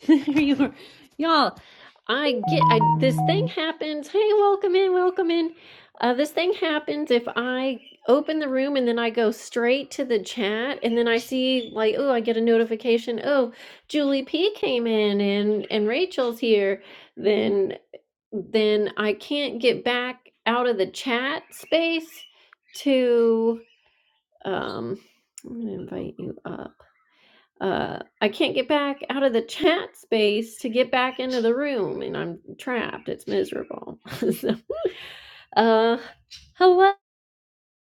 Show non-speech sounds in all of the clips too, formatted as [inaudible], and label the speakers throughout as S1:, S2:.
S1: [laughs] you were, y'all. I get I, this thing happens. Hey, welcome in, welcome in. Uh, this thing happens if I open the room and then I go straight to the chat, and then I see like, oh, I get a notification. Oh, Julie P came in, and and Rachel's here. Then then I can't get back out of the chat space to um I'm gonna invite you up uh, I can't get back out of the chat space to get back into the room, and I'm trapped. It's miserable. [laughs] so, uh, hello,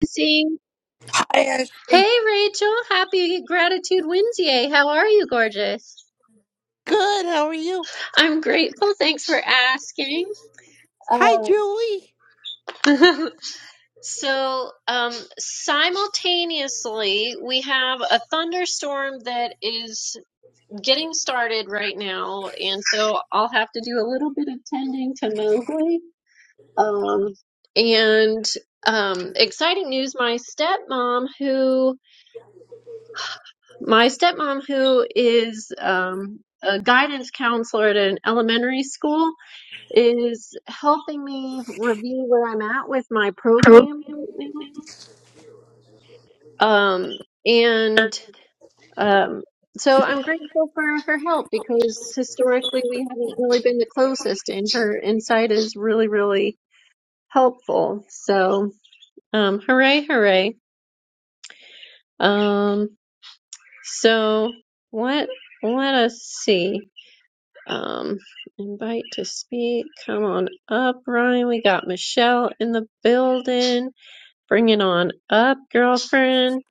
S1: Seeing.
S2: Hi,
S1: Hey,
S2: Ashley.
S1: Rachel. Happy Gratitude Wednesday. How are you, gorgeous?
S2: Good. How are you?
S1: I'm grateful. Thanks for asking.
S2: Hi,
S1: Um,
S2: Julie.
S1: [laughs] so, um, simultaneously, we have a thunderstorm that is. getting started right now, and so I'll have to do a little bit of tending to Mowgli. Um, and um, exciting news: my stepmom, who my stepmom, who is um, a guidance counselor at an elementary school, is helping me review where I'm at with my program right now. Um, and Um, so I'm grateful for her help because historically we haven't really been the closest, and her insight is really, really helpful. So, um, hooray, hooray! Um, so what? Let us see. Um, invite to speak. Come on up, Ryan. We got Michelle in the building. Bring it on up, girlfriend.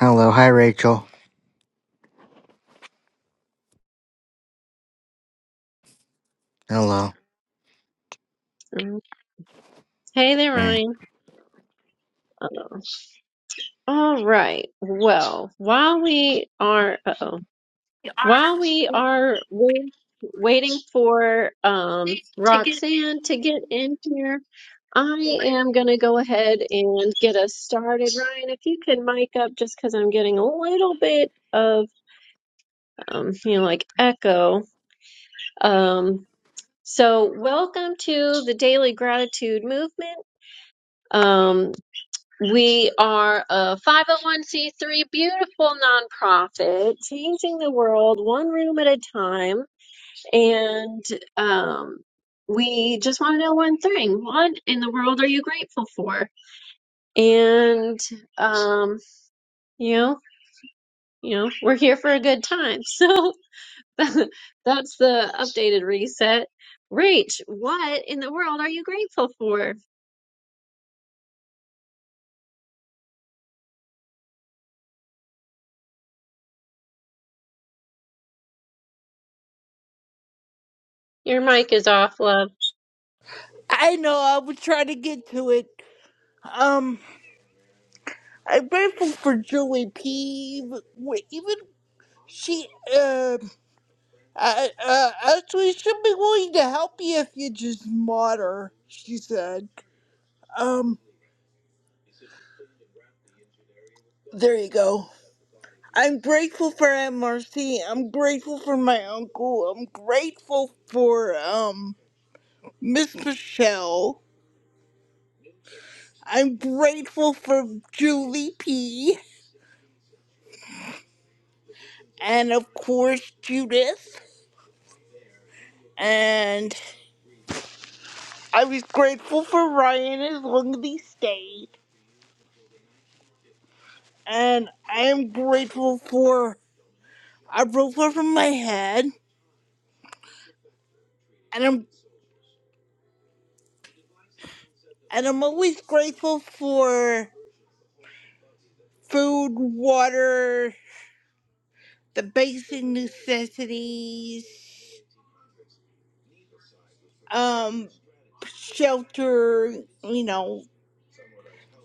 S3: Hello, hi Rachel. Hello.
S1: Um, Hey there,
S3: Hey.
S1: Ryan. Uh, All right. Well, while we are, uh-oh, while we are wait- waiting for um, Roxanne to get in here, I am going to go ahead and get us started. Ryan, if you could mic up just because I'm getting a little bit of, um, you know, like echo. Um, so, welcome to the Daily Gratitude Movement. Um, We are a 501c3 beautiful nonprofit, changing the world one room at a time. And um, we just want to know one thing what in the world are you grateful for? And, um, you know, you know, we're here for a good time. [laughs] So [laughs] that's the updated reset. Rach, what in the world are you grateful for? Your mic is off, love.
S2: I know. I was trying to get to it. Um, I'm grateful for Julie P. w- Even she, um, uh, uh, actually, she'll be willing to help you if you just mod her. She said. Um, there you go. I'm grateful for MRC. I'm grateful for my uncle. I'm grateful for um Miss Michelle. I'm grateful for Julie P. and of course Judith. And I was grateful for Ryan as long as he stayed. And I am grateful for a roof over my head. And I'm and I'm always grateful for food, water, the basic necessities, um, shelter, you know,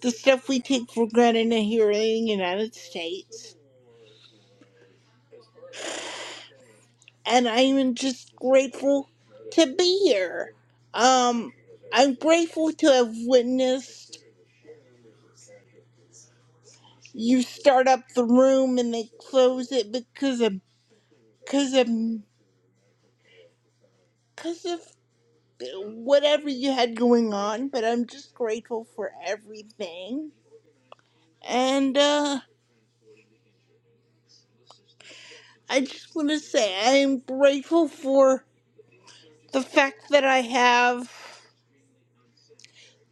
S2: the stuff we take for granted here in the United States and I'm just grateful to be here. Um, I'm grateful to have witnessed you start up the room and they close it because of because of because of whatever you had going on. But I'm just grateful for everything, and uh, I just want to say I am grateful for the fact that I have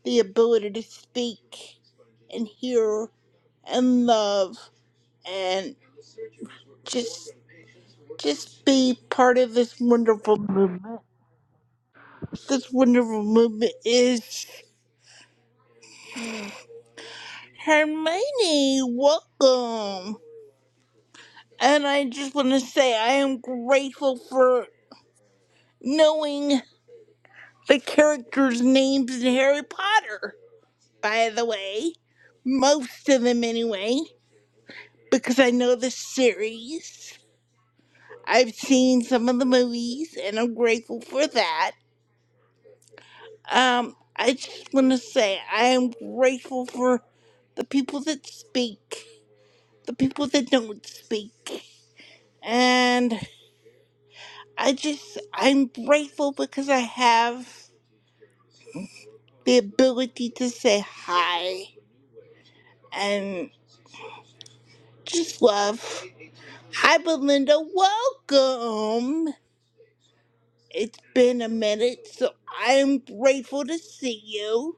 S2: the ability to speak and hear and love just just be part of this wonderful movement. This wonderful movement is Hermione. Welcome, and I just want to say I am grateful for knowing the characters' names in Harry Potter. By the way, most of them anyway, because I know the series. I've seen some of the movies, and I'm grateful for that. Um, I just want to say I am grateful for the people that speak, the people that don't speak. And I just, I'm grateful because I have the ability to say hi and just love. Hi, Belinda. Welcome. It's been a minute, so I'm grateful to see you.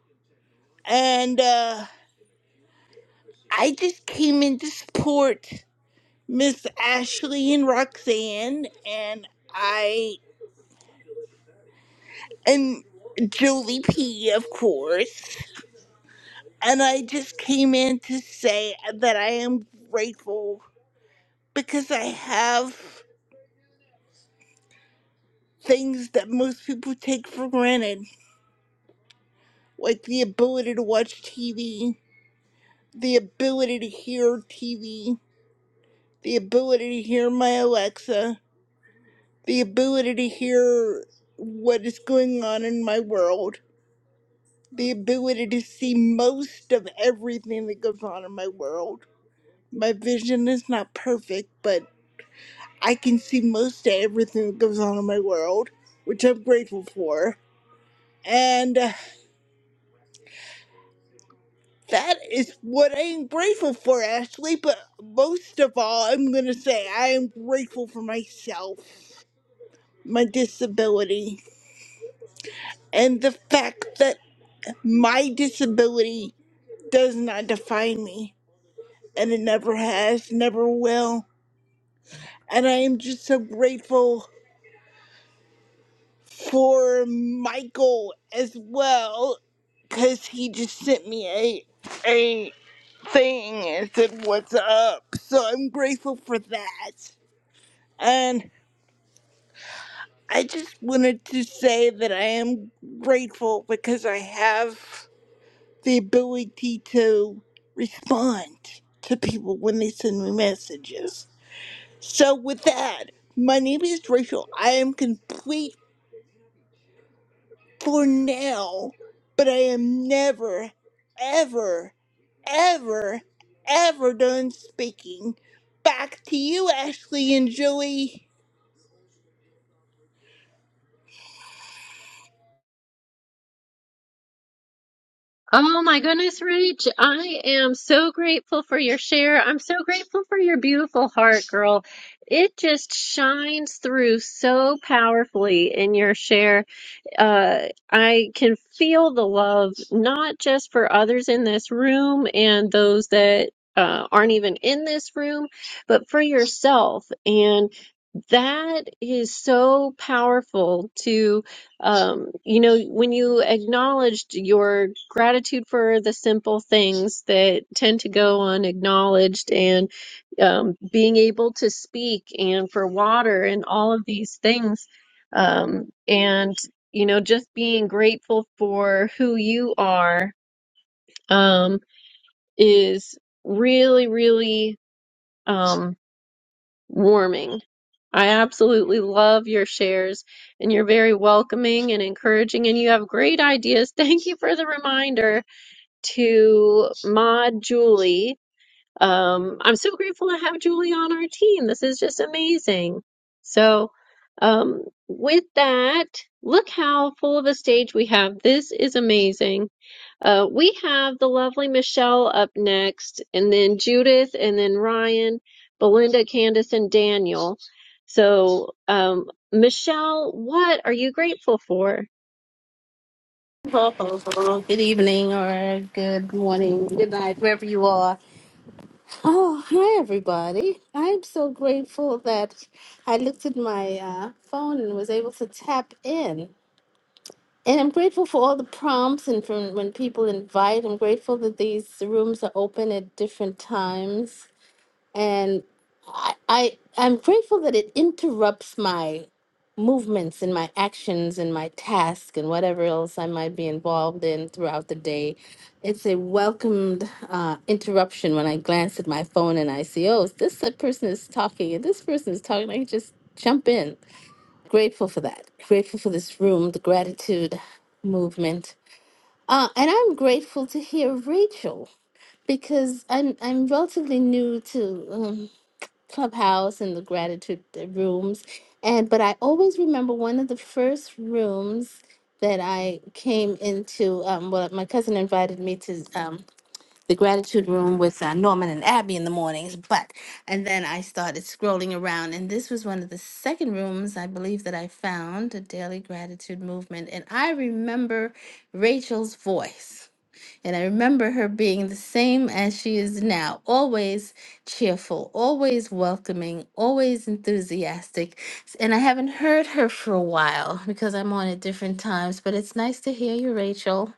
S2: And, uh, I just came in to support. Miss Ashley and Roxanne, and I, and Jolie P, of course. And I just came in to say that I am grateful because I have things that most people take for granted, like the ability to watch TV, the ability to hear TV, the ability to hear my Alexa, the ability to hear what is going on in my world the ability to see most of everything that goes on in my world. My vision is not perfect, but I can see most of everything that goes on in my world, which I'm grateful for. And uh, that is what I am grateful for, Ashley. But most of all, I'm going to say I am grateful for myself, my disability, and the fact that my disability does not define me. And it never has, never will And I am just so grateful for Michael as well, because he just sent me a a thing and said, "What's up?" So I'm grateful for that. And I just wanted to say that I am grateful because I have the ability to respond to people when they send me messages. So with that, my name is Rachel. I am complete for now, but I am never, ever, ever, ever done speaking. Back to you, Ashley and Joey.
S1: Oh my goodness, Rach, I am so grateful for your share. I'm so grateful for your beautiful heart, girl. It just shines through so powerfully in your share. Uh, I can feel the love, not just for others in this room and those that uh, aren't even in this room, but for yourself. And that is so powerful to, um, you know, when you acknowledged your gratitude for the simple things that tend to go unacknowledged and um, being able to speak and for water and all of these things. Um, and, you know, just being grateful for who you are um, is really, really. Um, warming. I absolutely love your shares and you're very welcoming and encouraging and you have great ideas. [laughs] Thank you for the reminder to Maud Julie um, I'm so grateful to have Julie on our team. This is just amazing. So, um, with that, look how full of a stage we have. This is amazing. Uh, we have the lovely Michelle up next, and then Judith, and then Ryan, Belinda, Candace, and Daniel. So, um, Michelle, what are you grateful for?
S4: Ho, ho, ho. Good evening or good morning, good night, wherever you are. Oh, hi, everybody. I'm so grateful that I looked at my uh, phone and was able to tap in. And I'm grateful for all the prompts and from when people invite. I'm grateful that these rooms are open at different times and I, I I'm grateful that it interrupts my movements and my actions and my task and whatever else I might be involved in throughout the day. It's a welcomed uh, interruption when I glance at my phone and I see, oh, this person is talking and this person is talking. I can just jump in. Grateful for that. Grateful for this room, the gratitude movement. Uh, and I'm grateful to hear Rachel because I'm I'm relatively new to um, clubhouse and the gratitude rooms and but i always remember one of the first rooms that i came into um, well my cousin invited me to um, the gratitude room with uh, norman and abby in the mornings but and then i started scrolling around and this was one of the second rooms i believe that i found a daily gratitude movement and i remember rachel's voice and I remember her being the same as she is now, always cheerful, always welcoming, always enthusiastic. S- And I haven't heard her for a while because I'm on at different times, but it's nice to hear you, Rachel.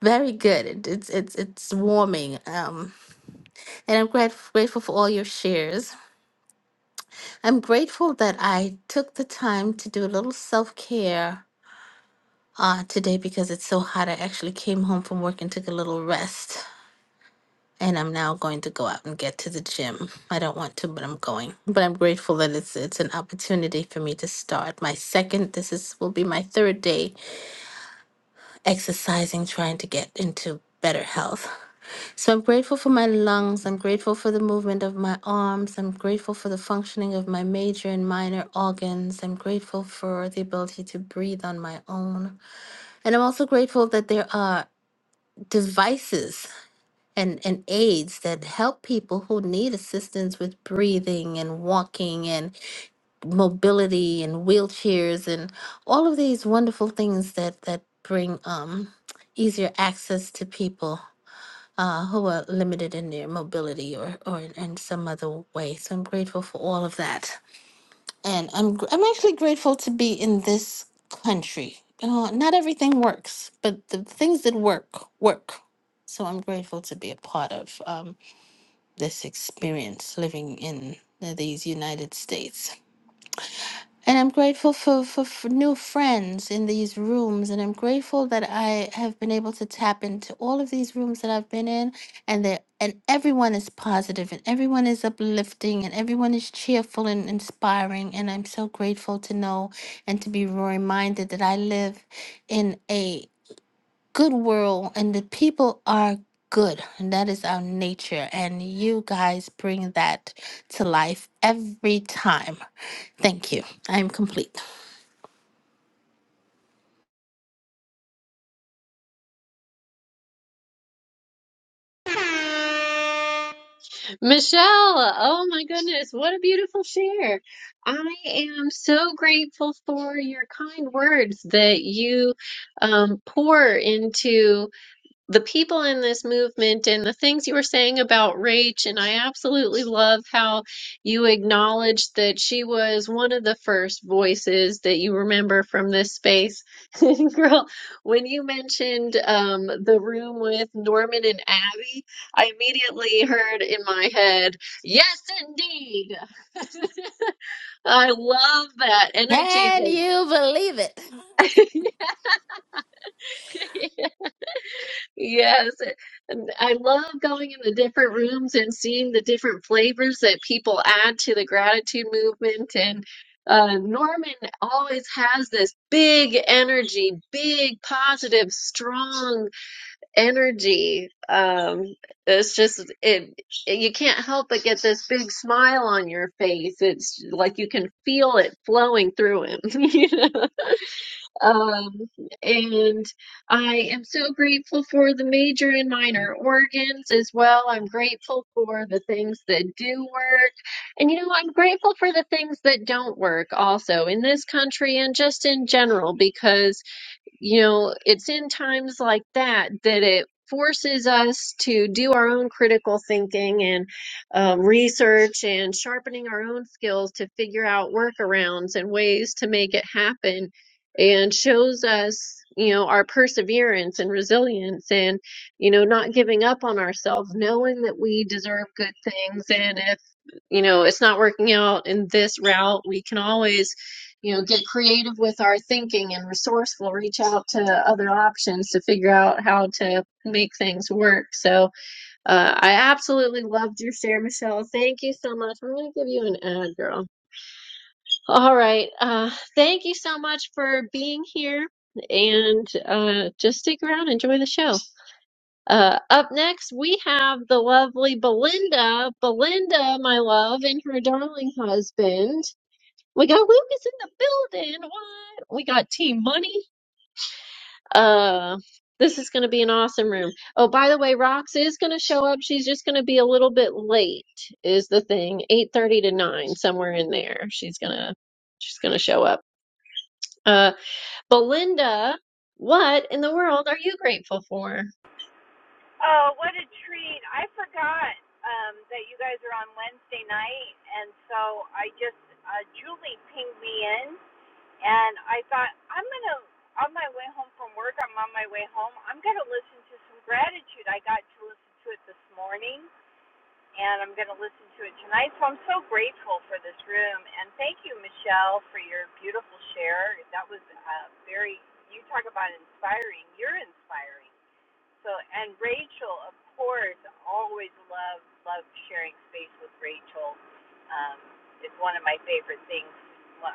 S4: Very good. It, it's it's it's warming. Um, and I'm grat- grateful for all your shares. I'm grateful that I took the time to do a little self care uh, today because it's so hot. I actually came home from work and took a little rest. and I'm now going to go out and get to the gym. I don't want to, but I'm going. But I'm grateful that it's it's an opportunity for me to start my second. This is will be my third day exercising, trying to get into better health. So I'm grateful for my lungs. I'm grateful for the movement of my arms. I'm grateful for the functioning of my major and minor organs. I'm grateful for the ability to breathe on my own. And I'm also grateful that there are devices and and aids that help people who need assistance with breathing and walking and mobility and wheelchairs and all of these wonderful things that that bring um easier access to people uh, who are limited in their mobility or or in, in some other way. So I'm grateful for all of that, and I'm gr- I'm actually grateful to be in this country. You know, not everything works, but the things that work work. So I'm grateful to be a part of. Um, this experience living in uh, these United States. And I'm grateful for, for, for new friends in these rooms. And I'm grateful that I have been able to tap into all of these rooms that I've been in. And that and everyone is positive and everyone is uplifting and everyone is cheerful and inspiring. And I'm so grateful to know and to be reminded that I live in a good world and the people are good and that is our nature and you guys bring that to life every time thank you i'm complete
S1: Michelle, oh my goodness, what a beautiful share. I am so grateful for your kind words that you um, pour into the people in this movement and the things you were saying about Rach, and I absolutely love how you acknowledged that she was one of the first voices that you remember from this space. [laughs] Girl, when you mentioned um, the room with Norman and Abby, I immediately heard in my head, yes, indeed. [laughs] I love that energy.
S4: Can you believe it
S1: [laughs] Yes, and I love going in the different rooms and seeing the different flavors that people add to the gratitude movement. And uh, Norman always has this big energy, big, positive, strong energy. Um, it's just it, you can't help but get this big smile on your face. It's like you can feel it flowing through him. [laughs] Um, and I am so grateful for the major and minor organs as well. I'm grateful for the things that do work. And you know, I'm grateful for the things that don't work also in this country and just in general because you know, it's in times like that that it forces us to do our own critical thinking and um, research and sharpening our own skills to figure out workarounds and ways to make it happen and shows us you know our perseverance and resilience and you know not giving up on ourselves knowing that we deserve good things and if you know it's not working out in this route we can always you know get creative with our thinking and resourceful reach out to other options to figure out how to make things work so uh, i absolutely loved your share michelle thank you so much i'm going to give you an ad girl all right uh, thank you so much for being here and uh, just stick around enjoy the show uh, up next we have the lovely belinda belinda my love and her darling husband we got Lucas in the building. What? We got Team Money. Uh, this is going to be an awesome room. Oh, by the way, Rox is going to show up. She's just going to be a little bit late. Is the thing 8:30 to 9 somewhere in there. She's going to she's going to show up. Uh, Belinda, what in the world are you grateful for?
S5: Oh, what a treat. I forgot um, that you guys are on Wednesday night. And so I just, uh, Julie pinged me in. And I thought, I'm going to, on my way home from work, I'm on my way home, I'm going to listen to some gratitude. I got to listen to it this morning. And I'm going to listen to it tonight. So I'm so grateful for this room. And thank you, Michelle, for your beautiful share. That was uh, very, you talk about inspiring. You're inspiring. So and Rachel, of course, always loved loved sharing space with Rachel. Um, it's one of my favorite things.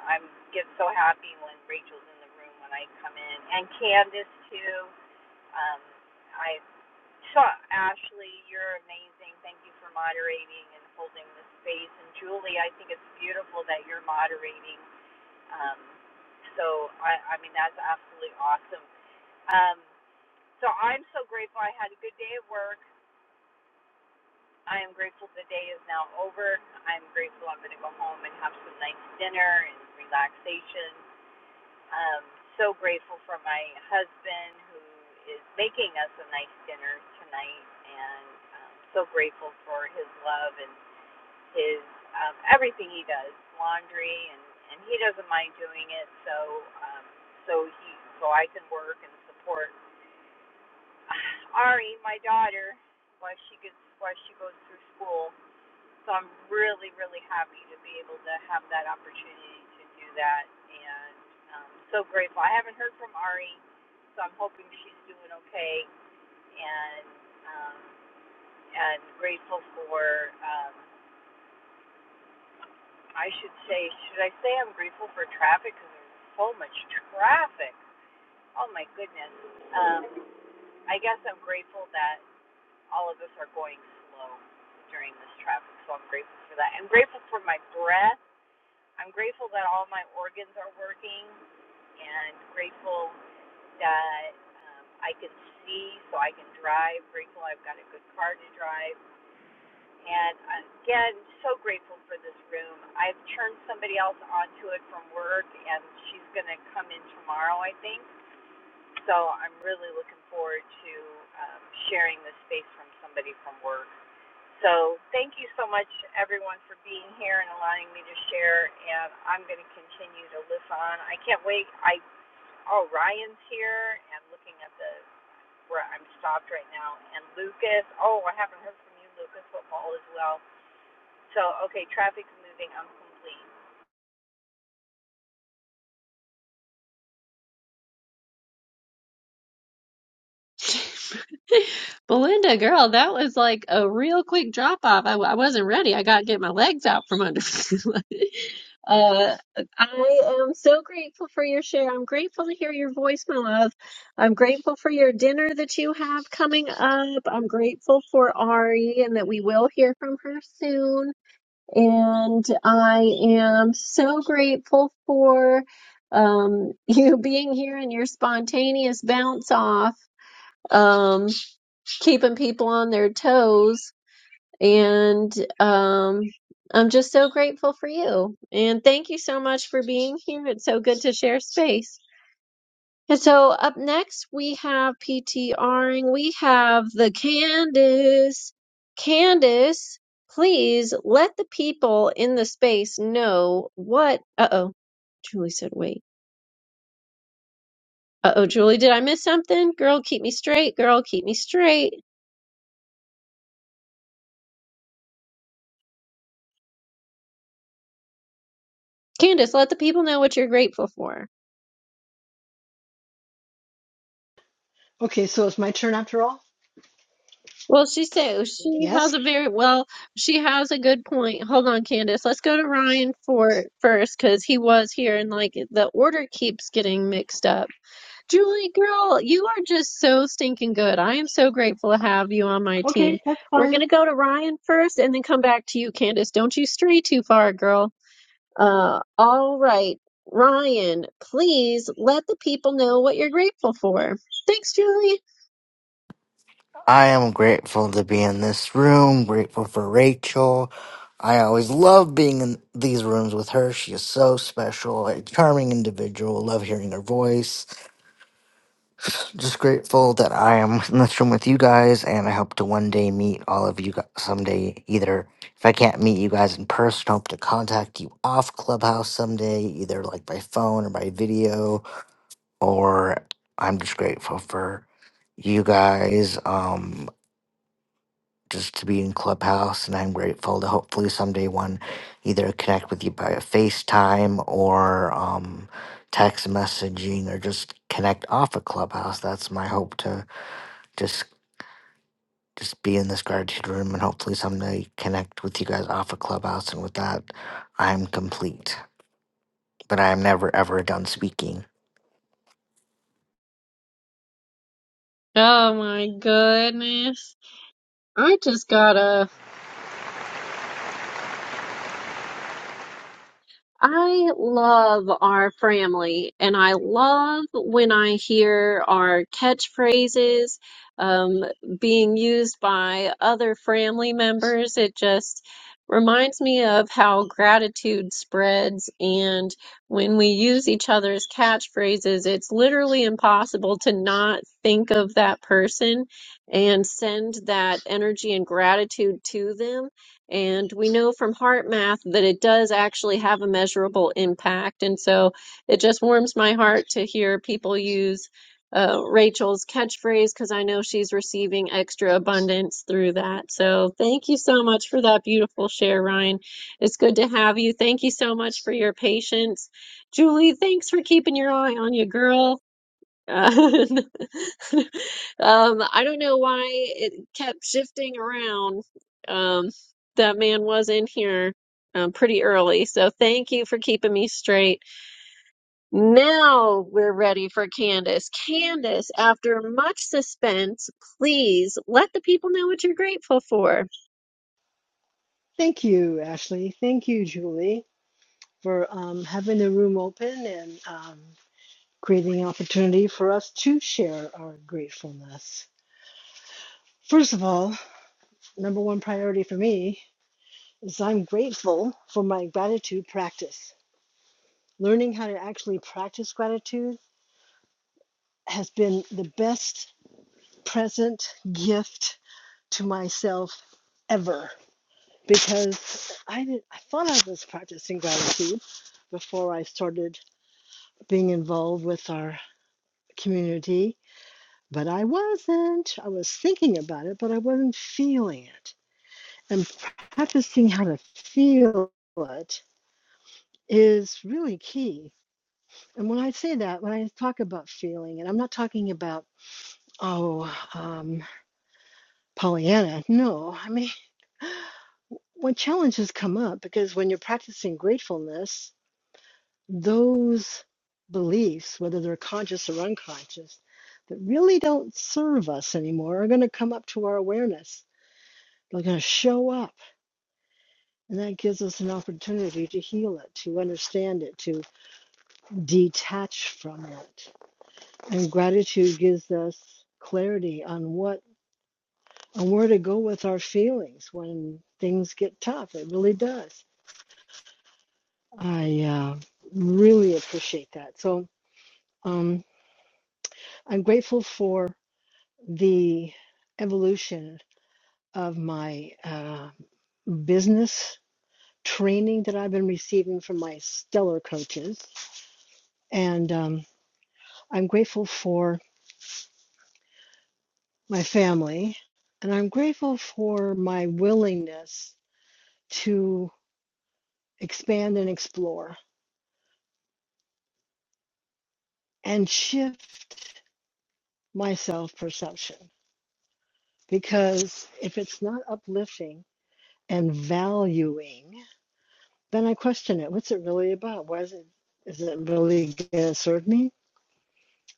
S5: i get so happy when Rachel's in the room when I come in, and Candace too. Um, I saw Ashley. You're amazing. Thank you for moderating and holding the space. And Julie, I think it's beautiful that you're moderating. Um, so I, I mean that's absolutely awesome. Um, so I'm so grateful I had a good day at work. I am grateful the day is now over. I'm grateful I'm going to go home and have some nice dinner and relaxation. Um, so grateful for my husband who is making us a nice dinner tonight, and um, so grateful for his love and his um, everything he does, laundry, and and he doesn't mind doing it. So um, so he so I can work and support [sighs] Ari, my daughter, while she gets while she goes through school. So I'm really, really happy to be able to have that opportunity to do that, and um, so grateful. I haven't heard from Ari, so I'm hoping she's doing okay, and um, and grateful for. Um, I should say, should I say I'm grateful for traffic because there's so much traffic. Oh my goodness. Um, I guess I'm grateful that all of us are going slow during this traffic, so I'm grateful for that. I'm grateful for my breath. I'm grateful that all my organs are working, and grateful that um, I can see so I can drive. Grateful I've got a good car to drive. And again, so grateful for this room. I've turned somebody else onto it from work, and she's going to come in tomorrow, I think. So I'm really looking forward to um, sharing this space from somebody from work. So thank you so much, everyone, for being here and allowing me to share. And I'm going to continue to live on. I can't wait. I oh Ryan's here. and looking at the where I'm stopped right now. And Lucas. Oh, I haven't heard from you, Lucas. Football as well. So okay, traffic's moving. I'm complete.
S1: [laughs] Belinda, girl, that was like a real quick drop off. I I w- I wasn't ready. I got to get my legs out from under me. [laughs] uh, I am so grateful for your share. I'm grateful to hear your voice, my love. I'm grateful for your dinner that you have coming up. I'm grateful for Ari and that we will hear from her soon. And I am so grateful for um, [laughs] you being here and your spontaneous bounce off um, keeping people on their toes. And um, I'm just so grateful for you. And thank you so much for being here. It's so good to share space. And so up next, we have PTRing. We have the Candace. Candace, please let the people in the space know what. Uh oh. Julie said, wait. Uh oh, Julie, did I miss something? Girl, keep me straight. Girl, keep me straight. Candace, let the people know what you're grateful for.
S6: Okay, so it's my turn after all?
S1: Well, she said she
S6: Yes?
S1: has a very well. She has a good point. Hold on, Candace. Let's go to Ryan for first because he was here and like the order keeps getting mixed up. Julie, girl, you are just so stinking good. I am so grateful to have you on my team.
S6: Okay, that's
S1: We're
S6: fine.
S1: gonna go to Ryan first and then come back to you, Candace. Don't you stray too far, girl. Uh, all right, Ryan. Please let the people know what you're grateful for. Thanks, Julie.
S3: I am grateful to be in this room, grateful for Rachel. I always love being in these rooms with her. She is so special, a charming individual. Love hearing her voice. Just grateful that I am in this room with you guys, and I hope to one day meet all of you guys someday. Either if I can't meet you guys in person, I hope to contact you off Clubhouse someday, either like by phone or by video or I'm just grateful for you guys um just to be in clubhouse and i'm grateful to hopefully someday one either connect with you by a facetime or um text messaging or just connect off of clubhouse that's my hope to just just be in this gratitude room and hopefully someday connect with you guys off of clubhouse and with that i'm complete but i'm never ever done speaking
S1: Oh my goodness. I just gotta. I love our family, and I love when I hear our catchphrases um, being used by other family members. It just reminds me of how gratitude spreads, and when we use each other's catchphrases, it's literally impossible to not think of that person and send that energy and gratitude to them And we know from heart math that it does actually have a measurable impact. And so it just warms my heart to hear people use uh, Rachel's catchphrase because I know she's receiving extra abundance through that. So thank you so much for that beautiful share, Ryan. It's good to have you. Thank you so much for your patience. Julie, thanks for keeping your eye on your girl. Uh, [laughs] Um, I don't know why it kept shifting around. Um, that man was in here um, pretty early, so thank you for keeping me straight. Now we're ready for Candace. Candace, after much suspense, please let the people know what you're grateful for.
S6: Thank you, Ashley. Thank you, Julie, for um, having the room open and um, creating an opportunity for us to share our gratefulness. First of all, number one priority for me is I'm grateful for my gratitude practice. Learning how to actually practice gratitude has been the best present gift to myself ever. because I did, I thought I was practicing gratitude before I started being involved with our community, but I wasn't. I was thinking about it, but I wasn't feeling it. And practicing how to feel it is really key. And when I say that, when I talk about feeling, and I'm not talking about oh um, Pollyanna, no, I mean when challenges come up because when you're practicing gratefulness those beliefs, whether they're conscious or unconscious, that really don't serve us anymore are going to come up to our awareness. They're going to show up. And that gives us an opportunity to heal it, to understand it, to detach from it. And gratitude gives us clarity on what on where to go with our feelings when things get tough. It really does. I uh, really appreciate that. So um, I'm grateful for. the evolution of my uh, business training that I've been receiving from my stellar coaches. And um, I'm grateful for my family, and I'm grateful for my willingness to expand and explore and shift my self perception. Because if it's not uplifting and valuing, then I question it. What's it really about? Why is it? Is it really going to serve me?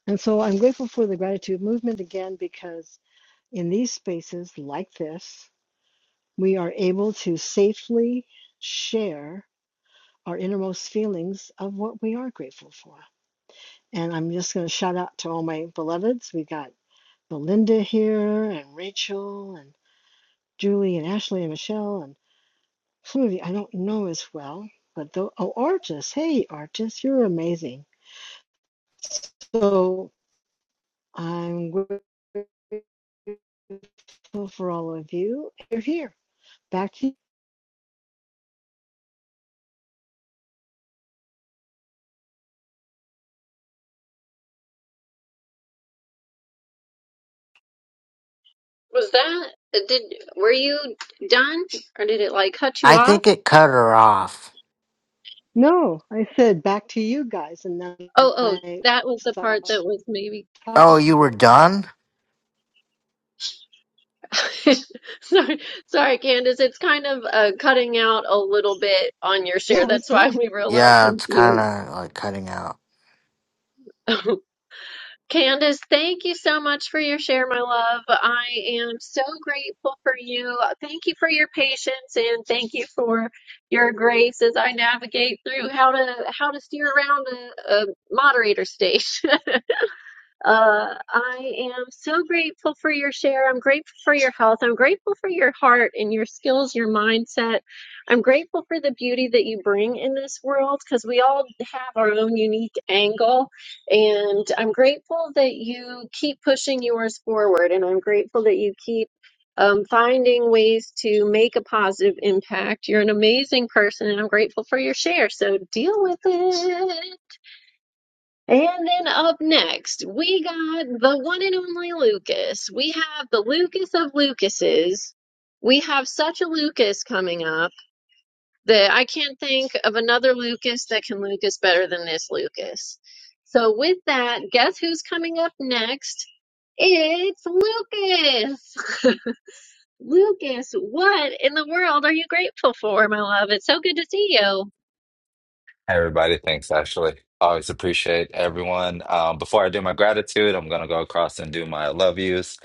S6: And so I'm grateful for the gratitude movement again because in these spaces like this, we are able to safely share our innermost feelings of what we are grateful for. And I'm just going to shout out to all my beloveds. We got Belinda here, and Rachel, and Julie, and Ashley, and Michelle, and some of you I don't know as well. But though, oh, Artis, hey, Artis, you're amazing. So I'm grateful Well, for all of you, you're here. Back to
S1: Was that did were you done or did it like cut you
S3: i
S1: off?
S3: think it cut her off
S6: no, I said back to you guys, and then
S1: Oh, oh,
S6: I
S1: that was the part
S6: stopped
S1: that was maybe.
S3: oh you were
S6: talking.
S3: done
S1: [laughs] Sorry, sorry, Candace. It's kind of uh, cutting out a little bit on your
S6: Yeah,
S1: share.
S6: I was
S1: That's why
S6: done.
S1: we were a little
S3: Yeah, it's kind
S1: confused.
S3: of like cutting out.
S1: [laughs] Candace, thank you so much for your share, my love. I am so grateful for you. Thank you for your patience and thank you for your grace as I navigate through how to how to steer around a, a moderator stage. [laughs] Uh, I am so grateful for your share. I'm grateful for your health. I'm grateful for your heart and your skills, your mindset. I'm grateful for the beauty that you bring in this world because we all have our own unique angle. And I'm grateful that you keep pushing yours forward. And I'm grateful that you keep um, finding ways to make a positive impact. You're an amazing person, and I'm grateful for your share. So deal with it. And then up next, we got the one and only Lucas. We have the Lucas of Lucases. We have such a Lucas coming up that I can't think of another Lucas that can Lucas better than this Lucas. So with that, guess who's coming up next? It's Lucas. [laughs] Lucas, what in the world are you grateful for, my love? It's so good to see you.
S7: Hey, Everybody, thanks, Ashley. Always appreciate everyone. Um, before I do my gratitude, I'm going to go across and do my love yous.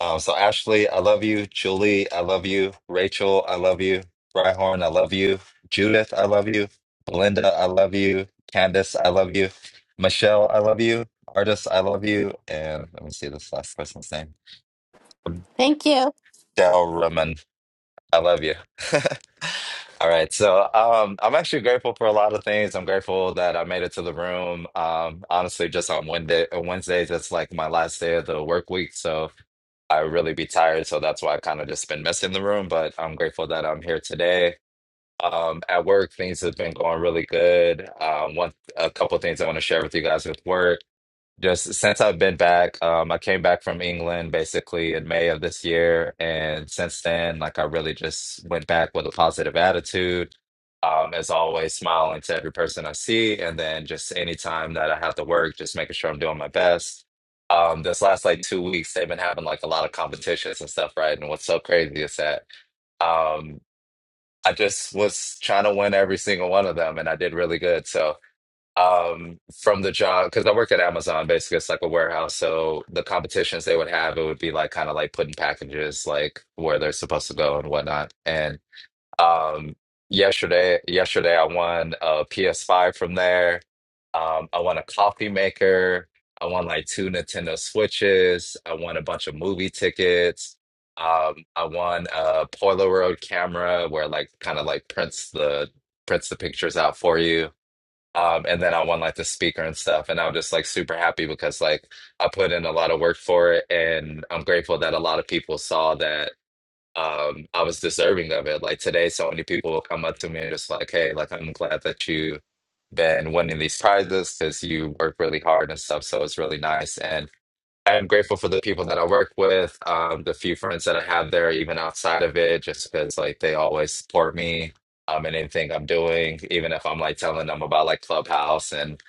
S7: Um, so, Ashley, I love you. Julie, I love you. Rachel, I love you. Rhyhorn, I love you. Judith, I love you. Belinda, I love you. Candace, I love you. Michelle, I love you. Artist, I love you. And let me see this last person's name.
S4: thank you
S7: Del I love you. [laughs] All right. So um, I'm actually grateful for a lot of things. I'm grateful that I made it to the room. Um, honestly, just on Wednesday, Wednesdays, it's like my last day of the work week. So I really be tired. So that's why I kind of just been missing the room. But I'm grateful that I'm here today. Um, at work, things have been going really good. Um, one, a couple things I want to share with you guys with work. Just since I've been back, um, I came back from England basically in May of this year, and since then, like I really just went back with a positive attitude. Um, as always, smiling to every person I see, and then just anytime that I have to work, just making sure I'm doing my best. Um, this last like two weeks, they've been having like a lot of competitions and stuff, right? And what's so crazy is that um, I just was trying to win every single one of them, and I did really good. So um from the job because I worked at Amazon basically it's like a warehouse so the competitions they would have it would be like kind of like putting packages like where they're supposed to go and whatnot and um yesterday yesterday I won a PS5 from there um I won a coffee maker I won like two Nintendo Switches I won a bunch of movie tickets um I won a Polaroid camera where like kind of like prints the prints the pictures out for you um, and then I won like the speaker and stuff. And I'm just like super happy because like I put in a lot of work for it. And I'm grateful that a lot of people saw that um, I was deserving of it. Like today, so many people will come up to me and just like, hey, like I'm glad that you been winning these prizes because you work really hard and stuff. So it's really nice. And I'm grateful for the people that I work with, um, the few friends that I have there, even outside of it, just because like they always support me um, in anything I'm doing, even if I'm like telling them about like Clubhouse and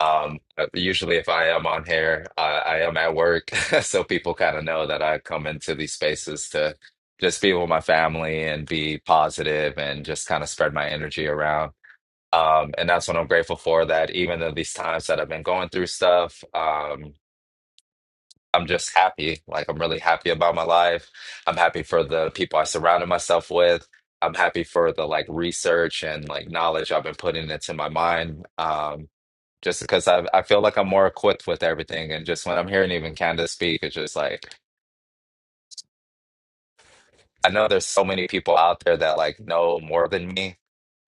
S7: um, uh, usually if I am on here, I, I am at work, [laughs] so people kind of know that I come into these spaces to just be with my family and be positive and just kind of spread my energy around. Um, and that's what I'm grateful for, that even though these times that I've been going through stuff. Um, I'm just happy. Like I'm really happy about my life. I'm happy for the people I surrounded myself with. I'm happy for the like research and like knowledge I've been putting into my mind. Um, just because I I feel like I'm more equipped with everything. And just when I'm hearing even Candace speak, it's just like I know there's so many people out there that like know more than me.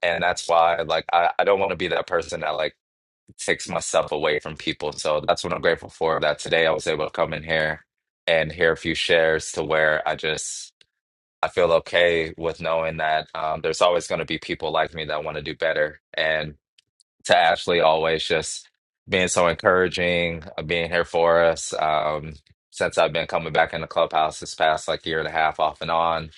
S7: And that's why like I, I don't want to be that person that like takes myself away from people. So that's what I'm grateful for that today I was able to come in here and hear a few shares to where I just I feel okay with knowing that um, there's always going to be people like me that want to do better. And to Ashley, always just being so encouraging, uh, being here for us. Um, since I've been coming back in the clubhouse this past like year and a half off and on,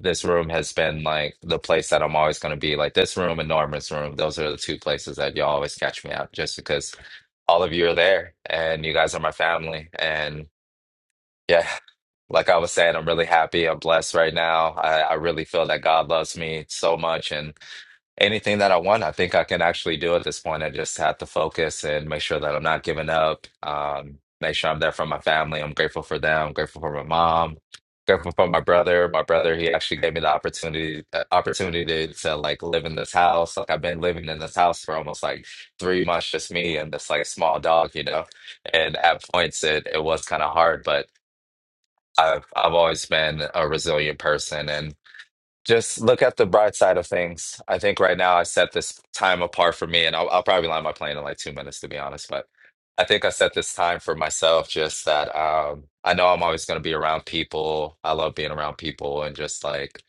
S7: this room has been like the place that I'm always going to be. Like this room and Norman's room, those are the two places that you always catch me at just because all of you are there and you guys are my family. and. Yeah, like I was saying, I'm really happy. I'm blessed right now. I, I really feel that God loves me so much. And anything that I want, I think I can actually do at this point. I just have to focus and make sure that I'm not giving up. Um, make sure I'm there for my family. I'm grateful for them. I'm grateful for my mom. Grateful for my brother. My brother, he actually gave me the opportunity uh, opportunity to, to like live in this house. Like I've been living in this house for almost like three months, just me and this like small dog, you know. And at points it it was kind of hard, but I've I've always been a resilient person and just look at the bright side of things. I think right now I set this time apart for me and I'll, I'll probably land my plane in like two minutes to be honest, but I think I set this time for myself just that um, I know I'm always going to be around people. I love being around people and just like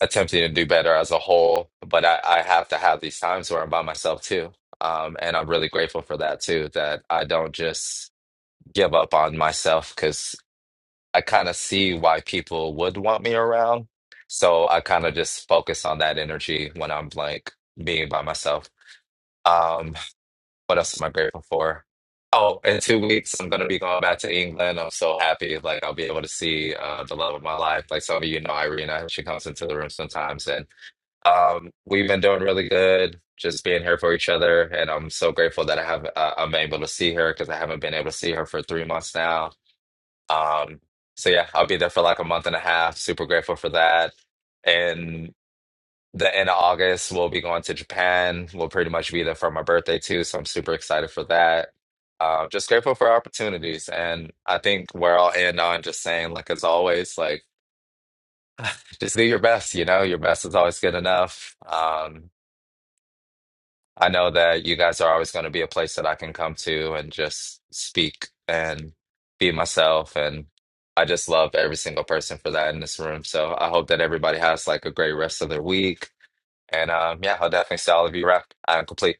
S7: attempting to do better as a whole, but I, I have to have these times where I'm by myself too. Um, and I'm really grateful for that too, that I don't just give up on myself because. I kind of see why people would want me around. So I kind of just focus on that energy when I'm like being by myself. Um, what else am I grateful for? Oh, in two weeks, I'm gonna be going back to England. I'm so happy. Like I'll be able to see uh, the love of my life. Like some of you know, Irina, she comes into the room sometimes, and um, we've been doing really good, just being here for each other. And I'm so grateful that I have uh, I'm able to see her because I haven't been able to see her for three months now um, so yeah, I'll be there for like a month and a half. Super grateful for that. And the end of August, we'll be going to Japan. We'll pretty much be there for my birthday too, so I'm super excited for that. Uh, just grateful for opportunities, and I think where I'll end on just saying, like as always, like just do your best. You know, your best is always good enough. Um, I know that you guys are always going to be a place that I can come to and just speak and be myself. And I just love every single person for that in this room. So I hope that everybody has like a great rest of their week. And um, yeah, I'll definitely see all of you around. I'm complete.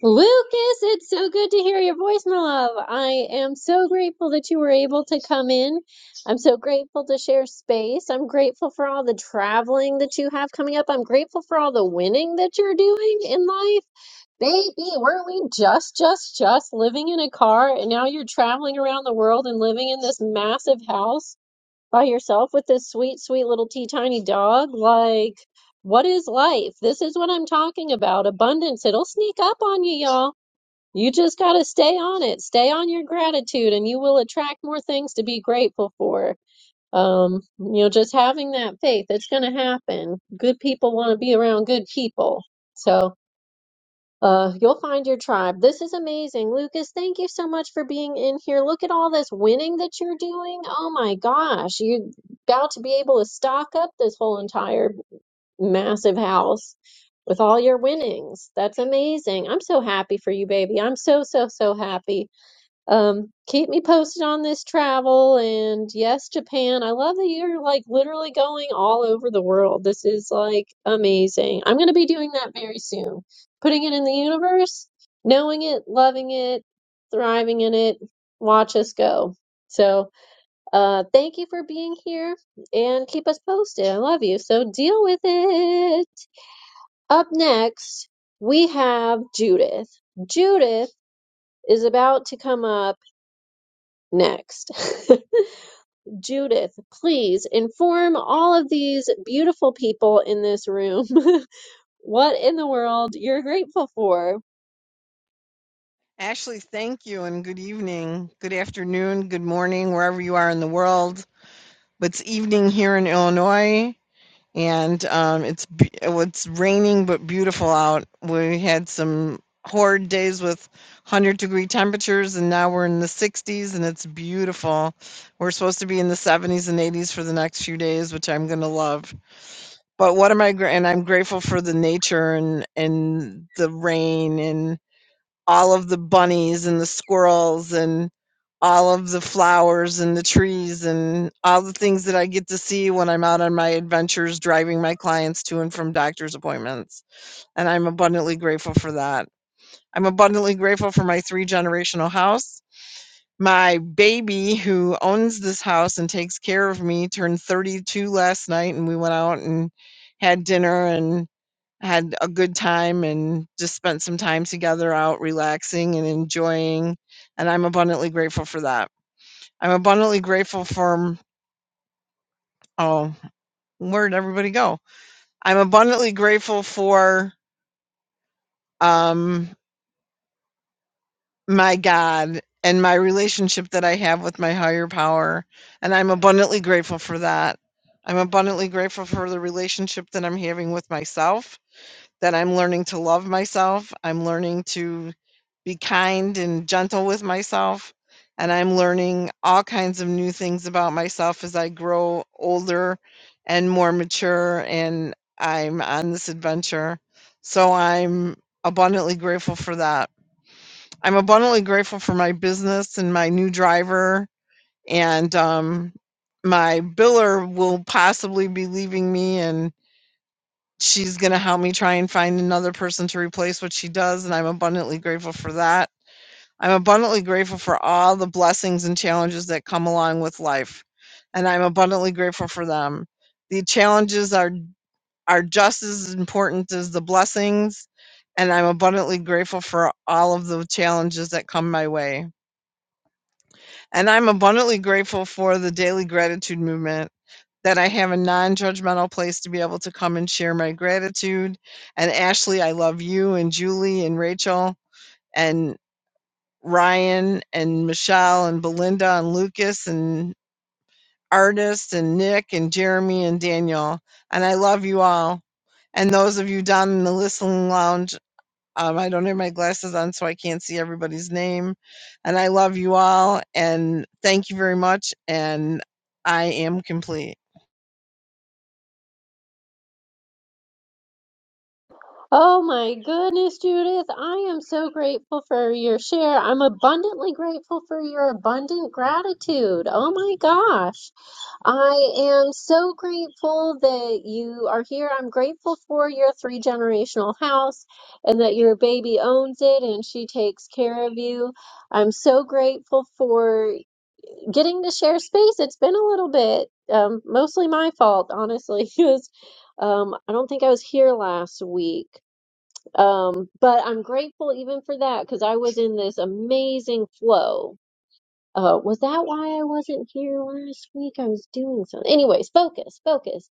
S1: Lucas, it's so good to hear your voice, my love. I am so grateful that you were able to come in. I'm so grateful to share space. I'm grateful for all the traveling that you have coming up. I'm grateful for all the winning that you're doing in life. Baby, weren't we just, just, just living in a car and now you're traveling around the world and living in this massive house by yourself with this sweet, sweet little tea tiny dog? Like, what is life? This is what I'm talking about. Abundance. It'll sneak up on you, y'all you just got to stay on it. Stay on your gratitude, and you will attract more things to be grateful for. Um, you know, just having that faith, it's going to happen. Good people want to be around good people. So, uh, you'll find your tribe. This is amazing. Lucas, thank you so much for being in here. Look at all this winning that you're doing. Oh my gosh, you're about to be able to stock up this whole entire massive house with all your winnings. That's amazing. I'm so happy for you, baby. I'm so, so, so happy. Um, keep me posted on this travel. And yes, Japan, I love that you're like literally going all over the world. This is like amazing. I'm going to be doing that very soon. Putting it in the universe, knowing it, loving it, thriving in it. Watch us go. So, uh, thank you for being here and keep us posted. I love you. So deal with it. Up next, we have Judith. Judith is about to come up next. [laughs] Judith, please inform all of these beautiful people in this room [laughs] what in the world you're grateful for.
S8: Ashley, thank you and good evening, good afternoon, good morning, wherever you are in the world. But it's evening here in Illinois, and um, it's be- oh, it's raining but beautiful out. We had some horrid days with 100 degree temperatures, and now we're in the 60s, and it's beautiful. We're supposed to be in the 70s and 80s for the next few days, which I'm gonna love. But what am I? gra- And I'm grateful for the nature and and the rain and all of the bunnies and the squirrels and all of the flowers and the trees and all the things that I get to see when I'm out on my adventures driving my clients to and from doctor's appointments. And I'm abundantly grateful for that. I'm abundantly grateful for my three generational house. My baby, who owns this house and takes care of me, turned 32 last night, and we went out and had dinner. And had a good time and just spent some time together out relaxing and enjoying. And I'm abundantly grateful for that. I'm abundantly grateful for, oh, where'd everybody go? I'm abundantly grateful for um, my God and my relationship that I have with my higher power. And I'm abundantly grateful for that. I'm abundantly grateful for the relationship that I'm having with myself that I'm learning to love myself. I'm learning to be kind and gentle with myself. And I'm learning all kinds of new things about myself as I grow older and more mature. And I'm on this adventure. So I'm abundantly grateful for that. I'm abundantly grateful for my business and my new driver. And um, my biller will possibly be leaving me. And she's going to help me try and find another person to replace what she does, and I'm abundantly grateful for that. I'm abundantly grateful for all the blessings and challenges that come along with life, and I'm abundantly grateful for them. The challenges are are just as important as the blessings, and I'm abundantly grateful for all of the challenges that come my way. And I'm abundantly grateful for the daily gratitude movement that I have a non judgmental place to be able to come and share my gratitude. And Ashley, I love you and Julie and Rachel and Ryan and Michelle and Belinda and Lucas and Artist and Nick and Jeremy and Daniel. And I love you all. And those of you down in the listening lounge, um, I don't have my glasses on, so I can't see everybody's name. And I love you all. And thank you very much. And I am complete.
S1: Oh my goodness, Judith. I am so grateful for your share. I'm abundantly grateful for your abundant gratitude. Oh my gosh. I am so grateful that you are here. I'm grateful for your three generational house and that your baby owns it and she takes care of you. I'm so grateful for getting to share space. It's been a little bit, um, mostly my fault, honestly, [laughs] because um, I don't think I was here last week. Um, but I'm grateful even for that because I was in this amazing flow. Uh, was that why I wasn't here last week? I was doing something. Anyways, focus, focus.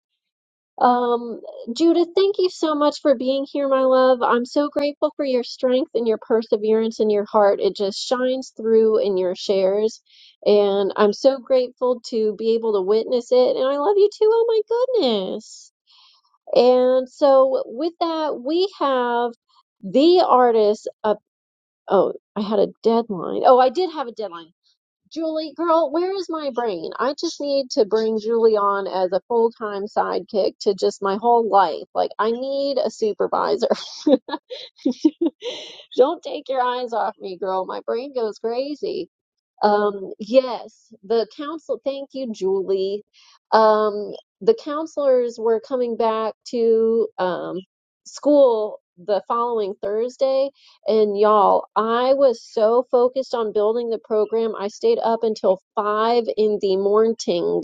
S1: Um, Judith, thank you so much for being here, my love. I'm so grateful for your strength and your perseverance and your heart. It just shines through in your shares. And I'm so grateful to be able to witness it. And I love you too. Oh my goodness. And so with that, we have the artist up. Oh, I had a deadline. Oh, I did have a deadline. Julie, girl, where is my brain? I just need to bring Julie on as a full-time sidekick to just my whole life. Like, I need a supervisor. [laughs] Don't take your eyes off me, girl. My brain goes crazy. Um, yes, the council, thank you, Julie. Um, the counselors were coming back to um, school the following Thursday, and y'all, I was so focused on building the program, I stayed up until five in the morning.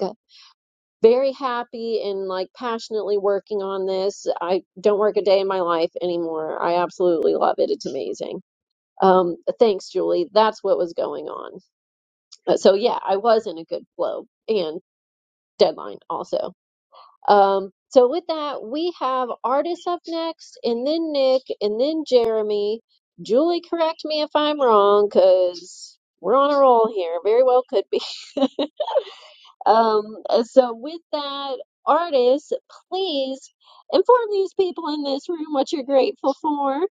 S1: Very happy and like passionately working on this. I don't work a day in my life anymore. I absolutely love it. It's amazing. Um, thanks, Julie. That's what was going on. Uh, so yeah, I was in a good flow and deadline also. Um, so with that, we have artists up next, and then Nick, and then Jeremy. Julie, correct me if I'm wrong, because we're on a roll here. Very well could be. [laughs] Um, uh, so with that, artists, please inform these people in this room what you're grateful for.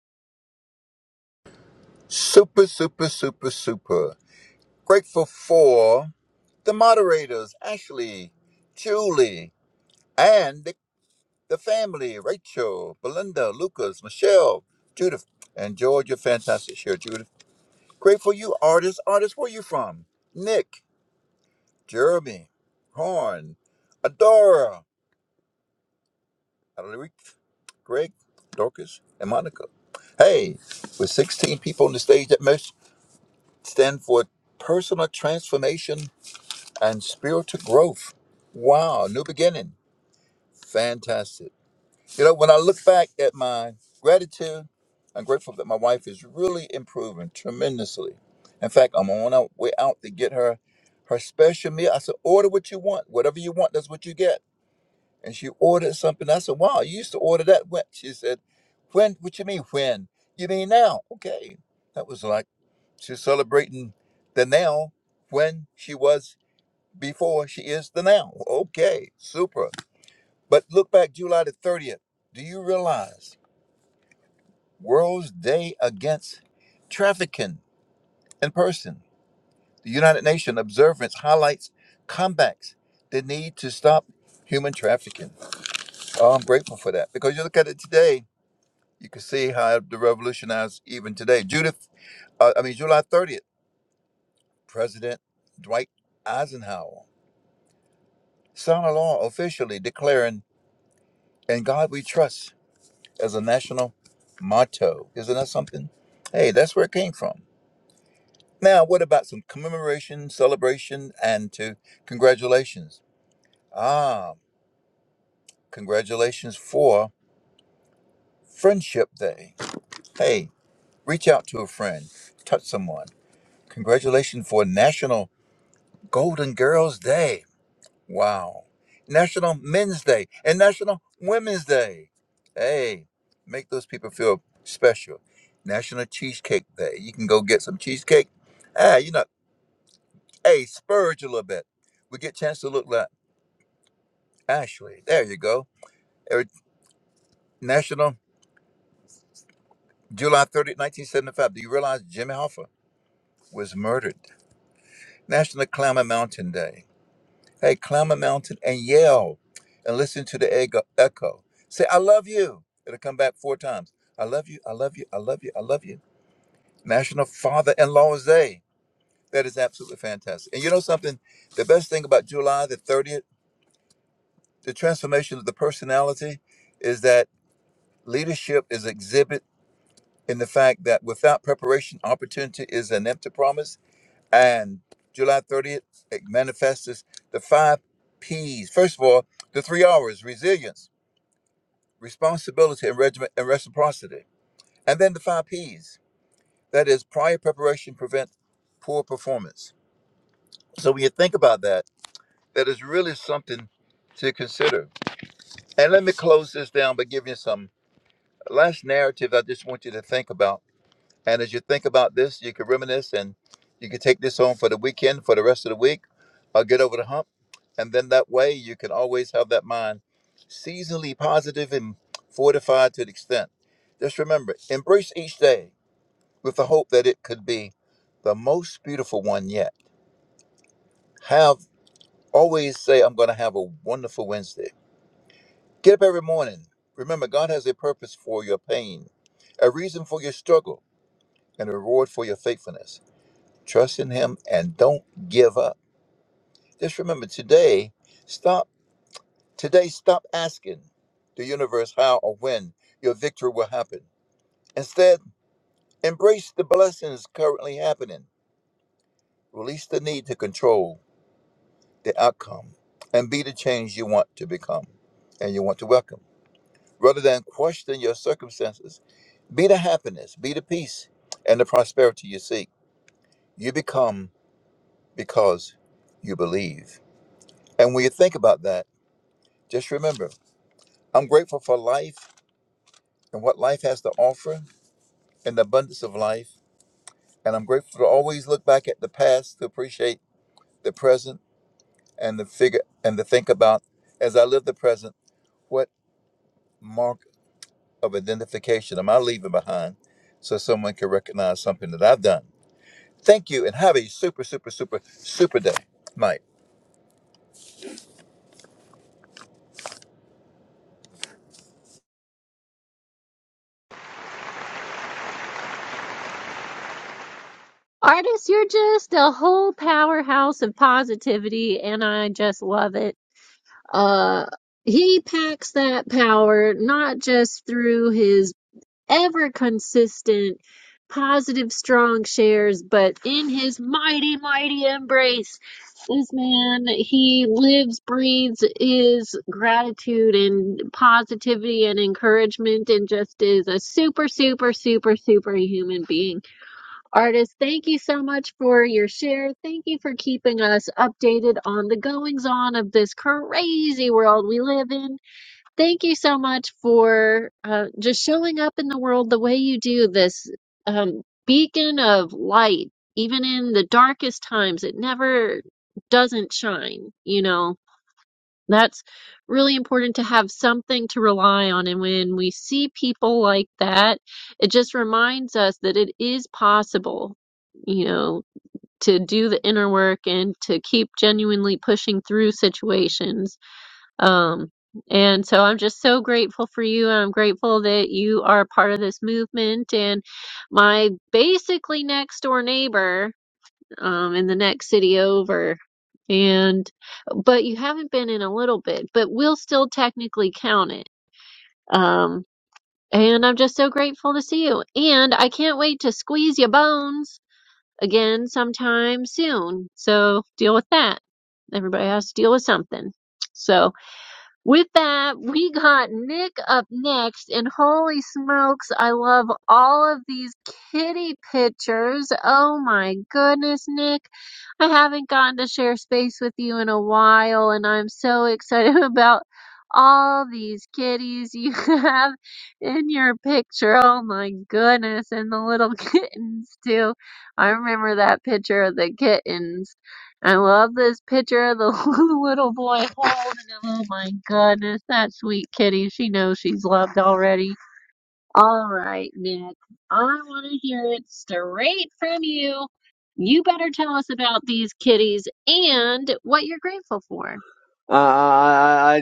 S9: Super, super, super, super. Grateful for the moderators, Ashley, Julie, and the, the family, Rachel, Belinda, Lucas, Michelle, Judith, and Georgia. Fantastic share, Judith. Grateful you, artists. Artists, where you from? Nick, Jeremy, Horn, Adora, Alaric, Greg, Dorcas, and Monica. Hey, with 16 people on the stage that must stand for personal transformation and spiritual growth. Wow, new beginning. Fantastic. You know, when I look back at my gratitude, I'm grateful that my wife is really improving tremendously. In fact, I'm on our way out to get her her special meal. I said, order what you want. Whatever you want, that's what you get. And she ordered something. I said, wow, you used to order that when? She said, when? What you mean when? You mean now? Okay. That was like she's celebrating the now when she was before she is the now. Okay, super. But look back July the 30th. Do you realize World's Day Against Trafficking in Person? The United Nations observance highlights comebacks the need to stop human trafficking. Oh, I'm grateful for that because you look at it today, you can see how it revolutionized even today. Judith, uh, I mean, July 30th, President Dwight Eisenhower signed a law officially declaring, In God We Trust as a national motto. Isn't that something? Hey, that's where it came from. Now, what about some commemoration, celebration, and to congratulations? Ah, congratulations for Friendship Day. Hey, reach out to a friend, touch someone. Congratulations for National Golden Girls Day. Wow. National Men's Day and National Women's Day. Hey, make those people feel special. National Cheesecake Day. You can go get some cheesecake. Ah, you know, hey, spurge a little bit. We get a chance to look like Ashley. There you go. Er, National July 30th, 1975. Do you realize Jimmy Hoffa was murdered? National Climber Mountain Day. Hey, climb a mountain and yell and listen to the ego- echo. Say, I love you. It'll come back four times. I love you. I love you. I love you. I love you. National Father in Law's Day. That is absolutely fantastic. And you know something? The best thing about July the 30th, the transformation of the personality is that leadership is exhibit in the fact that without preparation, opportunity is an empty promise. And July 30th, it manifests as the five P's. First of all, the three R's resilience responsibility and, regiment, and reciprocity. And then the five P's that is, prior preparation prevents poor performance. So when you think about that, that is really something to consider. And let me close this down by giving you some last narrative I just want you to think about And as you think about this, you can reminisce and you can take this home for the weekend, for the rest of the week, or get over the hump. And then that way you can always have that mind seasonally positive and fortified to the extent. Just remember, embrace each day with the hope that it could be the most beautiful one yet. Have always say, I'm going to have a wonderful Wednesday. Get up every morning. Remember, God has a purpose for your pain, a reason for your struggle, and a reward for your faithfulness. Trust in Him and don't give up. Just remember today, stop. Today, stop asking the universe how or when your victory will happen. Instead, embrace the blessings currently happening. Release the need to control the outcome and be the change you want to become and you want to welcome. Rather than question your circumstances, be the happiness, be the peace, and the prosperity you seek. You become because you believe. And when you think about that, Just remember, I'm grateful for life and what life has to offer and the abundance of life. And I'm grateful to always look back at the past to appreciate the present and the figure and to think about as I live the present, what mark of identification am I leaving behind so someone can recognize something that I've done. Thank you and have a super, super, super, super day. Night.
S1: Artists, you're just a whole powerhouse of positivity, and I just love it. Uh, he packs that power not just through his ever consistent positive strong shares, but in his mighty, mighty embrace. This man, he lives, breathes, is gratitude and positivity and encouragement and just is a super, super, super, super human being. Artist, thank you so much for your share. Thank you for keeping us updated on the goings on of this crazy world we live in. Thank you so much for uh, just showing up in the world the way you do, this um, beacon of light. Even in the darkest times, it never doesn't shine, you know? That's really important to have something to rely on. And when we see people like that, it just reminds us that it is possible, you know, to do the inner work and to keep genuinely pushing through situations. Um, and so I'm just so grateful for you. I'm grateful that you are part of this movement. And my basically next door neighbor um, in the next city over. And but you haven't been in a little bit, but we'll still technically count it. Um, and I'm just so grateful to see you. And I can't wait to squeeze your bones again sometime soon. So deal with that. Everybody has to deal with something. So with that, we got Nick up next, and holy smokes, I love all of these kitty pictures. Oh my goodness, Nick. I haven't gotten to share space with you in a while, and I'm so excited [laughs] about all these kitties you [laughs] have in your picture. Oh my goodness, and the little [laughs] kittens too. I remember that picture of the kittens. I love this picture of the [laughs] little boy holding him. Oh my goodness, that sweet kitty. She knows she's loved already. All right, Nick. I want to hear it straight from you. You better tell us about these kitties and what you're grateful for.
S10: I,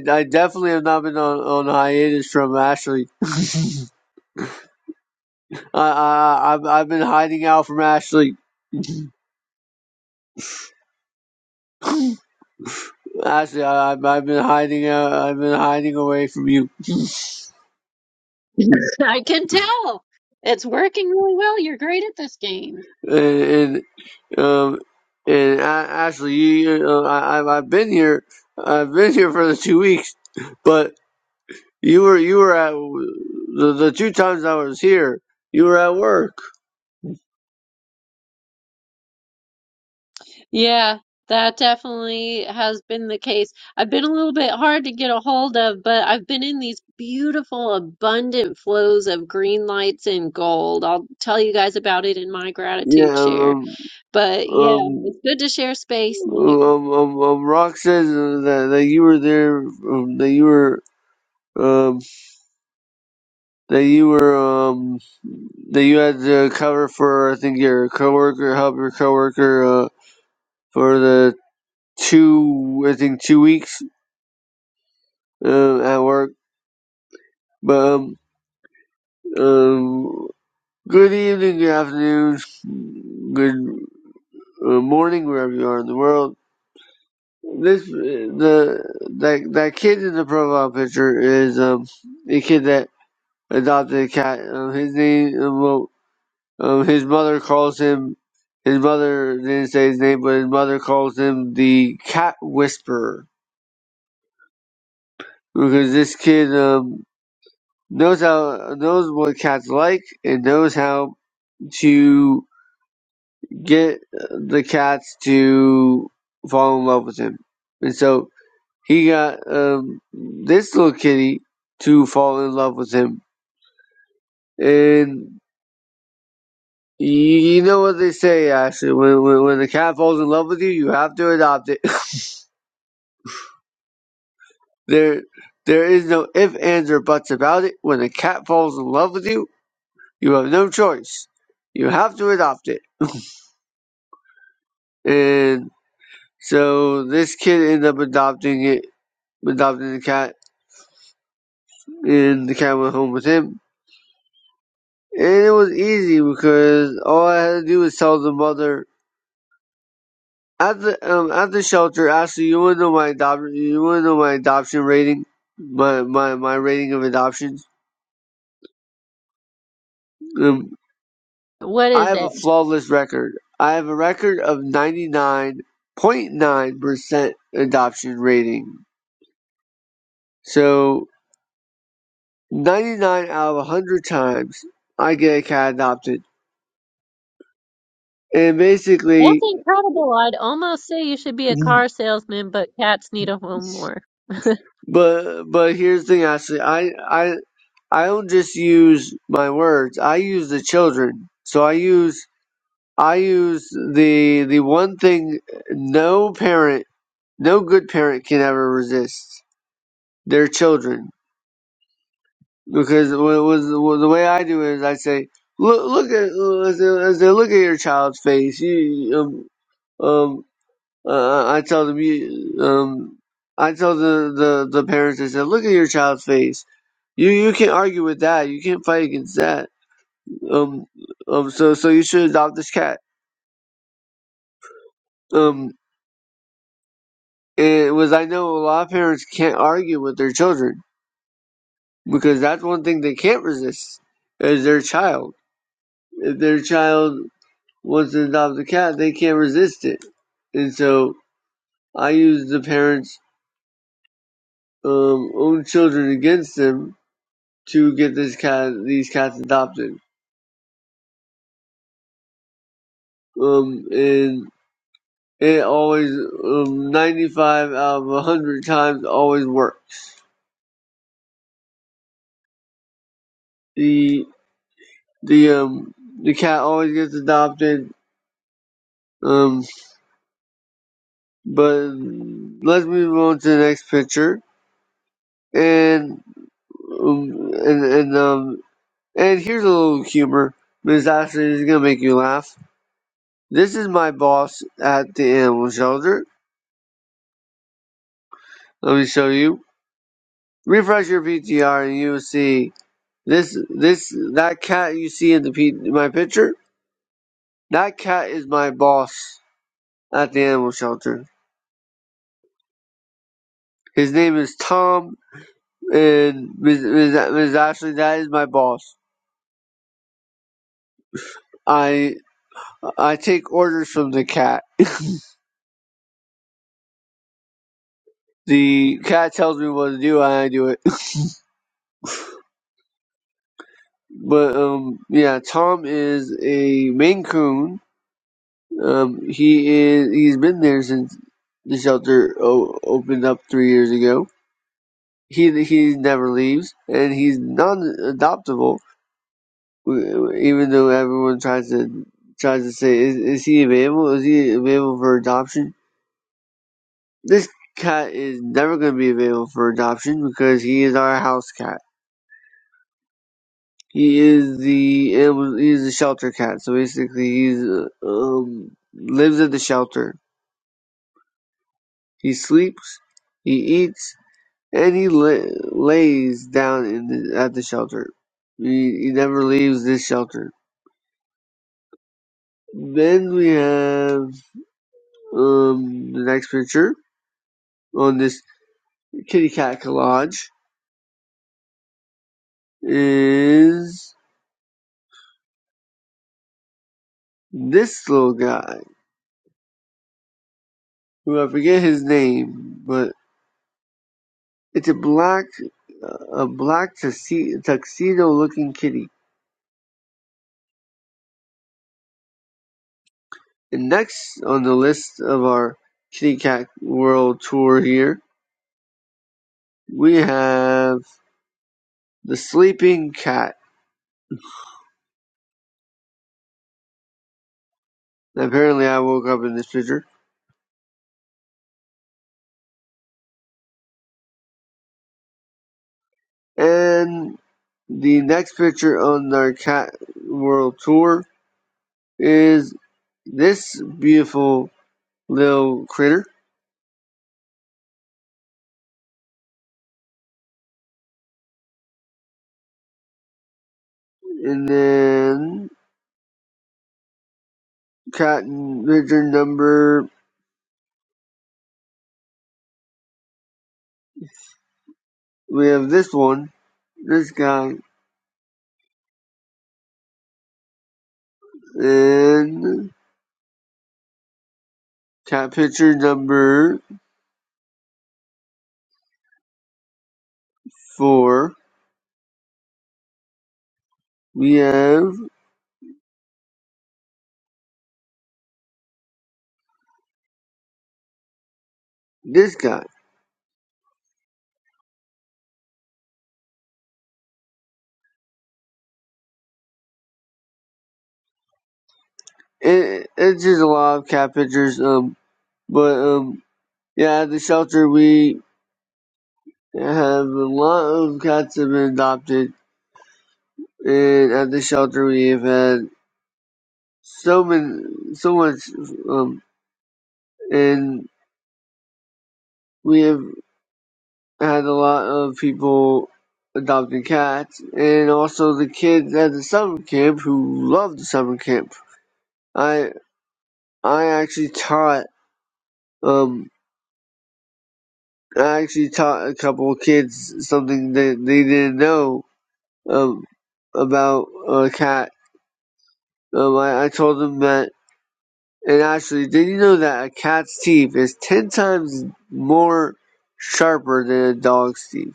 S10: I I I definitely have not been on, on hiatus from Ashley. I, I I've I've been hiding out from Ashley. Ashley, I, I've I've been hiding out. I've been hiding away from you. [laughs]
S1: [laughs] I can tell. It's working really well. You're great at this game.
S10: And, and um and A- Ashley, you, uh, I I've I've been here. I've been here for the two weeks, but you were you were at the the two times I was here. You were at work.
S1: Yeah, that definitely has been the case. I've been a little bit hard to get a hold of, but I've been in these beautiful, abundant flows of green lights and gold. I'll tell you guys about it in my gratitude
S10: Yeah.
S1: share.
S10: Um.
S1: But yeah,
S10: um
S1: it's good to share space, Nick.
S10: um, um, um, Rock says uh, that that you were there, um, that you were, um, that you were, um, that you had to cover for, I think, your coworker, help your coworker, uh, for the two, I think, two weeks, uh, at work. But, um, um, good evening, good afternoon, good uh, morning, wherever you are in the world. This, uh, the, that, that kid in the profile picture is, um, a kid that adopted cat. Um, his name, um, well, um, his mother calls him. His mother didn't say his name, but his mother calls him the Cat Whisperer because this kid um, knows how knows what cats like and knows how to get the cats to fall in love with him. And so he got um, this little kitty to fall in love with him, and You you know what they say, Ashley. When, when when the cat falls in love with you, you have to adopt it. [laughs] there there is no if, ands, or buts about it. When a cat falls in love with you, you have no choice. You have to adopt it. And so this kid ended up adopting it, adopting the cat, and the cat went home with him. And it was easy because all I had to do was tell the mother At the um at the shelter, Ashley, you wanna know my adoption you wanna know my adoption rating? My my my rating of adoptions? Um
S1: What
S10: I
S1: is
S10: have a
S1: it?
S10: flawless record. I have a record of ninety nine point nine percent adoption rating. So ninety nine out of hundred times I get a cat adopted. And
S1: That's
S10: basically
S1: incredible. I'd almost say you should be a car salesman, but cats need a home more. [laughs]
S10: but but here's the thing, Ashley, I I I don't just use my words, I use the children. So I use I use the the one thing no parent, no good parent can ever resist their children because what it was well, the way I do it is I say look look at as I, as I look at your child's face you um um uh, I tell them you um I tell the, the the parents I said look at your child's face you you can't argue with that you can't fight against that um um so so you should adopt this cat um It was I know a lot of parents can't argue with their children because that's one thing they can't resist is their child. If their child wants to adopt a cat, they can't resist it. And so I used the parents' um, own children against them to get this cat, these cats adopted. Um, and it always, um, 95 out of 100 times, always works. The the um the cat always gets adopted. Um, But let's move on to the next picture. And um, and and um and here's a little humor. Miss Ashley this is gonna make you laugh. This is my boss at the animal shelter. Let me show you. Refresh your PTR and you will see this this that cat you see in the P, my picture. That cat is my boss at the animal shelter. His name is Tom and Miss Ms. Ashley. That is my boss. I I take orders from the cat. The cat tells me what to do, and I do it. [laughs] But um, yeah, Tom is a Maine Coon. Um, he is he's been there since the shelter o- opened up three years ago. He he never leaves, and he's non-adoptable. w- Even though everyone tries to tries to say, is, is he available? Is he available for adoption? This cat is never going to be available for adoption because he is our house cat He is the it was he's a shelter cat. So basically, he's uh, um lives at the shelter. He sleeps, he eats, and he la- lays down in the, at the shelter. He, he never leaves this shelter. Then we have um the next picture on this kitty cat collage is this little guy who I forget his name, but It's a black, a black tuxedo-looking kitty. And next on the list of our Kitty Cat World Tour here, we have the sleeping cat. Apparently, I woke up in this picture. And the next picture on our Cat World Tour is this beautiful little critter. And then cat picture number, we have this one. This guy In picture number four, we have this guy. It, it's just a lot of cat pictures. Um, but um, yeah, at the shelter we have a lot of cats that have been adopted, and at the shelter we have had so many, so much. Um, and we have had a lot of people adopting cats, and also the kids at the summer camp who love the summer camp. I. I actually taught um I actually taught a couple of kids something that they didn't know um about a cat. Um, I, I told them that, and actually, did you know that a cat's teeth is ten times more sharper than a dog's teeth?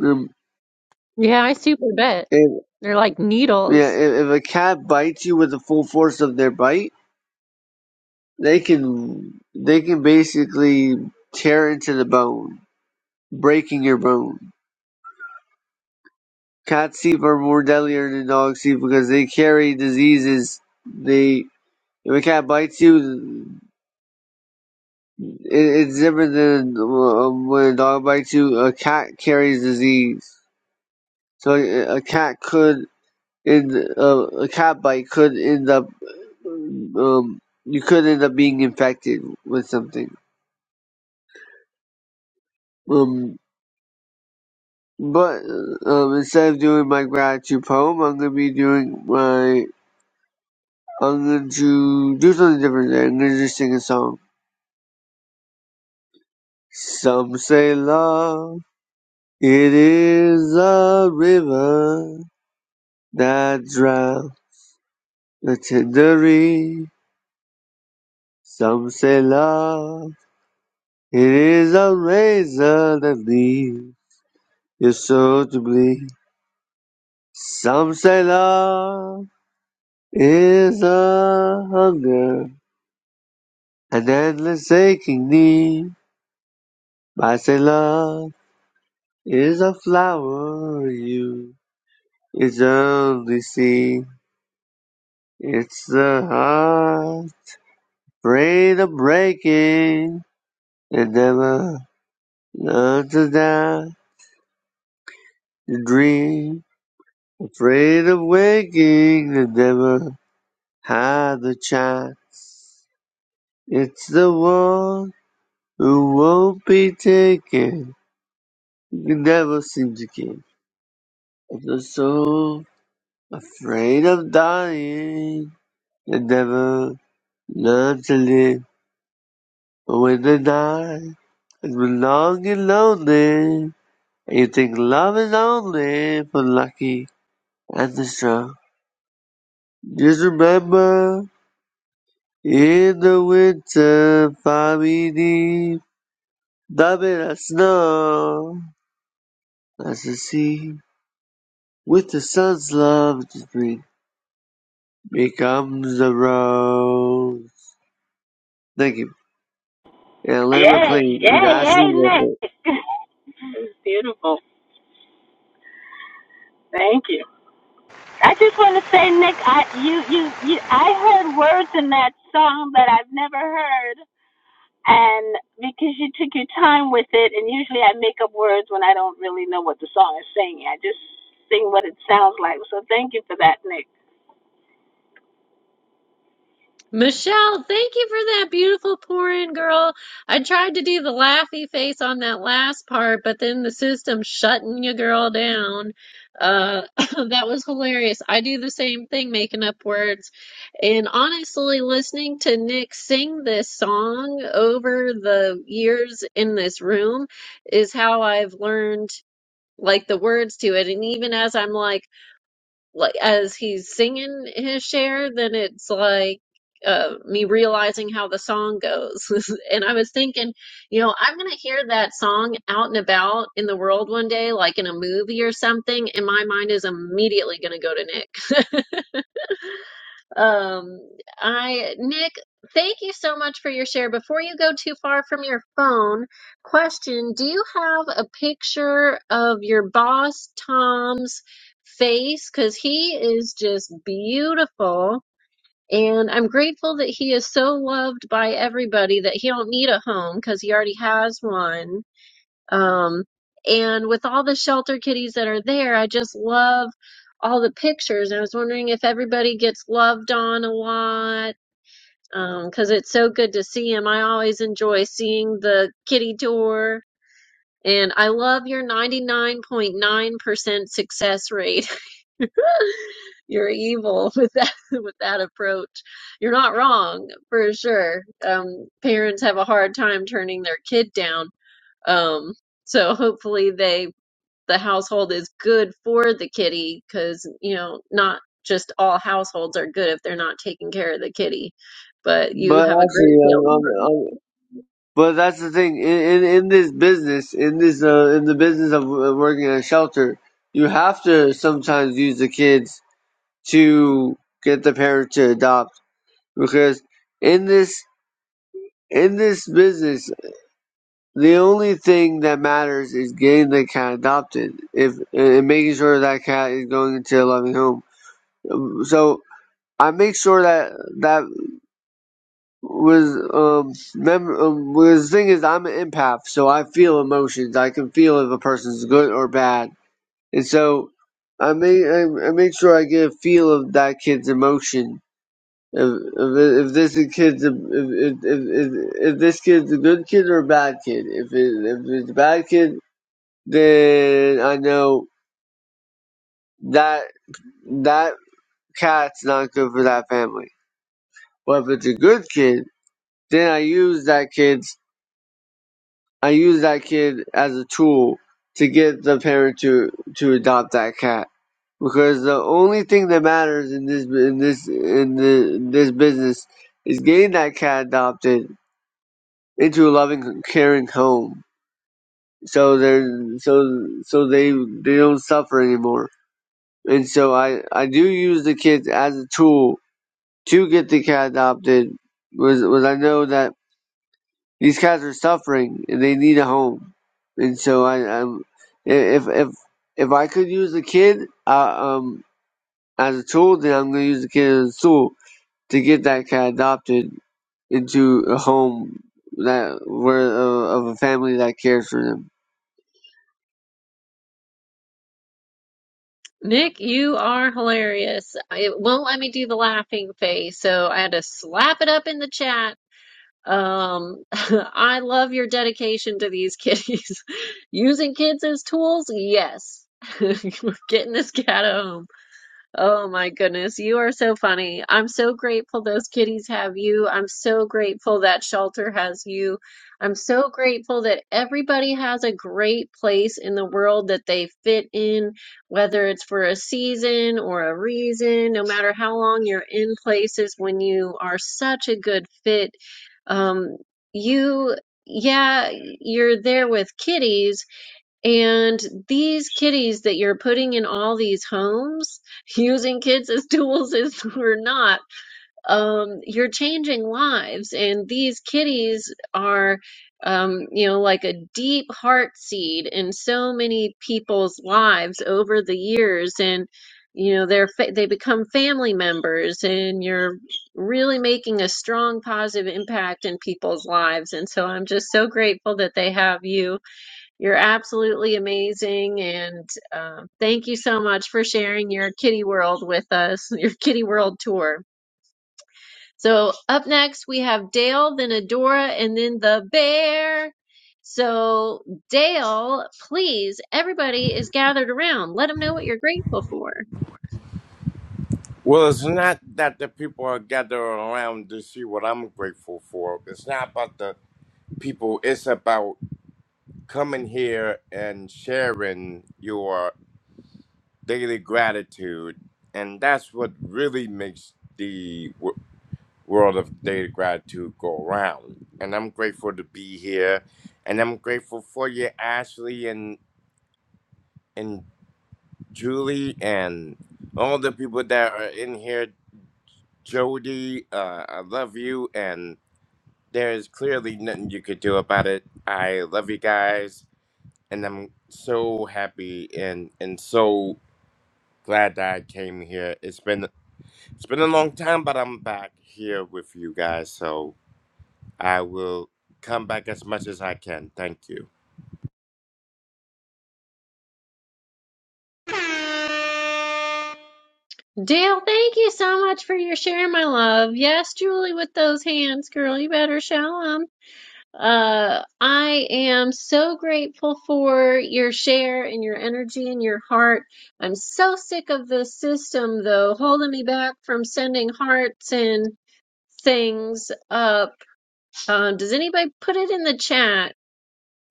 S10: Um,
S1: Yeah, I super bet.
S10: if,
S1: They're like needles.
S10: yeah, if, if a cat bites you with the full force of their bite, they can they can basically tear into the bone, breaking your bone. Cats' teeth are more deadlier than dogs' teeth because they carry diseases. They if a cat bites you, it, it's different than uh, when a dog bites you. A cat carries disease, so a, a cat could in uh, a cat bite could end up um you could end up being infected with something. Um, but um, instead of doing my gratitude poem, I'm gonna be doing my I'm going to do something different today. I'm gonna just sing a song. Some say love, it is a river that drowns the tender reed. Some say love, it is a razor that leaves your soul to bleed. Some say love is a hunger, an endless aching need. I say love is a flower you is only see. It's the heart brain of breaking, and never learn to die. The dream, afraid of waking, and never hide the child. It's the one who won't be taken, you can never seem to care. And the soul, afraid of dying, and never learn to live. But when they die, and belong and lonely. You think love is only for lucky and the strong. Just remember, in the winter, far we deep, dumb in the snow, as the sea, with the sun's love to drink, becomes the rose. Thank you. And Lambert
S4: Yay,
S10: playing
S4: yay,
S10: in Ashley's
S4: yay,
S10: effort.
S4: Nick. [laughs] Beautiful. Thank you. I just want to say, Nick, I you you you I heard words in that song that I've never heard. and because you took your time with it, and usually I make up words when I don't really know what the song is saying. I just sing what it sounds like. So thank you for that, Nick.
S1: Michelle, thank you for that beautiful pour-in, girl. I tried to do the laughy face on that last part, but then the system shutting your girl down. Uh, [coughs] [laughs] that was hilarious. I do the same thing, making up words. And honestly, listening to Nick sing this song over the years in this room is how I've learned like the words to it. And even as I'm like, like as he's singing his share, then it's like uh, me realizing how the song goes. [laughs] and I was thinking, you know, I'm gonna hear that song out and about in the world one day, like in a movie or something, and my mind is immediately gonna go to Nick. [laughs] Um, I Nick, thank you so much for your share. Before you go too far from your phone, question: Do you have a picture of your boss Tom's face? Because he is just beautiful. And I'm grateful that he is so loved by everybody that he don't need a home because he already has one. Um, and with all the shelter kitties that are there, I just love all the pictures. I was wondering if everybody gets loved on a lot because it's so good to see them. I always enjoy seeing the kitty tour. And I love your 99.9% success rate. [laughs] You're evil with that [laughs] with that approach. You're not wrong for sure. Um, parents have a hard time turning their kid down. Um, so hopefully they the household is good for the kitty because you know not just all households are good if they're not taking care of the kitty but you
S10: But
S1: have a great
S10: Ashley,
S1: tail to
S10: I'm, But that's the thing in, in, in this business, in this uh, in the business of uh, working in a shelter, you have to sometimes use the kids to get the parents to adopt because in this in this business, the only thing that matters is getting the cat adopted, if and making sure that cat is going into a loving home. Um, So I make sure that that with um, mem- um with the thing is I'm an empath, so I feel emotions. I can feel if a person's good or bad, and so I make I, I make sure I get a feel of that kid's emotion. If if, if this kid's a, if, if, if if this kid's a good kid or a bad kid. If it, if it's a bad kid, then I know that that cat's not good for that family. But if it's a good kid, then I use that kid I use that kid as a tool to get the parent to to adopt that cat because the only thing that matters in this in this in, the, in this business is getting that cat adopted into a loving, caring home. So they're so so they they don't suffer anymore. And so I I do use the kids as a tool to get the cat adopted. Was was I know that These guys are suffering and they need a home. And so I, I'm, if if if I could use a kid uh, um as a tool, then I'm gonna use the kid as a tool to get that cat adopted into a home that where uh, of a family that cares for them.
S1: nick you are hilarious it won't let me do the laughing face so i had to slap it up in the chat Um, [laughs] I love your dedication to these kitties. [laughs] Using kids as tools? Yes. [laughs] We're getting this cat a home. Oh my goodness, you are so funny. I'm so grateful those kitties have you. I'm so grateful that shelter has you. I'm so grateful that everybody has a great place in the world that they fit in, whether it's for a season or a reason, no matter how long you're in places when you are such a good fit. Um, you, yeah, you're there with kitties and these kitties that you're putting in all these homes, [laughs] using kids as tools as [laughs] we're not, um, you're changing lives. And these kitties are, um, you know, like a deep heart seed in so many people's lives over the years. And, you know, they're fa they become family members, and you're really making a strong positive impact in people's lives. And so I'm just so grateful that they have you you're absolutely amazing. And um, thank you so much for sharing your kitty world with us, [laughs] your kitty world tour. So, up next, we have Dale, then Adora, and then the bear. So, Dale, please, everybody is gathered around. Let them know what you're grateful for.
S11: Well, it's not that the people are gathered around to see what I'm grateful for. It's not about the people. It's about coming here and sharing your daily gratitude. And that's what really makes the w- world of daily gratitude go around. And I'm grateful to be here. And I'm grateful for you, Ashley, and, and Julie, and all the people that are in here. Jody, uh, I love you. And there's clearly nothing you could do about it. I love you guys, and I'm so happy and and so glad that I came here. It's been it's been a long time, but I'm back here with you guys, so I will come back as much as I can. Thank you.
S1: Dale, thank you so much for your share, my love. Yes, Julie, with those hands, girl, you better show 'em. Uh, I am so grateful for your share and your energy and your heart. I'm so sick of the system, though, holding me back from sending hearts and things up. Um, does anybody put it in the chat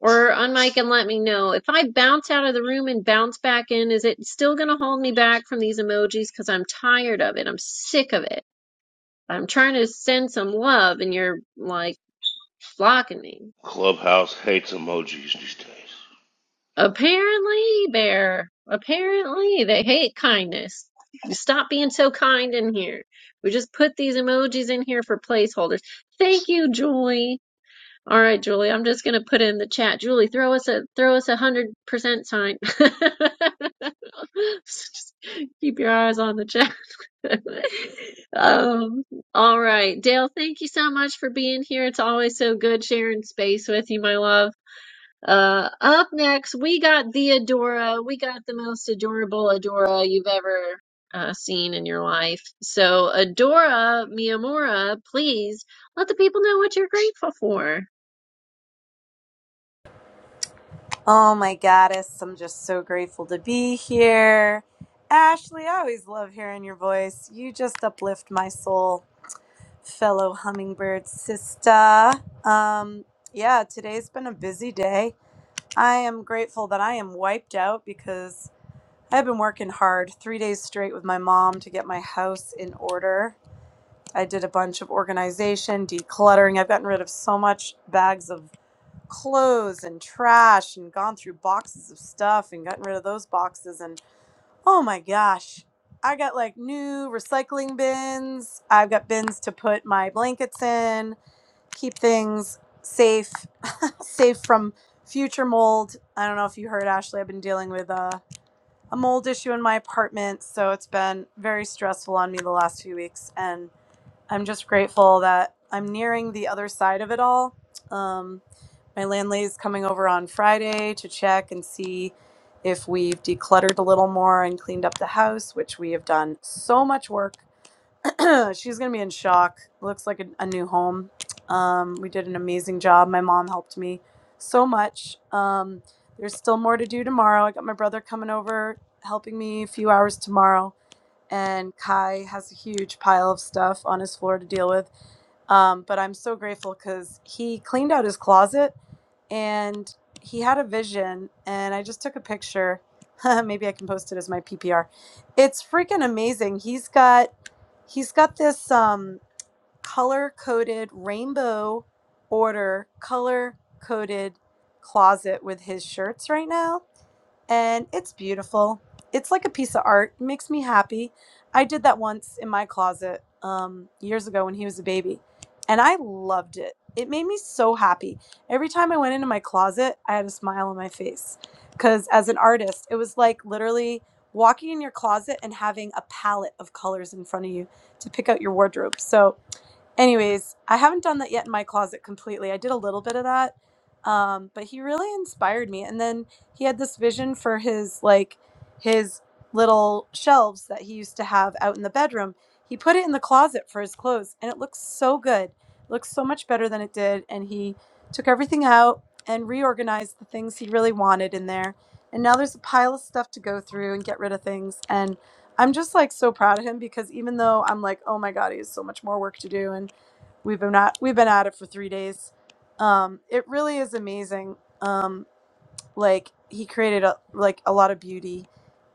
S1: or on mic and let me know? If I bounce out of the room and bounce back in, is it still going to hold me back from these emojis? Because I'm tired of it. I'm sick of it. I'm trying to send some love and you're like blocking me.
S12: Clubhouse hates emojis these days.
S1: Apparently, Bear. Apparently, they hate kindness. Stop being so kind in here. We just put these emojis in here for placeholders. Thank you, Julie. All right, Julie. I'm just gonna put in the chat. Julie, throw us a throw us a hundred percent sign. [laughs] Just Keep your eyes on the chat. [laughs] Um, all right, Dale. Thank you so much for being here. It's always so good sharing space with you, my love. Uh, up next, we got the Adora. We got the most adorable Adora you've ever uh, seen in your life. So, Adora Miyamura, please let the people know what you're grateful for.
S13: Oh my goddess, I'm just so grateful to be here. Ashley, I always love hearing your voice. You just uplift my soul, fellow hummingbird sister. Um, yeah, today's been a busy day. I am grateful that I am wiped out because I've been working hard three days straight with my mom to get my house in order. I did a bunch of organization, decluttering. I've gotten rid of so much bags of clothes and trash and gone through boxes of stuff and gotten rid of those boxes and oh my gosh i got like new recycling bins i've got bins to put my blankets in keep things safe safe from future mold i don't know if you heard ashley i've been dealing with a, a mold issue in my apartment so it's been very stressful on me the last few weeks and. I'm just grateful that I'm nearing the other side of it all. Um, my landlady's coming over on Friday to check and see if we've decluttered a little more and cleaned up the house, which we have done so much work. [clears throat] She's going to be in shock. Looks like a, a new home. Um, we did an amazing job. My mom helped me so much. Um, there's still more to do tomorrow. I got my brother coming over, helping me a few hours tomorrow and Kai has a huge pile of stuff on his floor to deal with. Um, but I'm so grateful because he cleaned out his closet and he had a vision, and I just took a picture. [laughs] Maybe I can post it as my PPR. It's freaking amazing. He's got he's got this um, color coded rainbow order color coded closet with his shirts right now and it's beautiful. It's like a piece of art. It makes me happy. I did that once in my closet um, years ago when he was a baby, and I loved it. It made me so happy. Every time I went into my closet, I had a smile on my face. Because as an artist, it was like literally walking in your closet and having a palette of colors in front of you to pick out your wardrobe. So anyways, I haven't done that yet in my closet completely. I did a little bit of that. Um, but he really inspired me. And then he had this vision for his like his little shelves that he used to have out in the bedroom. He put it in the closet for his clothes and it looks so good. looks so much better than it did and he took everything out and reorganized the things he really wanted in there. And now there's a pile of stuff to go through and get rid of things. and. I'm just like so proud of him because even though I'm like, oh my god, he has so much more work to do, and we've been not we've been at it for three days. Um, it really is amazing. Um, like he created a, like a lot of beauty,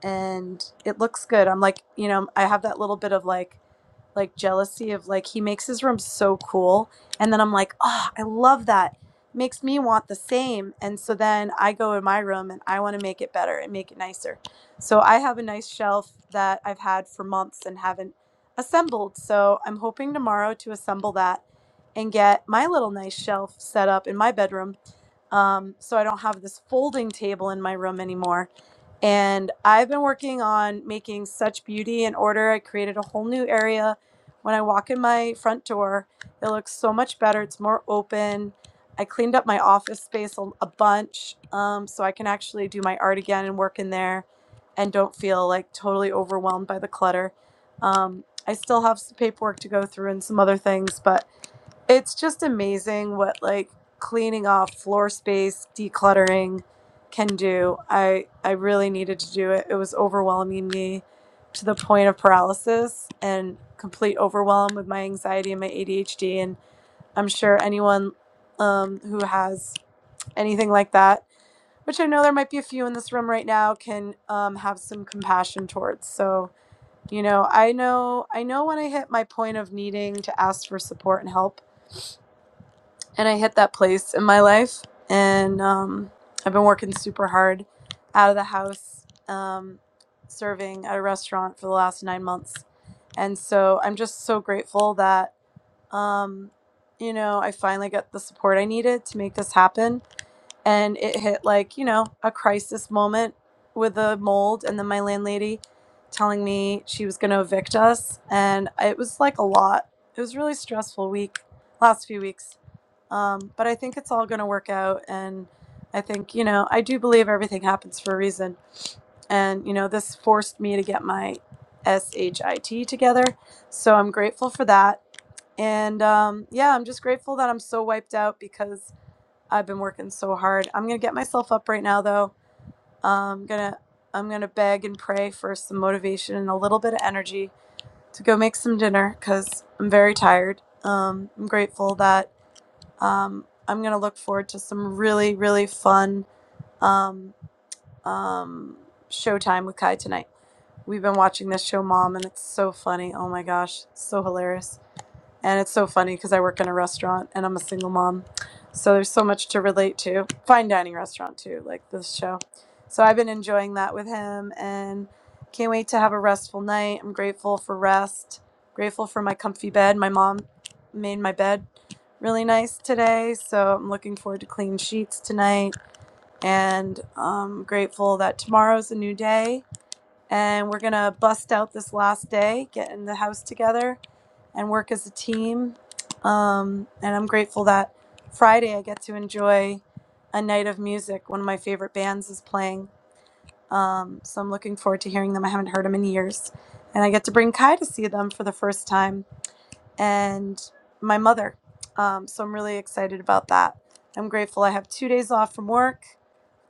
S13: and it looks good. I'm like, you know, I have that little bit of like like jealousy of like he makes his room so cool and then i'm like oh i love that makes me want the same and so then i go in my room and i want to make it better and make it nicer so i have a nice shelf that i've had for months and haven't assembled so i'm hoping tomorrow to assemble that and get my little nice shelf set up in my bedroom um, so i don't have this folding table in my room anymore and I've been working on making such beauty and order. I created a whole new area. When I walk in my front door, it looks so much better. It's more open. I cleaned up my office space a, a bunch um, so I can actually do my art again and work in there and don't feel like totally overwhelmed by the clutter. Um, I still have some paperwork to go through and some other things, but it's just amazing what like cleaning off floor space decluttering can do i i really needed to do it it was overwhelming me to the point of paralysis and complete overwhelm with my anxiety and my adhd and i'm sure anyone um, who has anything like that which i know there might be a few in this room right now can um, have some compassion towards so you know i know i know when i hit my point of needing to ask for support and help and I hit that place in my life. And um, I've been working super hard out of the house, um, serving at a restaurant for the last nine months. And so I'm just so grateful that, um, you know, I finally got the support I needed to make this happen. And it hit like, you know, a crisis moment with a mold. And then my landlady telling me she was going to evict us. And it was like a lot. It was a really stressful week, last few weeks um, but I think it's all going to work out. And I think, you know, I do believe everything happens for a reason. And, you know, this forced me to get my SHIT together. So I'm grateful for that. And um, yeah, I'm just grateful that I'm so wiped out because I've been working so hard. I'm going to get myself up right now, though. I'm going to. I'm going to beg and pray for some motivation and a little bit of energy to go make some dinner because I'm very tired. Um, I'm grateful that um, I'm going to look forward to some really, really fun um, um, showtime with Kai tonight. We've been watching this show, Mom, and it's so funny. Oh my gosh, so hilarious. And it's so funny because I work in a restaurant and I'm a single mom. So there's so much to relate to. Fine dining restaurant too, like this show. So I've been enjoying that with him and can't wait to have a restful night. I'm grateful for rest, grateful for my comfy bed. My mom made my bed really nice today. So I'm looking forward to clean sheets tonight and I'm grateful that tomorrow's a new day and we're going to bust out this last day, get in the house together and work as a team. Um, and I'm grateful that Friday I get to enjoy a night of music. One of my favorite bands is playing. Um, so I'm looking forward to hearing them. I haven't heard them in years. And I get to bring Kai to see them for the first time and my mother. Um, so I'm really excited about that. I'm grateful I have two days off from work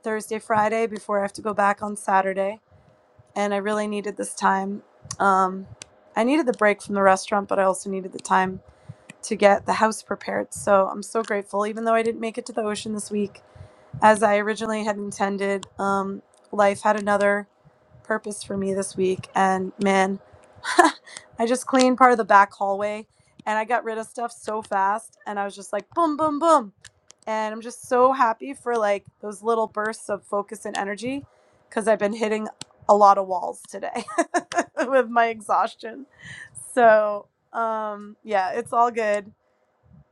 S13: Thursday, Friday before I have to go back on Saturday. And I really needed this time. Um, I needed the break from the restaurant, but I also needed the time to get the house prepared. So I'm so grateful, even though I didn't make it to the ocean this week as I originally had intended. Um, life had another purpose for me this week, and man, [laughs] I just cleaned part of the back hallway and I got rid of stuff so fast, and I was just like, boom, boom, boom. And I'm just so happy for like those little bursts of focus and energy because I've been hitting a lot of walls today [laughs] with my exhaustion. So, um, yeah, it's all good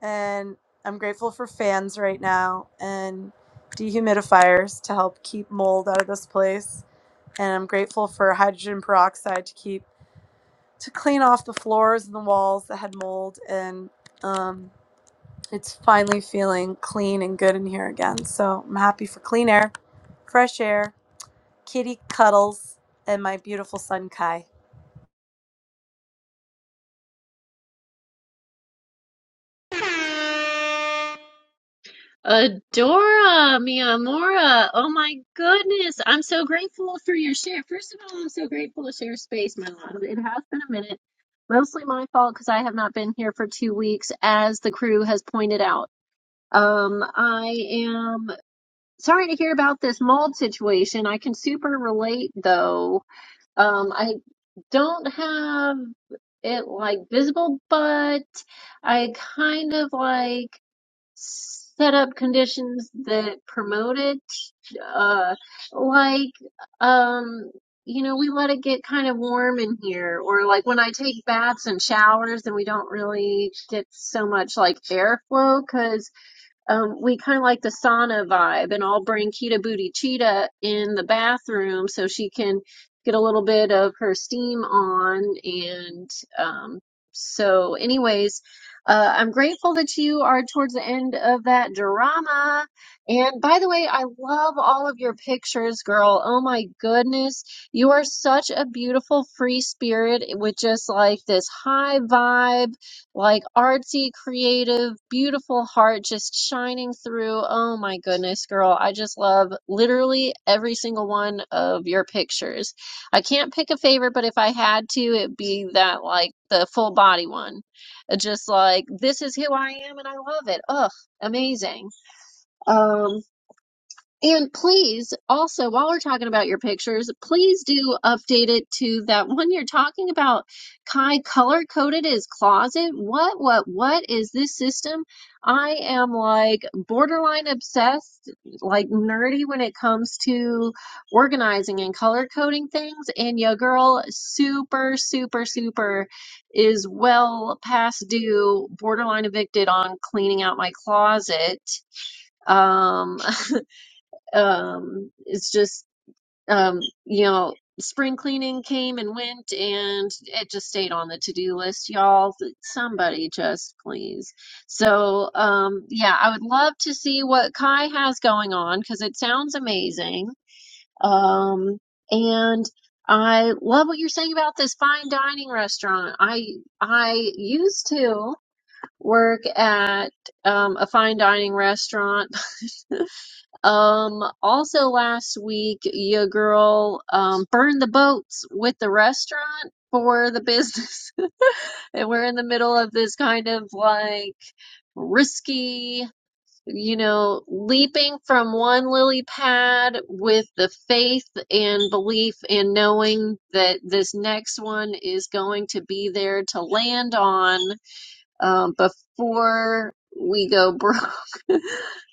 S13: and I'm grateful for fans right now and dehumidifiers to help keep mold out of this place. And I'm grateful for hydrogen peroxide to keep to clean off the floors and the walls that had mold. And um, it's finally feeling clean and good in here again. So I'm happy for clean air, fresh air, kitty cuddles, and my beautiful son Kai.
S1: Adora Miyamura, oh my goodness, I'm so grateful for your share. First of all, I'm so grateful to share space, my love. It has been a minute, mostly my fault because I have not been here for two weeks, as the crew has pointed out. Um, I am sorry to hear about this mold situation. I can super relate though. Um, I don't have it like visible, but I kind of like set up conditions that promote it. Uh, like, um, you know, we let it get kind of warm in here, or like when I take baths and showers, then we don't really get so much like airflow because um, we kind of like the sauna vibe, and I'll bring Kita Booty Cheetah in the bathroom so she can get a little bit of her steam on. And um, so, anyways, uh, I'm grateful that you are towards the end of that drama. And by the way, I love all of your pictures, girl. Oh my goodness. You are such a beautiful free spirit with just like this high vibe like artsy, creative, beautiful heart just shining through. Oh my goodness, girl. I just love literally every single one of your pictures. I can't pick a favorite, but if I had to, it'd be that like the full body one. Uh, Just like this is who I am and I love it. Ugh, amazing. Um and please, also, while we're talking about your pictures, please do update it to that one you're talking about. Kai color coded his closet. What, what, what is this system? I am like borderline obsessed, like nerdy when it comes to organizing and color coding things. And your girl, super, super, super is well past due, borderline evicted on cleaning out my closet. Um, um, it's just, um, you know, spring cleaning came and went, and it just stayed on the to-do list, y'all. Somebody just please. So, um, yeah, I would love to see what Kai has going on because it sounds amazing. Um, and I love what you're saying about this fine dining restaurant. I I used to work at um, a fine dining restaurant um, also last week, your girl um burned the boats with the restaurant for the business, [laughs] and we're in the middle of this kind of like risky, you know, leaping from one lily pad with the faith and belief and knowing that this next one is going to be there to land on um, before we go broke [laughs]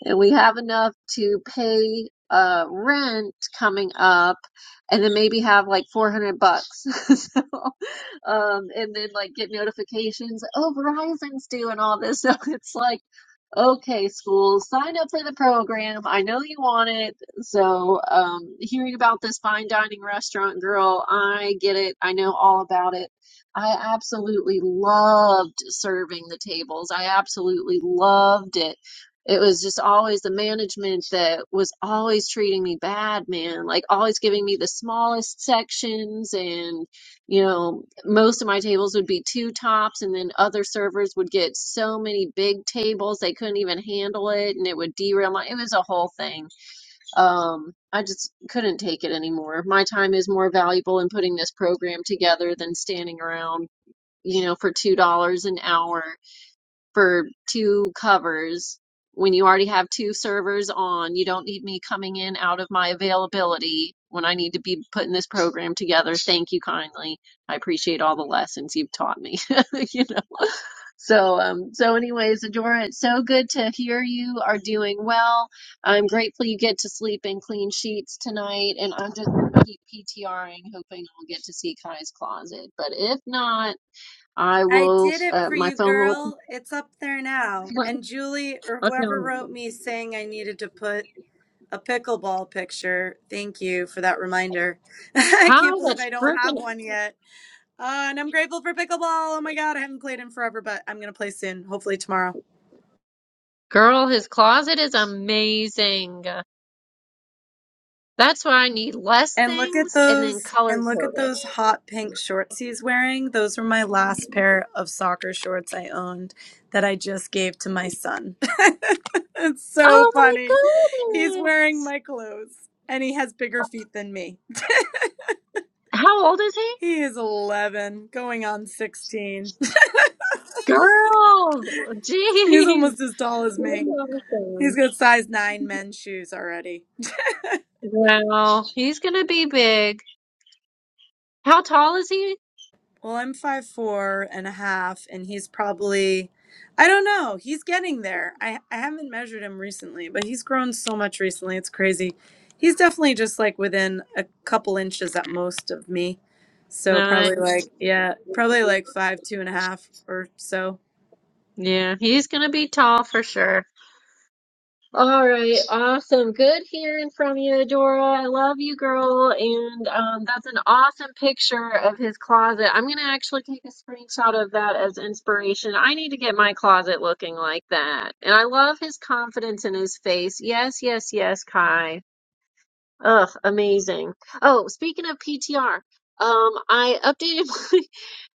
S1: and we have enough to pay uh, rent coming up and then maybe have like 400 bucks. [laughs] so, um, and then like get notifications, oh, Verizon's doing all this. [laughs] So it's like, Okay, school, sign up for the program. I know you want it. So, um, hearing about this fine dining restaurant girl, I get it. I know all about it. I absolutely loved serving the tables. I absolutely loved it. It was just always the management that was always treating me bad, man. Like always giving me the smallest sections and you know, most of my tables would be two tops, and then other servers would get so many big tables they couldn't even handle it, and it would derail my. It was a whole thing. Um, I just couldn't take it anymore. My time is more valuable in putting this program together than standing around, you know, for $2 an hour for two covers when you already have two servers on. You don't need me coming in out of my availability when I need to be putting this program together. Thank you kindly. I appreciate all the lessons you've taught me. [laughs] you know. So um so anyways, Adora, it's so good to hear you are doing well. I'm grateful you get to sleep in clean sheets tonight and I'm just gonna keep PTRing hoping I'll get to see Kai's closet. But if not, I
S13: I
S1: will
S13: did it
S1: uh,
S13: for
S1: my
S13: you,
S1: phone will
S13: girl. It's up there now. And Julie or whoever wrote
S1: Unknown.
S13: me saying I needed to put A pickleball picture. Thank you for that reminder. [laughs] I can't
S1: God,
S13: believe
S1: that's
S13: I don't have
S1: freaking
S13: one yet. Uh, and I'm grateful for pickleball. Oh my god, I haven't played in forever, but I'm gonna play soon, hopefully tomorrow.
S1: girl. His closet is amazing. That's why I need less
S13: And look at
S1: things and then
S13: those
S1: color
S13: and look
S1: code
S13: at
S1: it.
S13: those hot pink shorts he's wearing. Those were my last pair of soccer shorts I owned that I just gave to my son. [laughs] it's so
S1: Oh
S13: funny.
S1: my
S13: He's wearing
S1: goodness!
S13: my clothes and he has bigger feet than me.
S1: How old is he?
S13: He is 11, going on 16.
S1: Girl,
S13: [laughs] He's
S1: jeez.
S13: almost as tall as me. He's got size nine men's shoes already.
S1: Well, he's gonna be big. How tall is he?
S13: Well, I'm five four and a half, and he's probably I don't know, he's getting there. I, I haven't measured him recently, but he's grown so much recently, it's crazy. He's definitely just like within a couple inches at most of me. So probably
S1: Nice.
S13: like yeah, probably like five, two and a half or so.
S1: Yeah, he's gonna be tall for sure. All right, awesome. Good hearing from you, Dora. I love you, girl. And um, that's an awesome picture of his closet. I'm gonna actually take a screenshot of that as inspiration. I need to get my closet looking like that. And I love his confidence in his face. Yes, yes, yes, Kai. Ugh, amazing. Oh, speaking of PTR, um, I updated [laughs] my,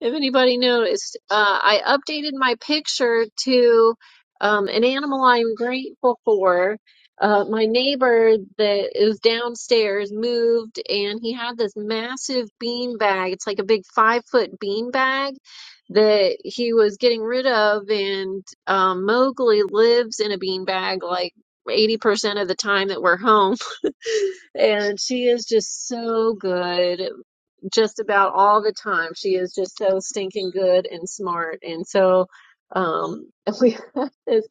S1: if anybody noticed, uh, I updated my picture to um, an animal I'm grateful for. Uh, my neighbor that is downstairs moved and he had this massive bean bag. It's like a big five foot bean bag that he was getting rid of. And um, Mowgli lives in a bean bag like 80% of the time that we're home. And she is just so good just about all the time. She is just so stinking good and smart. And so um, [laughs] we have this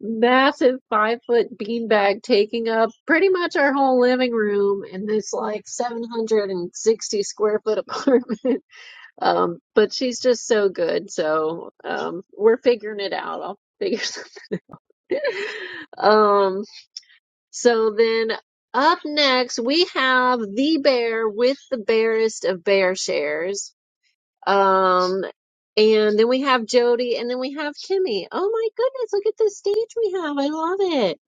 S1: massive five foot beanbag taking up pretty much our whole living room in this like 760 square foot apartment. [laughs] Um, but she's just so good. So um, we're figuring it out. I'll figure [laughs] something. Um, so then up next we have the bear with the barest of bear shares. Um and then we have Jody and then we have Kimmy. Oh my goodness, look at this stage we have. I love it.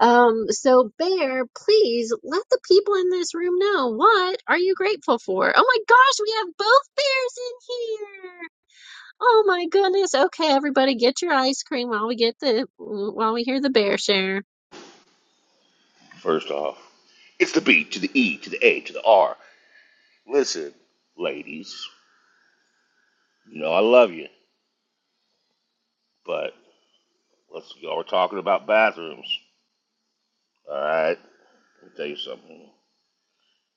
S1: Um so bear, please let the people in this room know what are you grateful for? Oh my gosh, we have both bears in here. Oh my goodness. Okay, everybody get your ice cream while we get the while we hear the bear share.
S12: First off, it's the B to the E to the A to the R. Listen, ladies, you know I love you, but let's y'all were talking about bathrooms. All right, let me tell you something.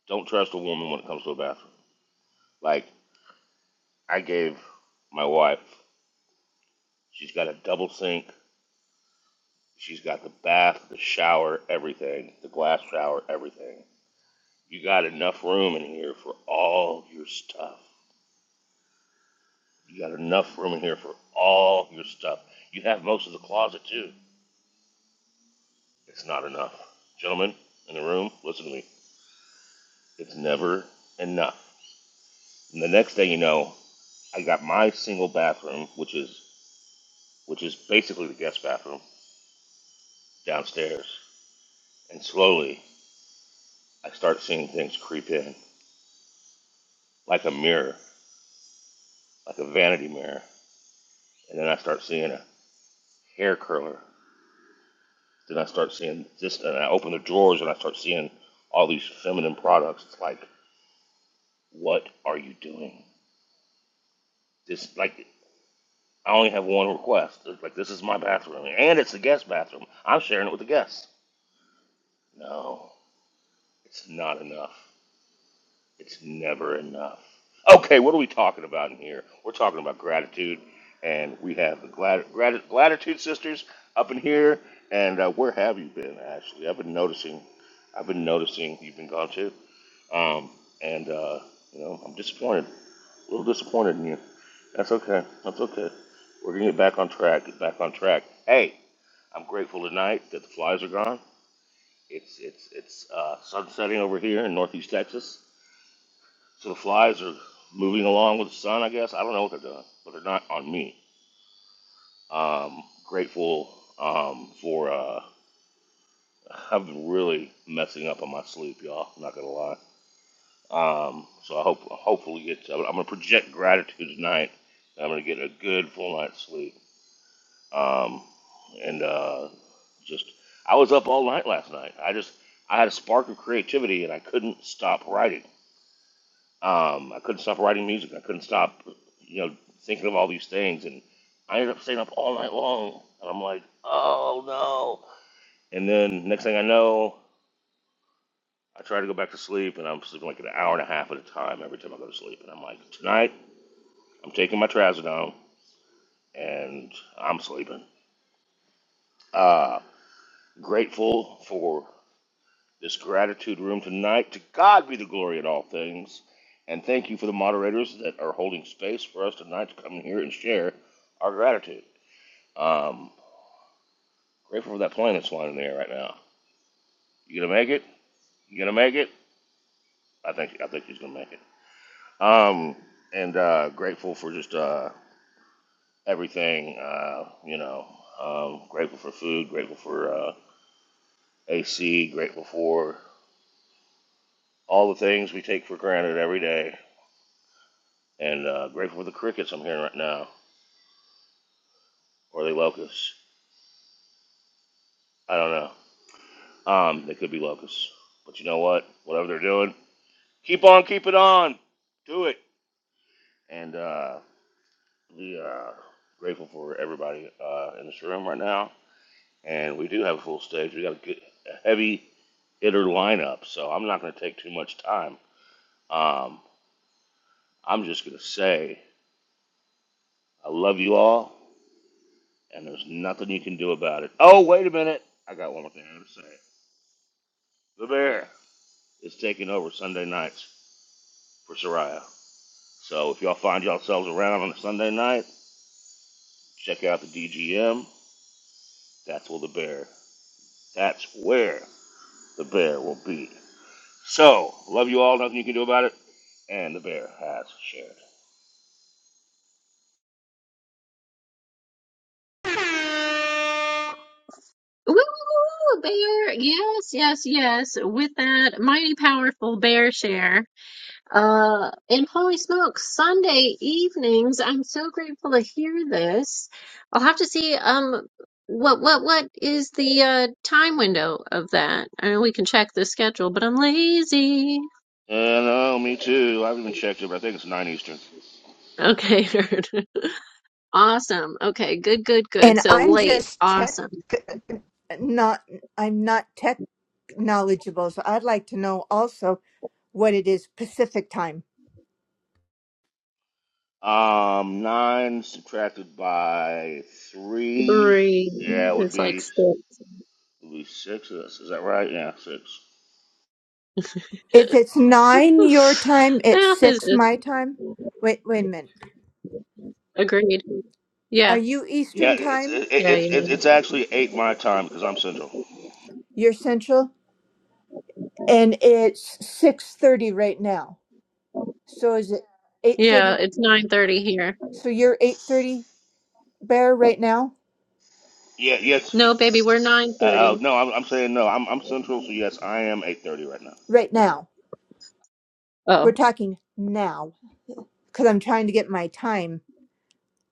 S12: Don't trust a woman when it comes to a bathroom. Like I gave my wife, she's got a double sink. She's got the bath, the shower, everything, the glass shower, everything. You got enough room in here for all your stuff. You got enough room in here for all your stuff. You have most of the closet too. It's not enough. Gentlemen in the room, listen to me. It's never enough. And the next day you know, I got my single bathroom, which is which is basically the guest bathroom, downstairs. And slowly I start seeing things creep in. Like a mirror, like a vanity mirror. And then I start seeing a hair curler. Then I start seeing this and I open the drawers and I start seeing all these feminine products. It's like What are you doing? This like I only have one request. Like this is my bathroom, and it's the guest bathroom. I'm sharing it with the guests. No, it's not enough. It's never enough. Okay, what are we talking about in here? We're talking about gratitude, and we have the glad, grat, gratitude sisters up in here. And uh, where have you been, Ashley? I've been noticing. I've been noticing you've been gone too. Um, and uh, you know, I'm disappointed. A little disappointed in you. That's okay. That's okay. We're gonna get back on track. Get back on track. Hey, I'm grateful tonight that the flies are gone. It's it's it's uh, sunsetting over here in northeast Texas, so the flies are moving along with the sun. I guess I don't know what they're doing, but they're not on me. Um, grateful um, for. Uh, [laughs] I've been really messing up on my sleep, y'all. I'm not gonna lie. Um, so I hope hopefully get. I'm gonna project gratitude tonight. I'm gonna get a good full night's sleep Um, and uh, just, I was up all night last night. I just, I had a spark of creativity and I couldn't stop writing. Um, I couldn't stop writing music. I couldn't stop, you know, thinking of all these things. And I ended up staying up all night long. And I'm like, oh no. And then next thing I know, I try to go back to sleep and I'm sleeping like an hour and a half at a time every time I go to sleep. And I'm like, tonight, I'm taking my trazodone and I'm sleeping. Uh, grateful for this gratitude room tonight. To God be the glory in all things. And thank you for the moderators that are holding space for us tonight to come in here and share our gratitude. Um, grateful for that plane that's flying in the air right now. You gonna make it? You gonna make it? I think I think she's gonna make it. Um, and uh, grateful for just uh, everything. Uh, you know, um, grateful for food. Grateful for uh, AC. Grateful for all the things we take for granted every day. And uh, grateful for the crickets I'm hearing right now or are they locusts? I don't know. Um, they could be locusts, but you know what? Whatever they're doing, keep on, keep it on, do it. And uh, we are grateful for everybody uh, in this room right now, and we do have a full stage. We got a good, a heavy hitter lineup, so I'm not going to take too much time. Um, I'm just going to say I love you all, and there's nothing you can do about it. Oh, wait a minute, I got one more thing I got to say. The bear is taking over Sunday nights for Soraya. So if y'all find yourselves around on a Sunday night, check out the DGM. That's where the bear. That's where the bear will be. So love you all. Nothing you can do about it. And the bear has shared.
S1: Woo, woo, woo, bear. Yes, yes, yes. With that mighty powerful bear share. Uh, and holy smokes, Sunday evenings. I'm so grateful to hear this. I'll have to see, um, what, what, what is the, uh, time window of that? I mean, we can check the schedule, but I'm lazy.
S12: And oh, me too. I haven't even checked it, but I think it's nine Eastern.
S1: Okay, [laughs] nerd. Awesome. Okay, good, good, good.
S14: And
S1: So
S14: I'm
S1: late.
S14: just tech
S1: Awesome.
S14: not I'm not tech knowledgeable, so I'd like to know also what it is Pacific time.
S12: Um, nine subtracted by three.
S1: Three.
S12: Yeah, it would
S1: It's
S12: be
S1: like
S12: it
S1: six.
S12: would be six. Is is that right? Yeah, six.
S1: [laughs]
S14: If it's nine your time, it's
S1: Math is
S14: six
S1: just
S14: my time. Wait, wait a minute.
S1: Agreed.
S14: Are
S1: Yeah.
S14: you
S12: Yeah,
S14: Eastern
S12: it's
S14: time?
S12: it,
S1: Yeah,
S12: it,
S1: you
S12: it's it's
S1: need.
S12: actually eight my time because I'm central.
S14: You're Central, and it's six thirty right now. So is it eight
S1: Yeah,
S14: thirty?
S1: it's 9:30 here.
S14: So you're eight thirty, Bear, right now.
S12: Yeah, yes,
S1: No, baby, we're
S12: Uh, uh,
S1: 9:30.
S12: no, I'm, I'm saying no. I'm, I'm Central, so yes, I am 8:30 right now.
S14: Right now, we're
S1: Oh.
S14: talking now because I'm trying to get my time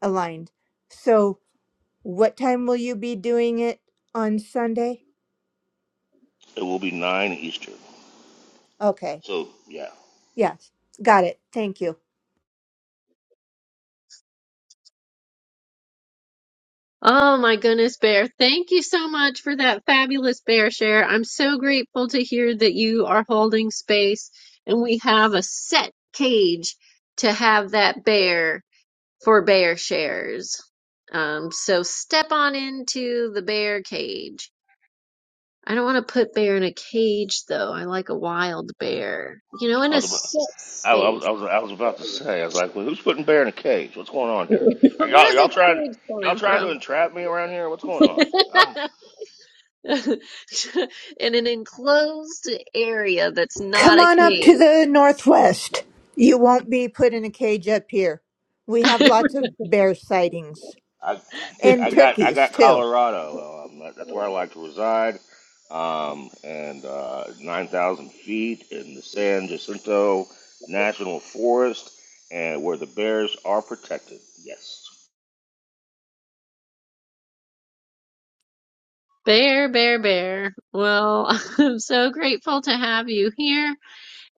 S14: aligned. So What time will you be doing it on Sunday?
S12: It will be nine Eastern.
S14: Okay.
S12: So yeah,
S14: Yes. Got it. Thank you.
S1: Oh my goodness, Bear. Thank you so much for that fabulous Bear share. I'm so grateful to hear that you are holding space and we have a set cage to have that bear for bear shares. Um, so step on into the bear cage. I don't want to put bear in a cage though. I like a wild bear. You know, in
S12: I
S1: a
S12: was about,
S1: set
S12: I, I was,
S1: space.
S12: I was, I was about to
S1: [laughs]
S12: say, I was like, well, who's putting bear in a cage? What's going on here? Are y'all,
S1: Where's a
S12: y'all trying,
S1: cage
S12: y'all
S1: coming
S12: trying
S1: from?
S12: to entrap me around here? What's going on? I'm,
S1: [laughs] In an enclosed area that's not
S14: Come
S1: a
S14: on up
S1: cage.
S14: to the northwest. You won't be put in a cage up here. We have
S1: [laughs]
S14: lots of bear sightings
S12: I,
S14: and
S12: I got, I
S14: turkeys
S12: got
S14: too.
S12: Colorado. Um, that, that's where I like to reside. Um, and uh, 9,000 feet in the San Jacinto National Forest, and where the bears are protected. Yes.
S1: Bear, bear, bear. Well, [laughs] I'm so grateful to have you here.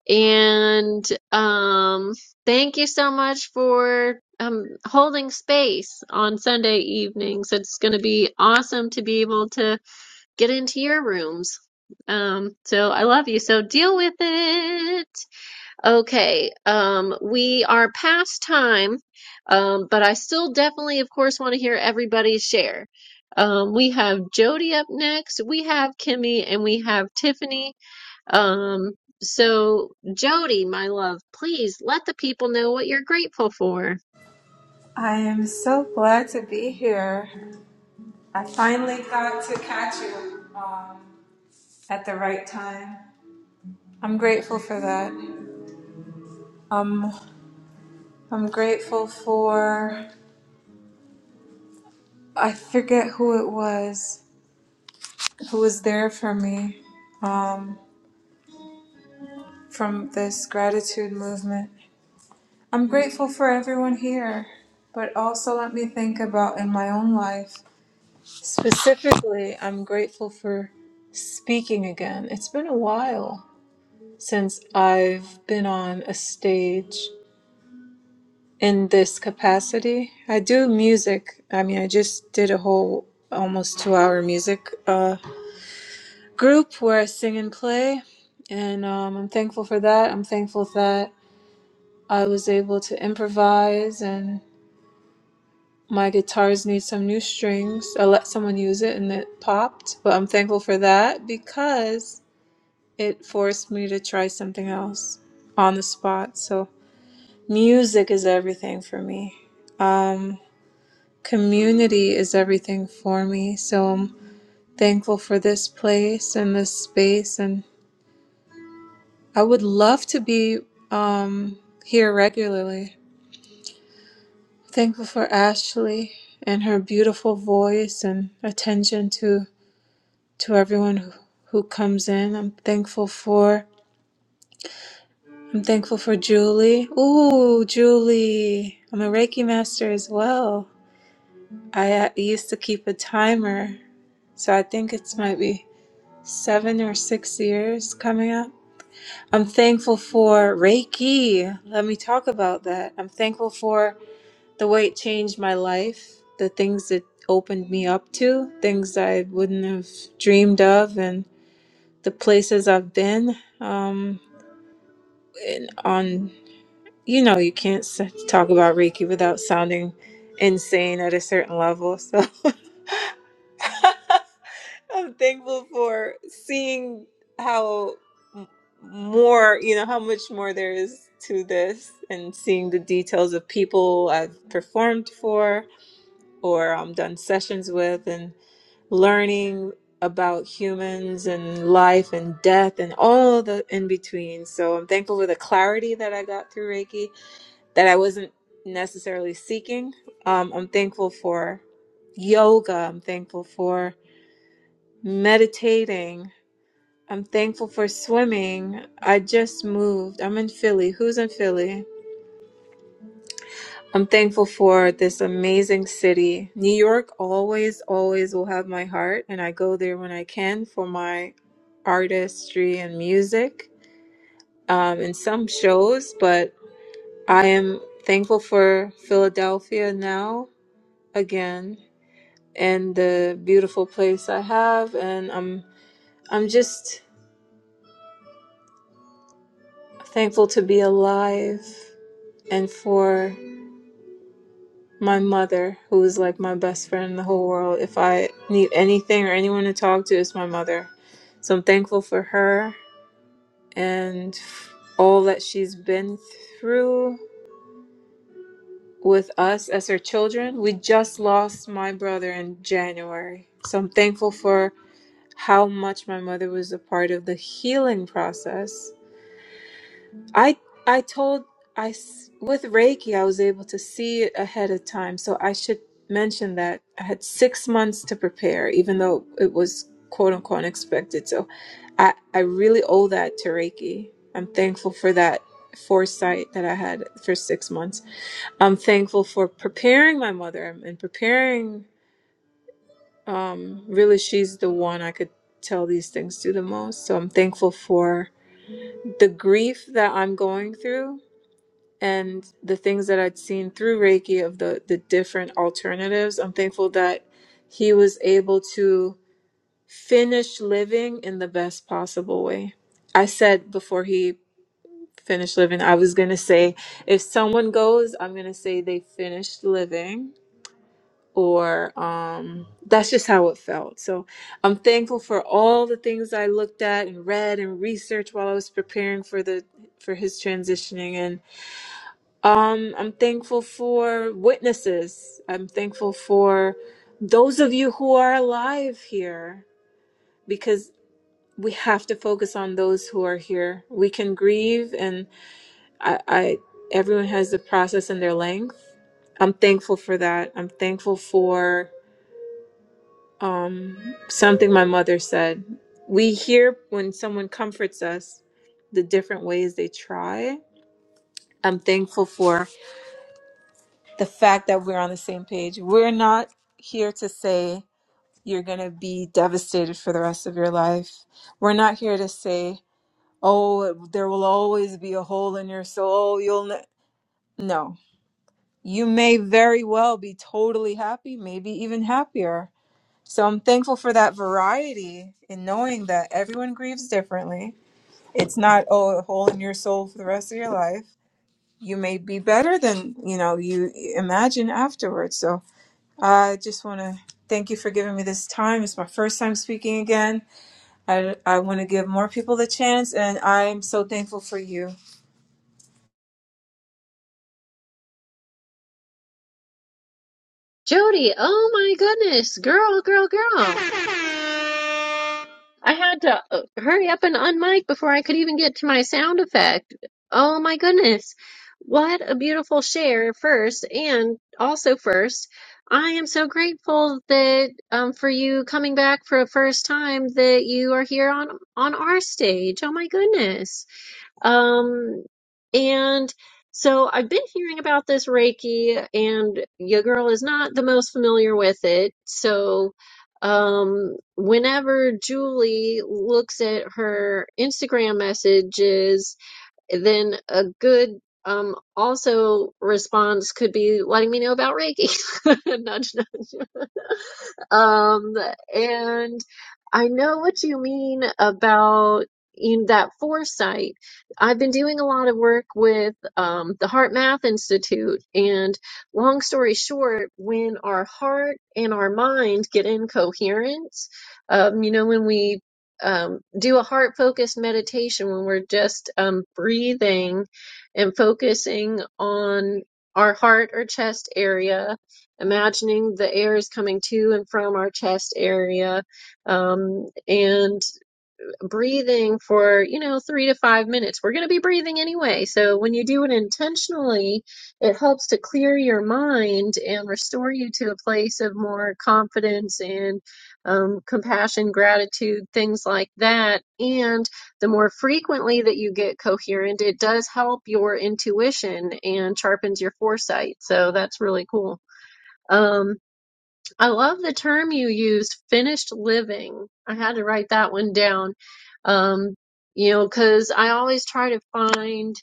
S1: And um thank you so much for um holding space on Sunday evenings. It's going to be awesome to be able to get into your rooms. Um, so I love you. So deal with it. Okay. Um, we are past time, um, but I still definitely, of course, want to hear everybody's share. Um, we have Jody up next. We have Kimmy and we have Tiffany. Um, so Jody, my love, please let the people know what you're grateful for.
S15: I am so glad to be here. I finally got to catch you um, at the right time. I'm grateful for that. Um, I'm grateful for, I forget who it was, who was there for me um, from this gratitude movement. I'm grateful for everyone here, but also let me think about in my own life. Specifically, I'm grateful for speaking again. It's been a while. since I've been on a stage in this capacity. I do music. I mean, I just did a whole almost two hour music uh, group where I sing and play. And um, I'm thankful for that. I'm thankful that I was able to improvise and my guitars need some new strings. I let someone use it and it popped. But I'm thankful for that because it forced me to try something else on the spot. So Music is everything for me. Um, community is everything for me. So I'm thankful for this place and this space. And I would love to be um, here regularly. Thankful for Ashley and her beautiful voice and attention to to everyone who, who comes in. I'm thankful for I'm thankful for Julie. Ooh, Julie. I'm a Reiki master as well. I uh, used to keep a timer, so I think it's might be seven or six years coming up. I'm thankful for Reiki. Let me talk about that. I'm thankful for the way it changed my life, the things it opened me up to, things I wouldn't have dreamed of, and the places I've been. Um, and on, you know, you can't s- talk about Reiki without sounding insane at a certain level. So. [laughs] I'm thankful for seeing how m- more, you know, how much more there is to this and seeing the details of people I've performed for or um, done sessions with and learning about humans and life and death and all the in between. So I'm thankful for the clarity that I got through Reiki that I wasn't necessarily seeking. Um, I'm thankful for yoga. I'm thankful for meditating I'm thankful for swimming. I just moved. I'm in Philly. Who's in Philly? I'm thankful for this amazing city. New York always, always will have my heart, and I go there when I can for my artistry and music um, and some shows, but I am thankful for Philadelphia now again and the beautiful place I have, and I'm I'm just thankful to be alive and for my mother, who is like my best friend in the whole world. If I need anything or anyone to talk to, it's my mother. So I'm thankful for her and all that she's been through with us as her children. We just lost my brother in January. So I'm thankful for how much my mother was a part of the healing process I I told I s- with Reiki I was able to see it ahead of time, so I should mention that I had six months to prepare, even though it was quote unquote unexpected. So I I really owe that to Reiki. I'm thankful for that foresight that I had for six months. I'm thankful for preparing my mother um, and preparing. Um, really, she's the one I could tell these things to the most. So I'm thankful for the grief that I'm going through and the things that I'd seen through Reiki of the the different alternatives, I'm thankful that he was able to finish living in the best possible way. I said before he finished living, I was gonna say if someone goes, I'm gonna say they finished living or um that's just how it felt. So I'm thankful for all the things I looked at and read and researched while I was preparing for the for his transitioning and. Um, I'm thankful for witnesses. I'm thankful for those of you who are alive here because we have to focus on those who are here. We can grieve, and I, I everyone has the process and their length. I'm thankful for that. I'm thankful for um, something my mother said. We hear when someone comforts us the different ways they try. I'm thankful for the fact that we're on the same page. We're not here to say you're going to be devastated for the rest of your life. We're not here to say, oh, there will always be a hole in your soul. You'll ne-. no. You may very well be totally happy, maybe even happier. So I'm thankful for that variety in knowing that everyone grieves differently. It's not oh, a hole in your soul for the rest of your life. You may be better than, you know, you imagine afterwards. So I just want to thank you for giving me this time. It's my first time speaking again. I, I want to give more people the chance, and I'm so thankful for you.
S1: Jody, oh my goodness, girl, girl, girl. I had to uh, hurry up and unmic before I could even get to my sound effect. Oh my goodness. What a beautiful share first and also first. I am so grateful that um for you coming back for a first time that you are here on on our stage. Oh my goodness. Um, and so I've been hearing about this Reiki, and your girl is not the most familiar with it. So, um, whenever Julie looks at her Instagram messages, then a good um also response could be letting me know about Reiki. [laughs] Nudge, nudge. Um, and I know what you mean about in that foresight. I've been doing a lot of work with um, the Heart Math Institute, and long story short, when our heart and our mind get in coherence, um, you know, when we um, do a heart focused meditation, when we're just um, breathing and focusing on our heart or chest area imagining the air is coming to and from our chest area um, and breathing for you know three to five minutes we're going to be breathing anyway so when you do it intentionally it helps to clear your mind and restore you to a place of more confidence and um, compassion gratitude things like that and the more frequently that you get coherent it does help your intuition and sharpens your foresight so that's really cool Um, I love the term you use, finished living. I had to write that one down. Um, you know, because I always try to find,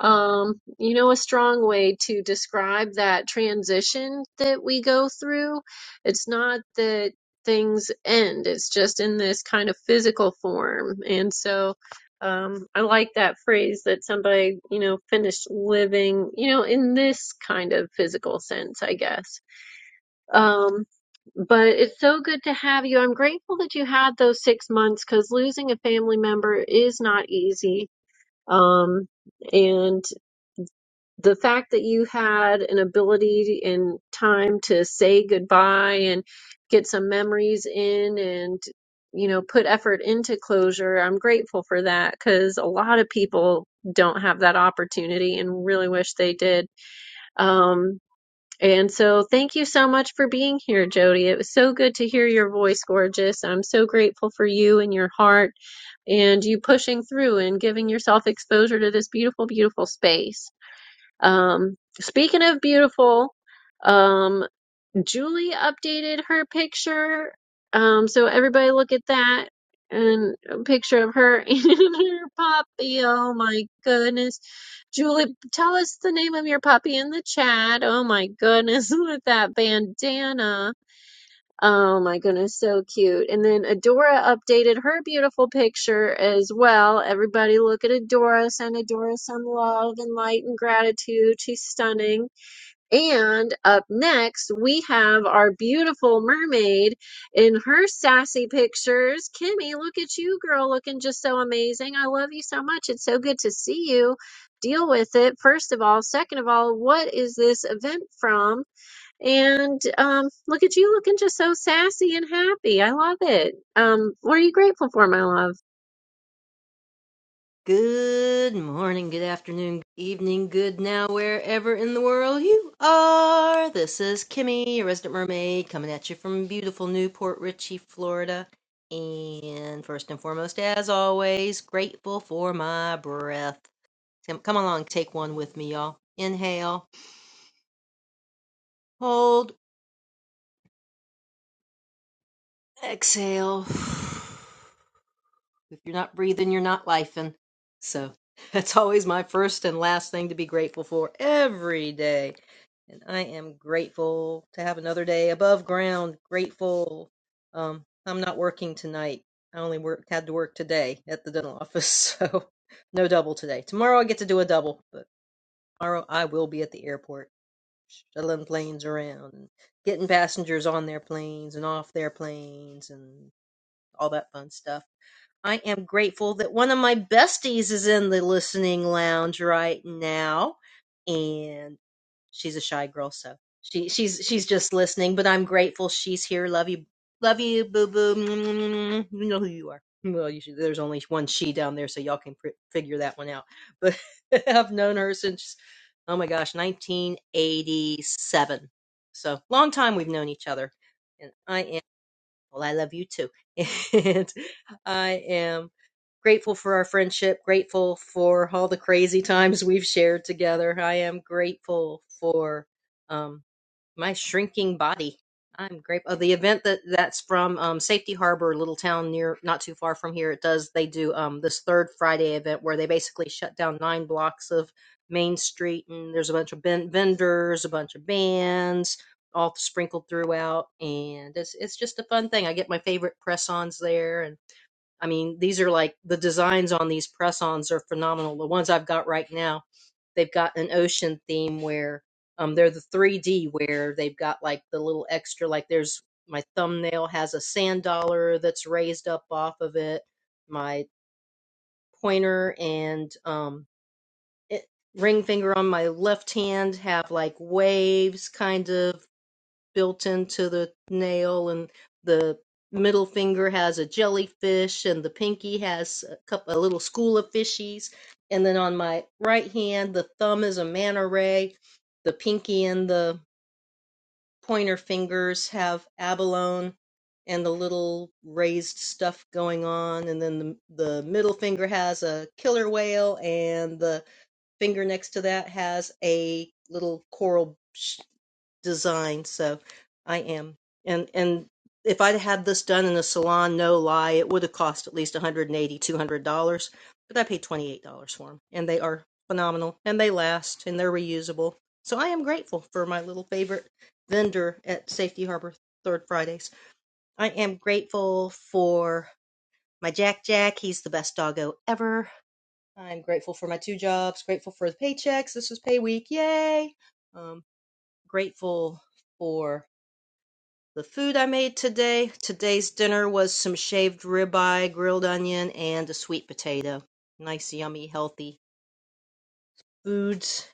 S1: um, you know, a strong way to describe that transition that we go through. It's not that things end, it's just in this kind of physical form. And so, um, I like that phrase that somebody, you know, finished living, you know, in this kind of physical sense, I guess. Um, but it's so good to have you. I'm grateful that you had those six months because losing a family member is not easy. Um, and the fact that you had an ability and time to say goodbye and get some memories in and, you know, put effort into closure, I'm grateful for that because a lot of people don't have that opportunity and really wish they did. Um, and so, thank you so much for being here, Jody. It was so good to hear your voice, gorgeous. I'm so grateful for you and your heart and you pushing through and giving yourself exposure to this beautiful, beautiful space. Um, speaking of beautiful, um, Julie updated her picture. Um, so everybody look at that and a picture of her [laughs] and her puppy. Oh my goodness. Julie, tell us the name of your puppy in the chat. Oh my goodness, [laughs] with that bandana. Oh my goodness, so cute. And then Adora updated her beautiful picture as well. Everybody look at Adora. Send Adora some love and light and gratitude. She's stunning. And up next, we have our beautiful mermaid in her sassy pictures. Kimmy, look at you, girl, looking just so amazing. I love you so much. It's so good to see you. Deal with it, first of all. Second of all, what is this event from? And um, look at you looking just so sassy and happy. I love it. Um, what are you grateful for, my love?
S16: Good morning, good afternoon, good evening, good now, wherever in the world you are. This is Kimmy, your resident mermaid, coming at you from beautiful Newport Richey, Florida. And first and foremost, as always, grateful for my breath. Come come along, take one with me, y'all. Inhale, hold, exhale. If you're not breathing, you're not lifing. So [laughs] that's always my first and last thing to be grateful for every day. And I am grateful to have another day above ground. Grateful. Um, I'm not working tonight. I only work, had to work today at the dental office, [laughs] so no double today. Tomorrow I get to do a double, but tomorrow I will be at the airport shuttling planes around and getting passengers on their planes and off their planes and all that fun stuff I am grateful that one of my besties is in the listening lounge right now. And she's a shy girl, so she she's she's just listening, but I'm grateful she's here. Love you. Love you, boo boo. You know who you are. Well, you should, there's only one she down there, so y'all can pr- figure that one out. But [laughs] I've known her since, oh my gosh, 1987. So long time we've known each other, and I am. Well, I love you too. [laughs] And I am grateful for our friendship, grateful for all the crazy times we've shared together. I am grateful for um, my shrinking body. I'm grateful. Oh, the event that that's from um, Safety Harbor, a little town near, not too far from here. It does. They do um, this third Friday event where they basically shut down nine blocks of Main Street, and there's a bunch of ben- vendors, a bunch of bands, all sprinkled throughout, and it's it's just a fun thing. I get my favorite press-ons there, and I mean these are like the designs on these press-ons are phenomenal. The ones I've got right now, they've got an ocean theme where um they're the 3D where they've got like the little extra like there's my thumbnail has a sand dollar that's raised up off of it. My pointer and um it, ring finger on my left hand have like waves kind of built into the nail, and the middle finger has a jellyfish, and the pinky has a couple, a little school of fishies, and then on my right hand, the thumb is a manta ray, the pinky and the pointer fingers have abalone, and the little raised stuff going on, and then the, the middle finger has a killer whale, and the finger next to that has a little coral design. So I am. And and if I'd had this done in a salon, no lie, it would have cost at least $180, $200. But I paid $28 for them. And they are phenomenal. And they last. And they're reusable. So I am grateful for my little favorite vendor at Safety Harbor Third Fridays. I am grateful for my Jack Jack. He's the best doggo ever. I'm grateful for my two jobs, grateful for the paychecks. This was pay week. Yay! Um, grateful for the food I made today. Today's dinner was some shaved ribeye, grilled onion, and a sweet potato. Nice, yummy, healthy foods.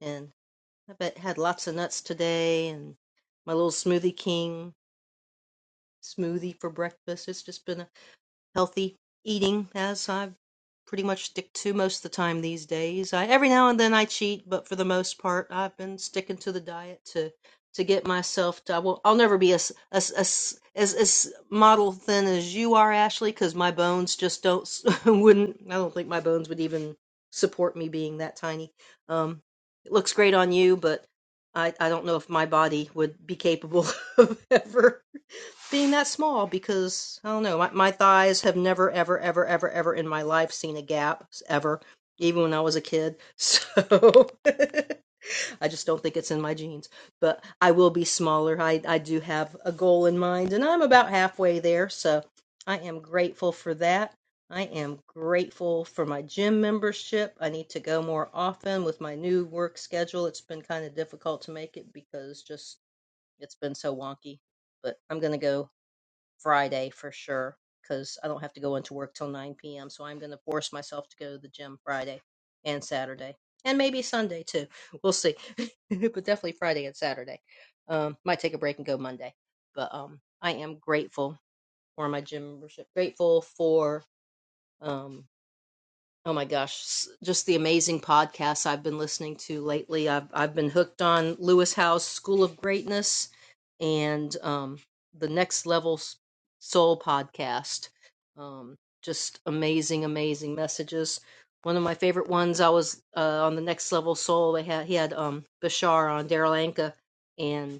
S16: And I bet had lots of nuts today and my little smoothie king smoothie for breakfast. It's just been a healthy eating as I pretty much stick to most of the time these days. I every now and then I cheat, but for the most part I've been sticking to the diet to to get myself to I will I'll never be as as as as, as model thin as you are, Ashley, cuz my bones just don't s- [laughs] wouldn't I don't think my bones would even support me being that tiny. Um it looks great on you, but I, I don't know if my body would be capable [laughs] of ever being that small because I don't know, my, my thighs have never, ever, ever, ever, ever in my life seen a gap ever, even when I was a kid. So [laughs] I just don't think it's in my genes. But I will be smaller. I, I do have a goal in mind, and I'm about halfway there. So I am grateful for that. I am grateful for my gym membership. I need to go more often with my new work schedule. It's been kind of difficult to make it because just it's been so wonky. But I'm going to go Friday for sure because I don't have to go into work till 9 p.m. So I'm going to force myself to go to the gym Friday and Saturday and maybe Sunday too. We'll see, [laughs] but definitely Friday and Saturday. Um, might take a break and go Monday, but um, I am grateful for my gym membership. Grateful for um Oh my gosh, s- just the amazing podcasts I've been listening to lately. I've I've been hooked on Lewis Howe's School of Greatness and um, the Next Level S- Soul podcast. Um, just amazing, amazing messages. One of my favorite ones. I was uh, on the Next Level Soul. They had he had um, Bashar on Daryl Anka, and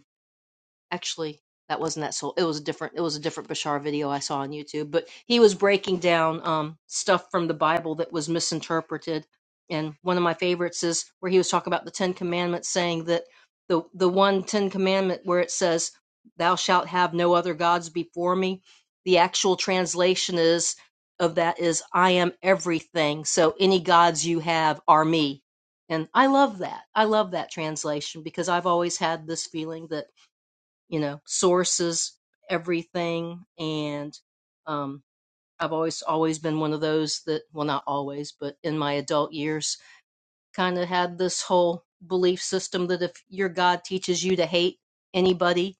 S16: actually that wasn't that soul it was a different it was a different bashar video i saw on youtube but he was breaking down um stuff from the bible that was misinterpreted and one of my favorites is where he was talking about the ten commandments saying that the the one ten commandment where it says thou shalt have no other gods before me the actual translation is of that is i am everything so any gods you have are me and i love that i love that translation because i've always had this feeling that you know, sources everything. And um, I've always always been one of those that, well, not always, but in my adult years, kind of had this whole belief system that if your God teaches you to hate anybody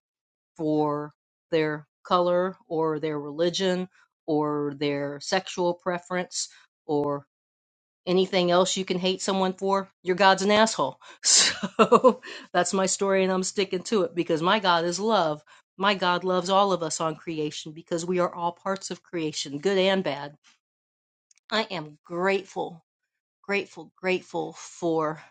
S16: for their color or their religion or their sexual preference or anything else you can hate someone for, your God's an asshole. [laughs] So [laughs] that's my story, and I'm sticking to it because my God is love. My God loves all of us on creation because we are all parts of creation, good and bad. I am grateful, grateful, grateful for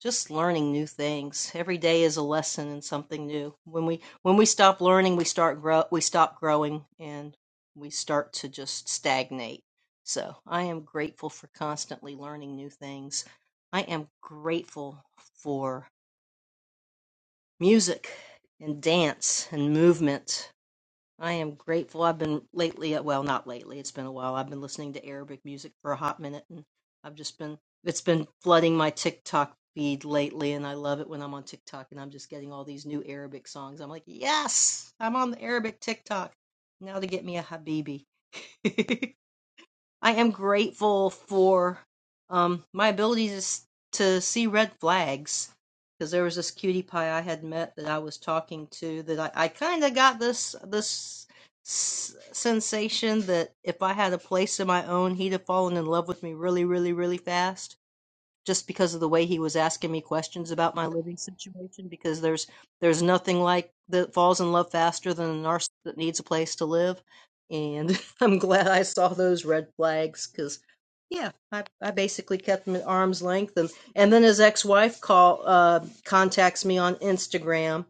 S16: just learning new things. Every day is a lesson in something new. When we when we stop learning, we start grow we stop growing and we start to just stagnate. So, I am grateful for constantly learning new things. I am grateful for music and dance and movement I am grateful. I've been lately, uh, well, not lately, it's been a while. I've been listening to Arabic music for a hot minute, and I've just been, it's been flooding my TikTok feed lately, and I love it when I'm on TikTok and I'm just getting all these new Arabic songs. I'm like, yes, I'm on the Arabic TikTok. Now to get me a Habibi. [laughs] I am grateful for um, my ability to, s- to see red flags. Because there was this cutie pie I had met that I was talking to that I, I kind of got this this s- sensation that if I had a place of my own, he'd have fallen in love with me really, really, really fast just because of the way he was asking me questions about my living situation because there's there's nothing like that falls in love faster than a narcissist that needs a place to live and [laughs] i'm glad i saw those red flags because yeah I, I basically kept them at arm's length and and then his ex-wife call uh contacts me on instagram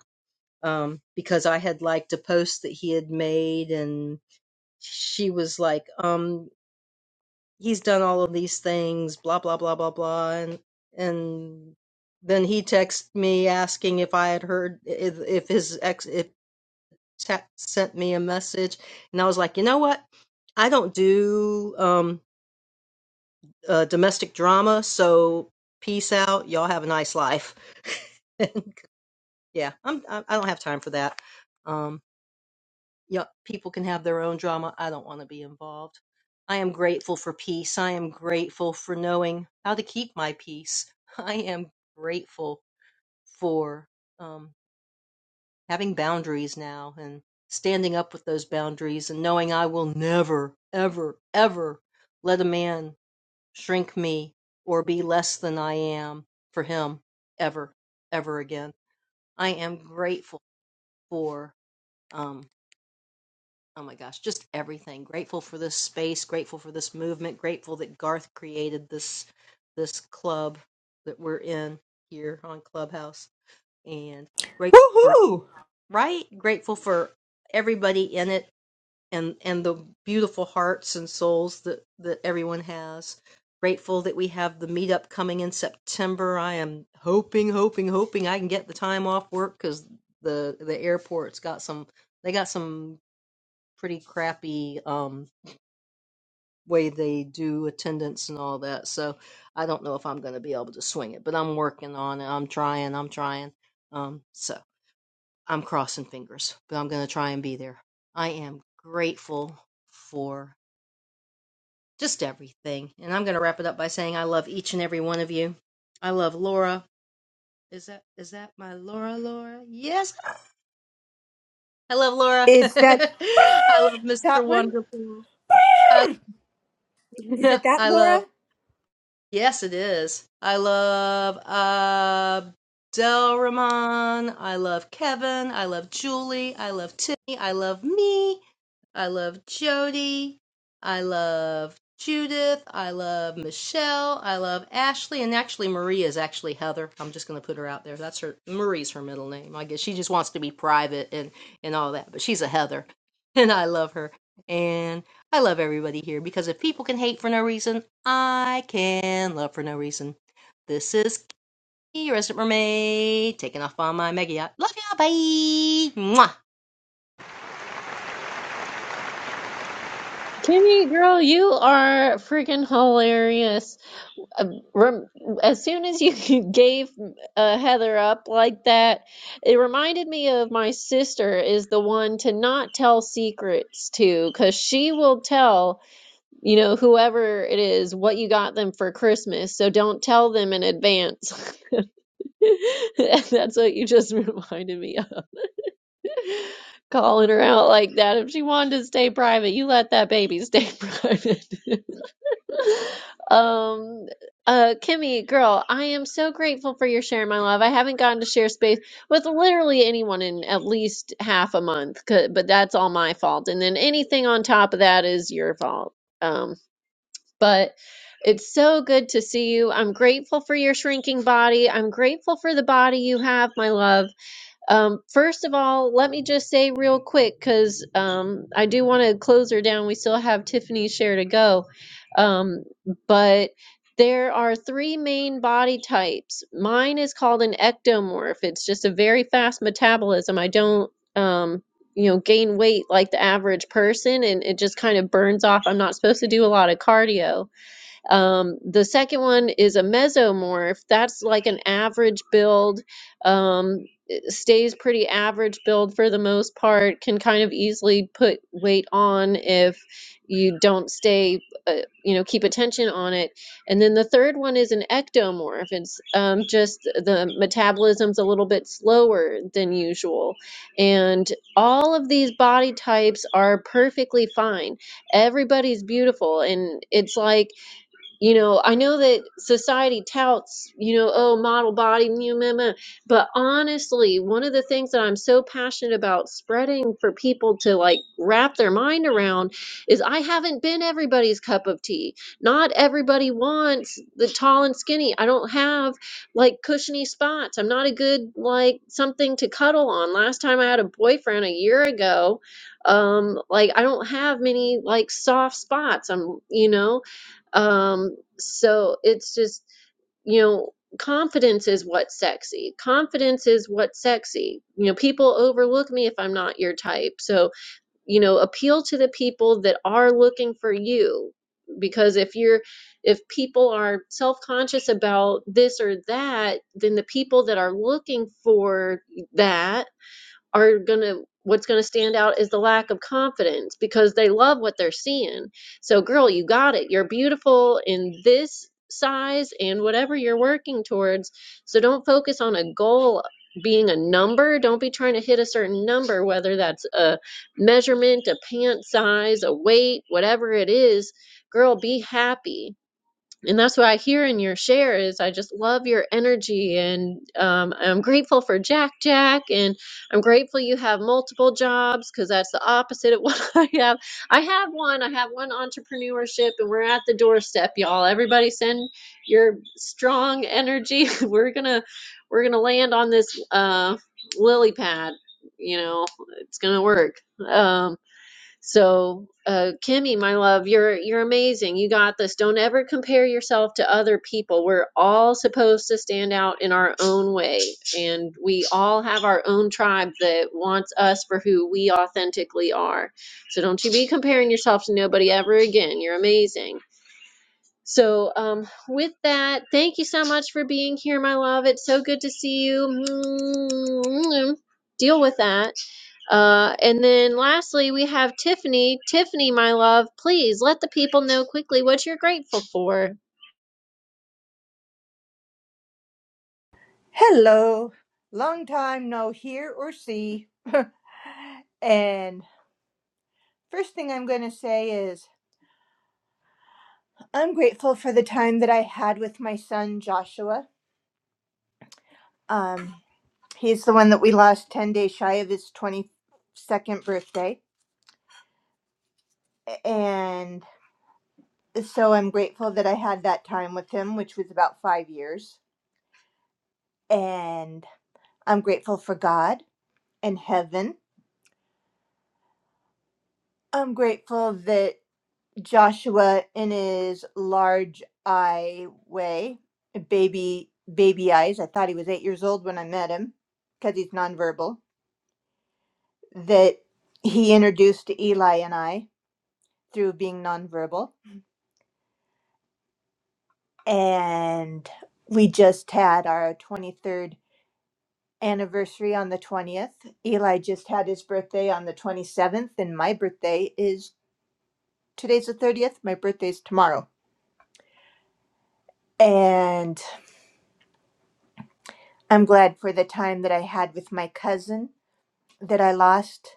S16: um because i had liked a post that he had made and she was like um he's done all of these things, blah blah blah blah blah, and and then he texted me asking if I had heard if, if his ex if te- sent me a message, and I was like, you know what, I don't do um uh, domestic drama, so peace out, y'all have a nice life. [laughs] And yeah, I'm I I don't have time for that. um. Yup, people can have their own drama. I don't want to be involved. I am grateful for peace. I am grateful for knowing how to keep my peace. [laughs] I am grateful for um, having boundaries now and standing up with those boundaries and knowing I will never, ever, ever let a man shrink me or be less than I am for him ever, ever again. I am grateful for. Um, Oh my gosh, just everything. Grateful for this space, grateful for this movement, grateful that Garth created this this club that we're in here on Clubhouse and grateful for
S14: Woohoo!
S16: right, grateful for everybody in it and and the beautiful hearts and souls that that everyone has. Grateful that we have the meetup coming in September. I am hoping, hoping, hoping I can get the time off work cuz the the airport's got some they got some pretty crappy um way they do attendance and all that. So I don't know if I'm going to be able to swing it, but I'm working on it. I'm trying. I'm trying. Um so I'm crossing fingers, but I'm going to try and be there. I am grateful for just everything. And I'm going to wrap it up by saying I love each and every one of you. I love Laura. Is that is that my Laura Laura? Yes. I love Laura. [laughs]
S14: Is that
S16: I love Mr.
S14: that one?
S16: Wonderful. I,
S14: Is
S16: [laughs]
S14: it that,
S16: I
S14: Laura?
S16: love Yes, it is. I love Abdelrahman. I love Kevin. I love Julie. I love Timmy. I love me. I love Jody. I love Judith. I love Michelle. I love Ashley. And actually, Marie is actually Heather. I'm just going to put her out there. That's her. Marie's her middle name. I guess she just wants to be private and and all that. But she's a Heather, [laughs] and I love her. And I love everybody here because if people can hate for no reason, I can love for no reason. This is Key, your resident mermaid, taking off on my mega yacht. Love ya, bye! Mwah!
S1: Kimmy, girl, you are freaking hilarious. um, rem- as soon as you [laughs] gave uh, Heather up like that, it reminded me of my sister is the one to not tell secrets to, because she will tell, you know, whoever it is what you got them for Christmas. So don't tell them in advance. [laughs] And that's what you just [laughs] reminded me of. Calling her out like that. If she wanted to stay private, you let that baby stay [laughs] private. Um, uh, Kimmy, girl, I am so grateful for your share, my love. I haven't gotten to share space with literally anyone in at least half a month, 'cause- but that's all my fault. And then anything on top of that is your fault. Um, but it's so good to see you. I'm grateful for your shrinking body. I'm grateful for the body you have, my love. Um, first of all, let me just say real quick because um, I do want to close her down. We still have Tiffany's share to go. Um, but there are three main body types. Mine is called an ectomorph, it's just a very fast metabolism. I don't. Um, you know, gain weight like the average person, and it just kind of burns off. I'm not supposed to do a lot of cardio um, the second one is a mesomorph. That's like an average build, um, stays pretty average build for the most part, can kind of easily put weight on if you don't stay, uh, you know, keep attention on it. And then the third one is an ectomorph. It's um, just the metabolism's a little bit slower than usual. And all of these body types are perfectly fine. Everybody's beautiful. And it's like, you know, I know that society touts, you know, oh, model body, meh, meh, meh. but honestly, one of the things that I'm so passionate about spreading for people to like wrap their mind around is I haven't been everybody's cup of tea. Not everybody wants the tall and skinny. I don't have like cushiony spots. I'm not a good like something to cuddle on. Last time I had a boyfriend a year ago, um like I don't have many like soft spots. I'm, you know, um, so it's just, you know, confidence is what's sexy. Confidence is what's sexy. You know, people overlook me if I'm not your type. So, you know, appeal to the people that are looking for you because if you're if people are self-conscious about this or that, then the people that are looking for that are going to what's going to stand out is the lack of confidence because they love what they're seeing. So girl, you got it. You're beautiful in this size and whatever you're working towards. So don't focus on a goal being a number. Don't be trying to hit a certain number whether that's a measurement, a pant size, a weight, whatever it is. Girl, be happy and that's what I hear in your share is I just love your energy and um, I'm grateful for Jack Jack and I'm grateful you have multiple jobs because that's the opposite of [laughs] what I have. I have one. I have one entrepreneurship and we're at the doorstep, y'all. Everybody send your strong energy. [laughs] we're gonna we're gonna land on this uh, lily pad. You know, it's gonna work. Um, so, uh, Kimmy, my love, you're you're amazing. You got this. Don't ever compare yourself to other people. We're all supposed to stand out in our own way, and we all have our own tribe that wants us for who we authentically are. So, don't you be comparing yourself to nobody ever again. You're amazing. So, um, with that, thank you so much for being here, my love. It's so good to see you. [tsk] Deal with that. Uh, and then lastly, we have Tiffany. Tiffany, my love, please let the people know quickly what you're grateful for.
S14: Hello. Long time no hear or see. [laughs] and first thing I'm going to say is I'm grateful for the time that I had with my son Joshua. Um, he's the one that we lost 10 days shy of his 22nd birthday. And so I'm grateful that I had that time with him, which was about five years. And I'm grateful for God and heaven. I'm grateful that Joshua, in his large eye way, baby, baby eyes, I thought he was eight years old when I met him because he's nonverbal that he introduced to Eli and I through being nonverbal. And we just had our 23rd anniversary on the 20th. Eli just had his birthday on the 27th, and my birthday is today's the 30th. My birthday's tomorrow. And I'm glad for the time that I had with my cousin that I lost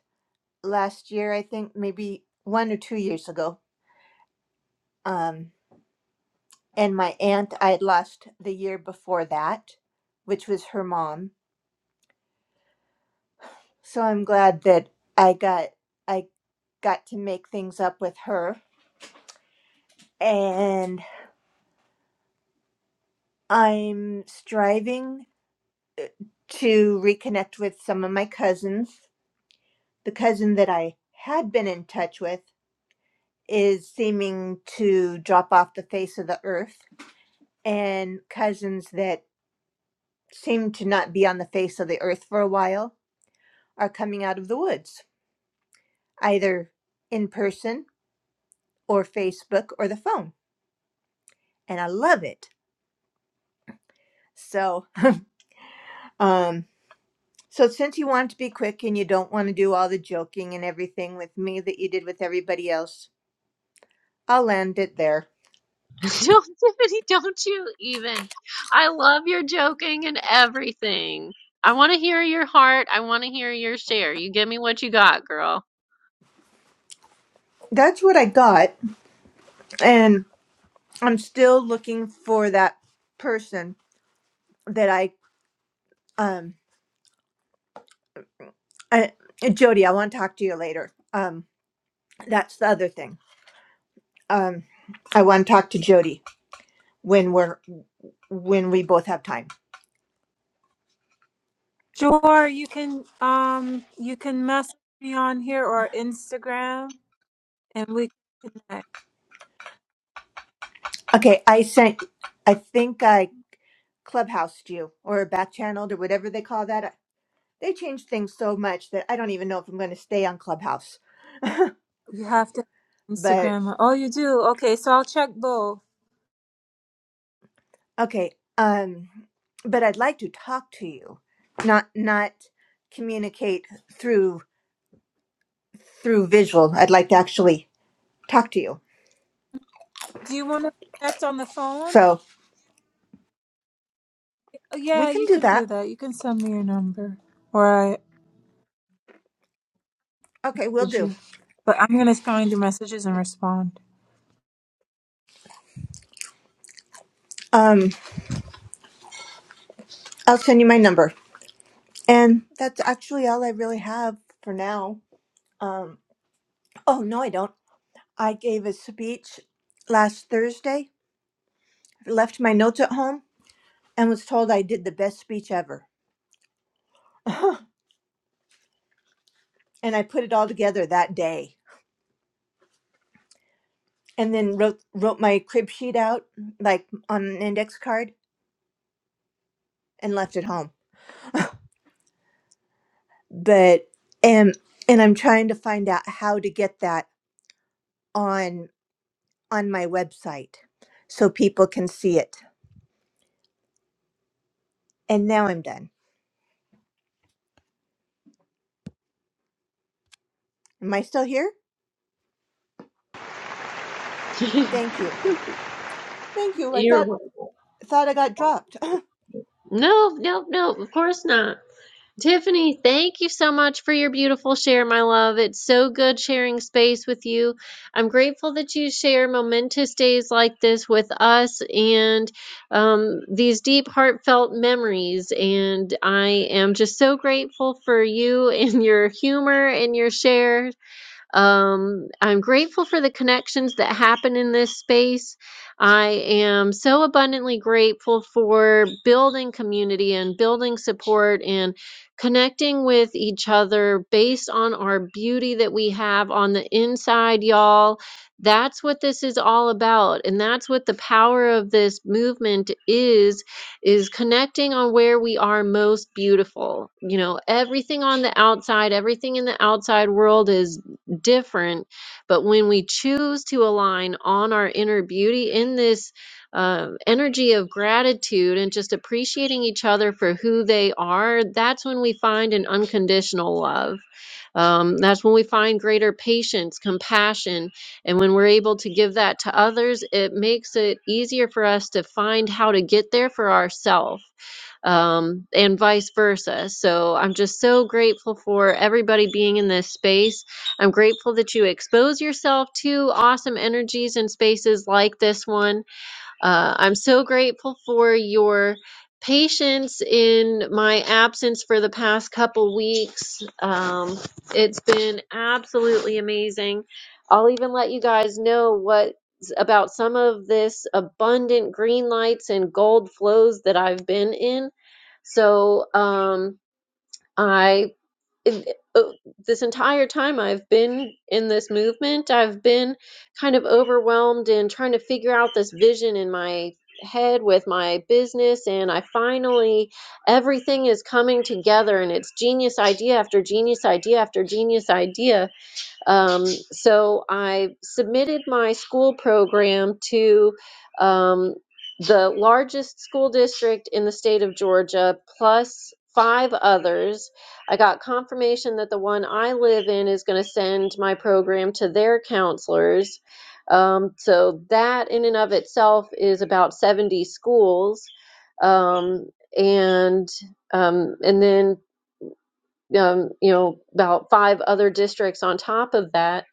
S14: last year, I think, maybe one or two years ago. Um. and my aunt I had lost the year before that, which was her mom. So I'm glad that I got I got to make things up with her and I'm striving to reconnect with some of my cousins. The cousin that I had been in touch with is seeming to drop off the face of the earth and cousins that seem to not be on the face of the earth for a while are coming out of the woods. either in person or Facebook or the phone. And I love it. So, um, so since you want to be quick and you don't want to do all the joking and everything with me that you did with everybody else, I'll land it there.
S1: [laughs] don't, Tiffany, don't you even. I love your joking and everything. I want to hear your heart. I want to hear your share. You give me what you got, girl.
S14: That's what I got. And I'm still looking for that person that I, um, I, Jody, I want to talk to you later. Um, that's the other thing. Um, I want to talk to Jody when we're, when we both have time.
S15: Sure, you can um you can message me on here or Instagram, and we can connect.
S14: Okay, I sent. I think I clubhoused you or back channeled or whatever they call that. They change things so much that I don't even know if I'm going to stay on Clubhouse.
S15: You have to
S14: But
S15: Instagram. Oh, you do. Okay, so I'll check both.
S14: okay, um, but I'd like to talk to you, not not communicate through through visual. I'd like to actually talk to you.
S15: Do you want to connect on the phone?
S14: So
S15: Uh,
S14: we
S15: Yeah,
S14: can
S15: you
S14: do
S15: can do
S14: that.
S15: that. You can send me your number, or I
S14: Okay, we'll
S15: message
S14: do.
S15: you. But I'm gonna find your messages and respond.
S14: Um, I'll send you my number, and that's actually all I really have for now. Um, oh no, I don't. I gave a speech last Thursday, left my notes at home, and was told I did the best speech ever. [laughs] and I put it all together that day. And then wrote wrote my crib sheet out like on an index card and left it home. But and and I'm trying to find out how to get that on on my website so people can see it. And now I'm done. Am I still here?
S1: [laughs]
S14: Thank you. Thank you. I
S1: You're
S14: thought
S1: welcome.
S14: thought I got dropped. [laughs]
S1: No, no, no, of course not. Tiffany, thank you so much for your beautiful share, my love. It's so good sharing space with you. I'm grateful that you share momentous days like this with us and um, these deep, heartfelt memories. And I am just so grateful for you and your humor and your share. Um, I'm grateful for the connections that happen in this space. I am so abundantly grateful for building community and building support and connecting with each other based on our beauty that we have on the inside, y'all. That's what this is all about. And that's what the power of this movement is is connecting on where we are most beautiful. You know, everything on the outside, everything in the outside world is different. But when we choose to align on our inner beauty in this um, energy of gratitude and just appreciating each other for who they are, that's when we find an unconditional love. Um, that's when we find greater patience, compassion. And when we're able to give that to others, it makes it easier for us to find how to get there for ourselves um, and vice versa. So I'm just so grateful for everybody being in this space. I'm grateful that you expose yourself to awesome energies and spaces like this one uh, I'm so grateful for your patience in my absence for the past couple weeks. Um, it's been absolutely amazing. I'll even let you guys know what about some of this abundant green lights and gold flows that I've been in. So um, I it- uh, this entire time I've been in this movement, I've been kind of overwhelmed and trying to figure out this vision in my head with my business. And I finally, everything is coming together and it's genius idea after genius idea after genius idea um, so I submitted my school program to um, the largest school district in the state of Georgia, plus five others. I got confirmation that the one I live in is going to send my program to their counselors. Um, so that in and of itself is about 70 schools. Um, and um, and then um, you know about five other districts on top of that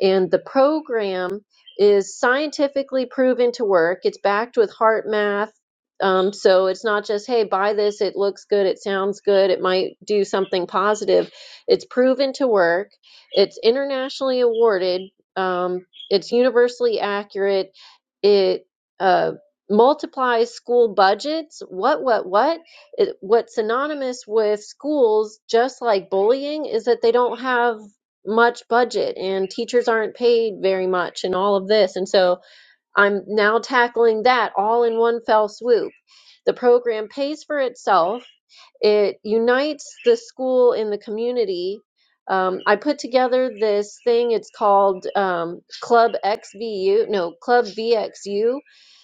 S1: and the program is scientifically proven to work. It's backed with heart math. Um, so it's not just, hey, buy this, it looks good, it sounds good, it might do something positive. It's proven to work, it's internationally awarded, um, it's universally accurate, it uh, multiplies school budgets. What, what, what? It, what's synonymous with schools, just like bullying, is that they don't have much budget and teachers aren't paid very much and all of this. And so I'm now tackling that all in one fell swoop. The program pays for itself. It unites the school in the community. Um, I put together this thing. It's called um, Club XVU, no Club VXU.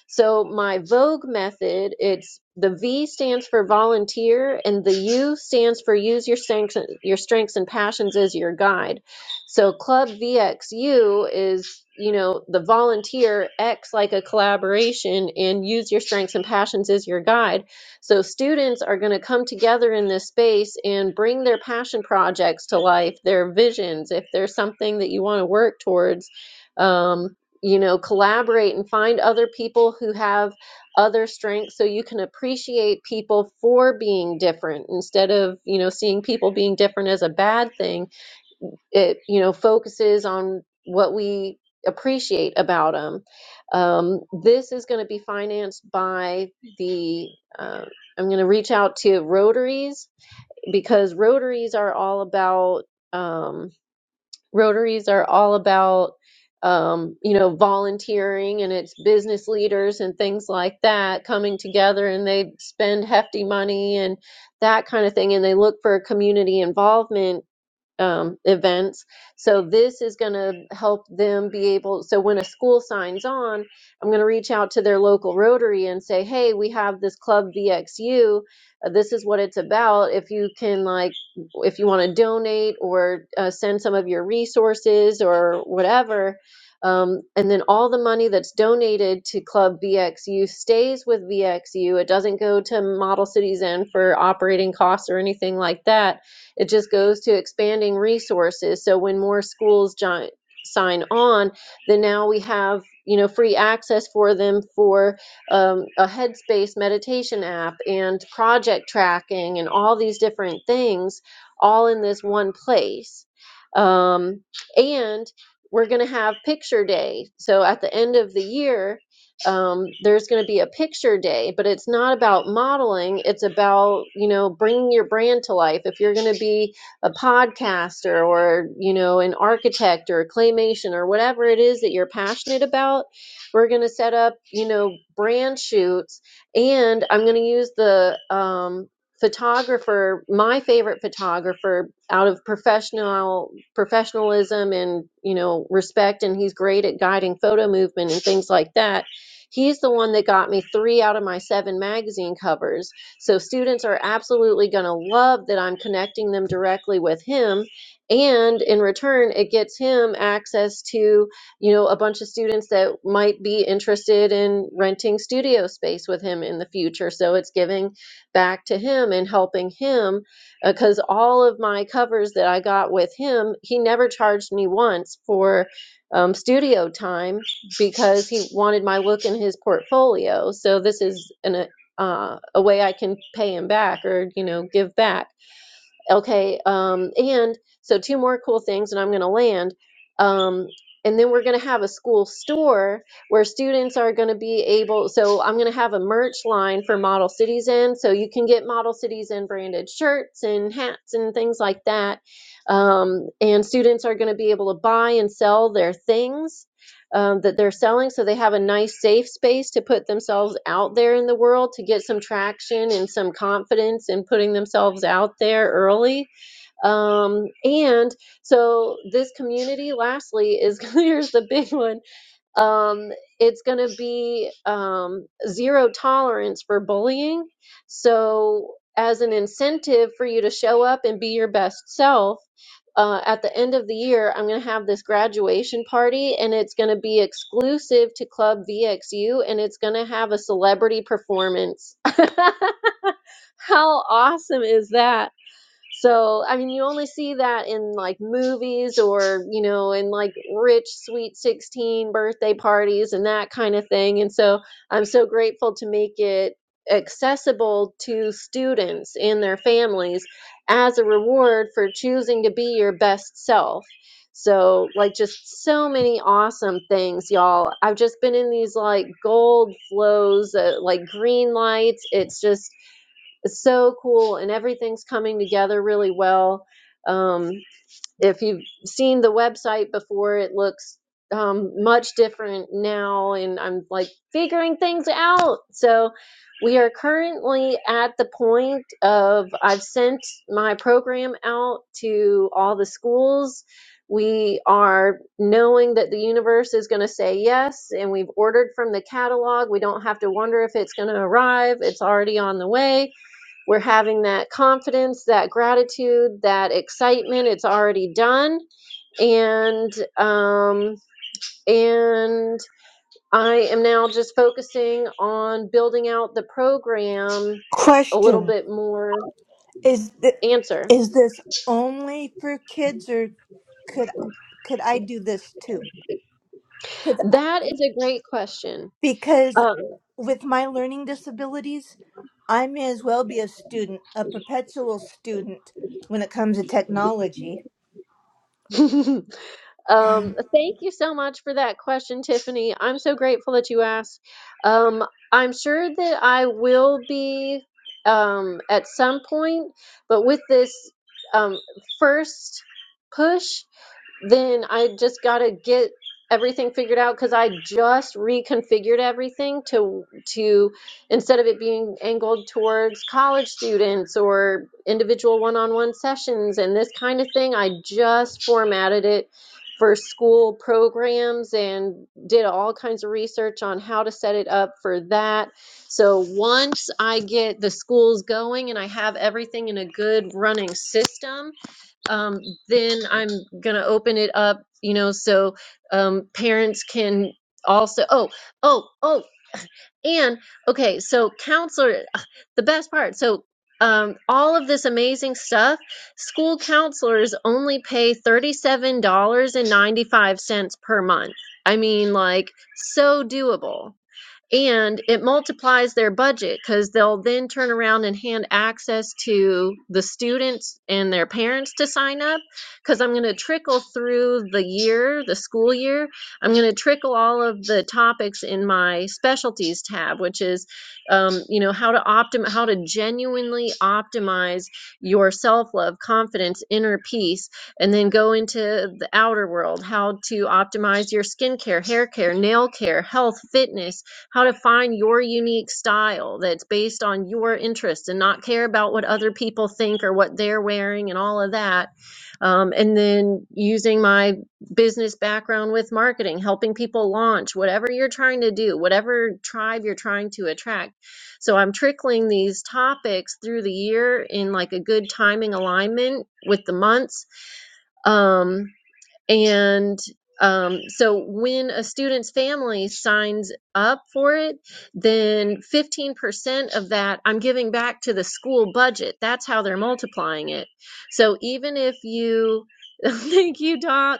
S1: So my Vogue method. It's the V stands for volunteer, and the U stands for use your strengths, your strengths and passions as your guide. So Club VXU is you know, the volunteer acts like a collaboration and use your strengths and passions as your guide. So students are going to come together in this space and bring their passion projects to life, their visions, if there's something that you want to work towards. Um, you know, collaborate and find other people who have other strengths so you can appreciate people for being different instead of, you know, seeing people being different as a bad thing it you know focuses on what we appreciate about them um, this is going to be financed by the uh, i'm going to reach out to rotaries because rotaries are all about um, rotaries are all about um, you know volunteering and it's business leaders and things like that coming together and they spend hefty money and that kind of thing and they look for community involvement um, events. So this is going to help them be able. So when a school signs on, I'm going to reach out to their local Rotary and say, "Hey, we have this club VXU. Uh, this is what it's about. If you can like, if you want to donate or uh, send some of your resources or whatever." Um, and then all the money that's donated to Club VXU stays with VXU. It doesn't go to Model Cities End for operating costs or anything like that it just goes to expanding resources. So when more schools join, sign on, then now we have you know free access for them for um, a Headspace meditation app and project tracking and all these different things, all in this one place. Um, and we're going to have picture day. So at the end of the year, um, there's going to be a picture day, but it's not about modeling. It's about, you know, bringing your brand to life. If you're going to be a podcaster or, you know, an architect or a claymation or whatever it is that you're passionate about, we're going to set up, you know, brand shoots. And I'm going to use the, um, photographer my favorite photographer out of professional professionalism and you know respect and he's great at guiding photo movement and things like that He's the one that got me three out of my seven magazine covers. So students are absolutely going to love that I'm connecting them directly with him. And in return, it gets him access to, you know, a bunch of students that might be interested in renting studio space with him in the future. So it's giving back to him and helping him because all of my covers that I got with him, he never charged me once for um, studio time because he wanted my look in his portfolio. So this is an uh, a way I can pay him back or you know give back. Okay, um, and so two more cool things, and I'm going to land. Um, and then we're going to have a school store where students are going to be able. So I'm going to have a merch line for Model Cities In, so you can get Model Cities In branded shirts and hats and things like that. Um, and students are going to be able to buy and sell their things um, that they're selling so they have a nice safe space to put themselves out there in the world to get some traction and some confidence in putting themselves out there early um, and so this community lastly is [laughs] here's the big one um, it's going to be um, zero tolerance for bullying. So, as an incentive for you to show up and be your best self, uh, at the end of the year, I'm going to have this graduation party, and it's going to be exclusive to Club VXU, and it's going to have a celebrity performance. [laughs] How awesome is that? So, I mean, you only see that in like movies or, you know, in like rich, sweet 16 birthday parties and that kind of thing. And so I'm so grateful to make it accessible to students and their families as a reward for choosing to be your best self. So, like, just so many awesome things, y'all. I've just been in these like gold flows, uh, like green lights. It's just, it's so cool, and everything's coming together really well. Um, if you've seen the website before, it looks um, much different now, and I'm like figuring things out. So we are currently at the point of I've sent my program out to all the schools. We are knowing that the universe is going to say yes, and we've ordered from the catalog. We don't have to wonder if it's going to arrive. It's already on the way we're having that confidence, that gratitude, that excitement. It's already done. And, um, and I am now just focusing on building out the program a
S14: Question.
S1: little bit more.
S14: Is th-
S1: Answer.
S14: is this only for kids, or could could I do this too? Could,
S1: That is a great question.
S14: because
S1: Um,
S14: with my learning disabilities, I may as well be a student, a perpetual student when it comes to technology.
S1: [laughs] Um, thank you so much for that question, Tiffany. I'm so grateful that you asked. Um, I'm sure that I will be um, at some point, but with this um, first push, then I just got to get everything figured out because I just reconfigured everything to to instead of it being angled towards college students or individual one-on-one sessions and this kind of thing, I just formatted it for school programs and did all kinds of research on how to set it up for that. So once I get the schools going and I have everything in a good running system, um, then I'm going to open it up, you know, so um, parents can also. Oh, oh, oh, and okay, so counselor, the best part. So um, all of this amazing stuff, school counselors only pay $37.95 per month. I mean, like, so doable. And it multiplies their budget because they'll then turn around and hand access to the students and their parents to sign up. Because I'm going to trickle through the year, the school year, I'm going to trickle all of the topics in my specialties tab, which is, um, you know, how to optim, how to genuinely optimize your self love, confidence, inner peace, and then go into the outer world, how to optimize your skincare, hair care, nail care, health, fitness how to find your unique style that's based on your interests and not care about what other people think or what they're wearing and all of that. Um, and then using my business background with marketing, helping people launch whatever you're trying to do, whatever tribe you're trying to attract. So I'm trickling these topics through the year in like a good timing alignment with the months. Um, and um, so when a student's family signs up for it, then 15% of that I'm giving back to the school budget. That's how they're multiplying it. So even if you, [laughs] thank you, Doc.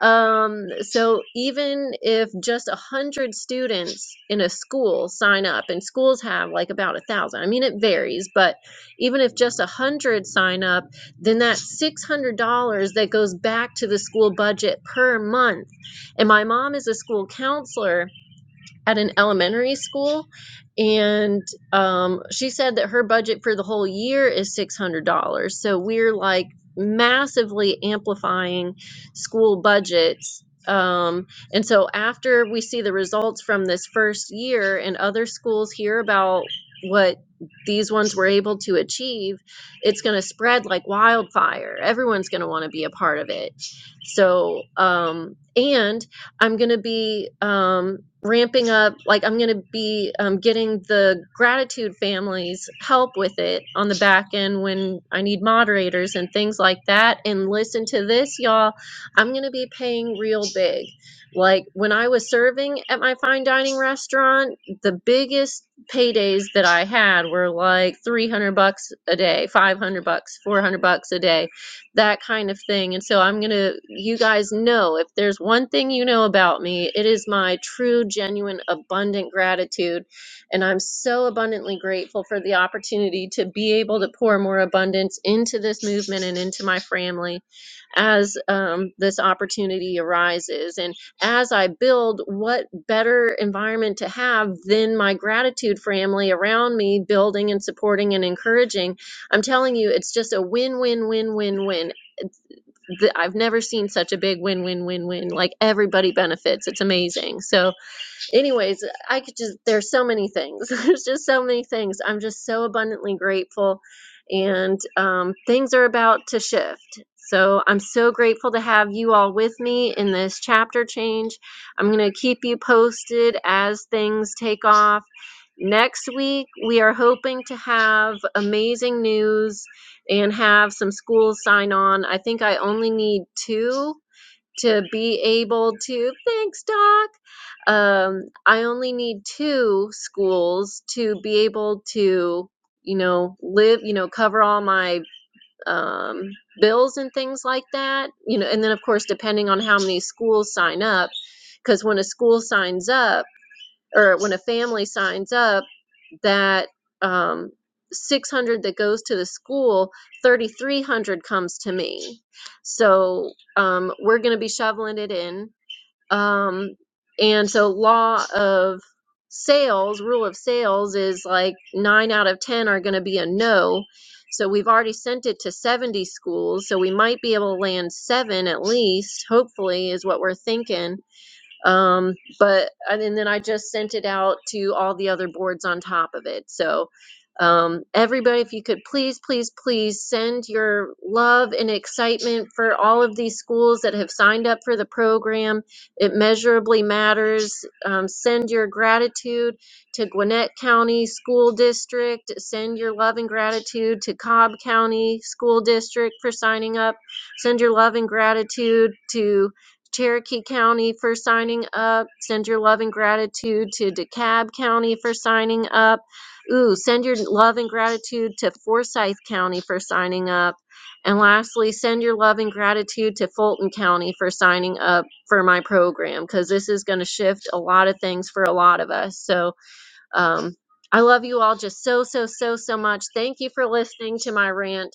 S1: Um, so even if just a hundred students in a school sign up, and schools have like about a thousand, I mean, it varies, but even if just a hundred sign up, then that's $600 that goes back to the school budget per month. And my mom is a school counselor at an elementary school, and um, she said that her budget for the whole year is $600. So we're like massively amplifying school budgets. Um, and so after we see the results from this first year and other schools hear about what these ones were able to achieve, it's going to spread like wildfire. Everyone's going to want to be a part of it. So, um, and I'm going to be um, ramping up, like, I'm going to be um, getting the gratitude families help with it on the back end when I need moderators and things like that. And listen to this, y'all. I'm going to be paying real big. Like, when I was serving at my fine dining restaurant, the biggest paydays that I had were like 300 bucks a day, 500 bucks, 400 bucks a day that kind of thing. And so I'm going to, you guys know, if there's one thing you know about me, it is my true, genuine, abundant gratitude. And I'm so abundantly grateful for the opportunity to be able to pour more abundance into this movement and into my family as um, this opportunity arises. And as I build, what better environment to have than my gratitude family around me, building and supporting and encouraging I'm telling you, it's just a win, win, win, win, win th- I've never seen such a big win win win win. Like everybody benefits. It's amazing. So anyways, I could just, there's so many things. [laughs] There's just so many things. I'm just so abundantly grateful. And um, things are about to shift. So I'm so grateful to have you all with me in this chapter change. I'm going to keep you posted as things take off. Next week, we are hoping to have amazing news and have some schools sign on. I think I only need two to be able to thanks doc um i only need two schools to be able to you know live you know cover all my um bills and things like that you know and then of course depending on how many schools sign up because when a school signs up or when a family signs up, that um, 600 that goes to the school, 3,300 comes to me. So um, we're going to be shoveling it in. Um, and so, law of sales, rule of sales is like nine out of 10 are going to be a no. So we've already sent it to 70 schools. So we might be able to land seven at least, hopefully, is what we're thinking um but uh, and then i just sent it out to all the other boards on top of it so um everybody if you could please please please send your love and excitement for all of these schools that have signed up for the program it measurably matters um, send your gratitude to gwinnett county school district send your love and gratitude to cobb county school district for signing up send your love and gratitude to Cherokee County for signing up. Send your love and gratitude to DeKalb County for signing up. Ooh, send your love and gratitude to Forsyth County for signing up. And lastly, send your love and gratitude to Fulton County for signing up for my program because this is going to shift a lot of things for a lot of us. So, um, I love you all just so, so, so, so much. Thank you for listening to my rant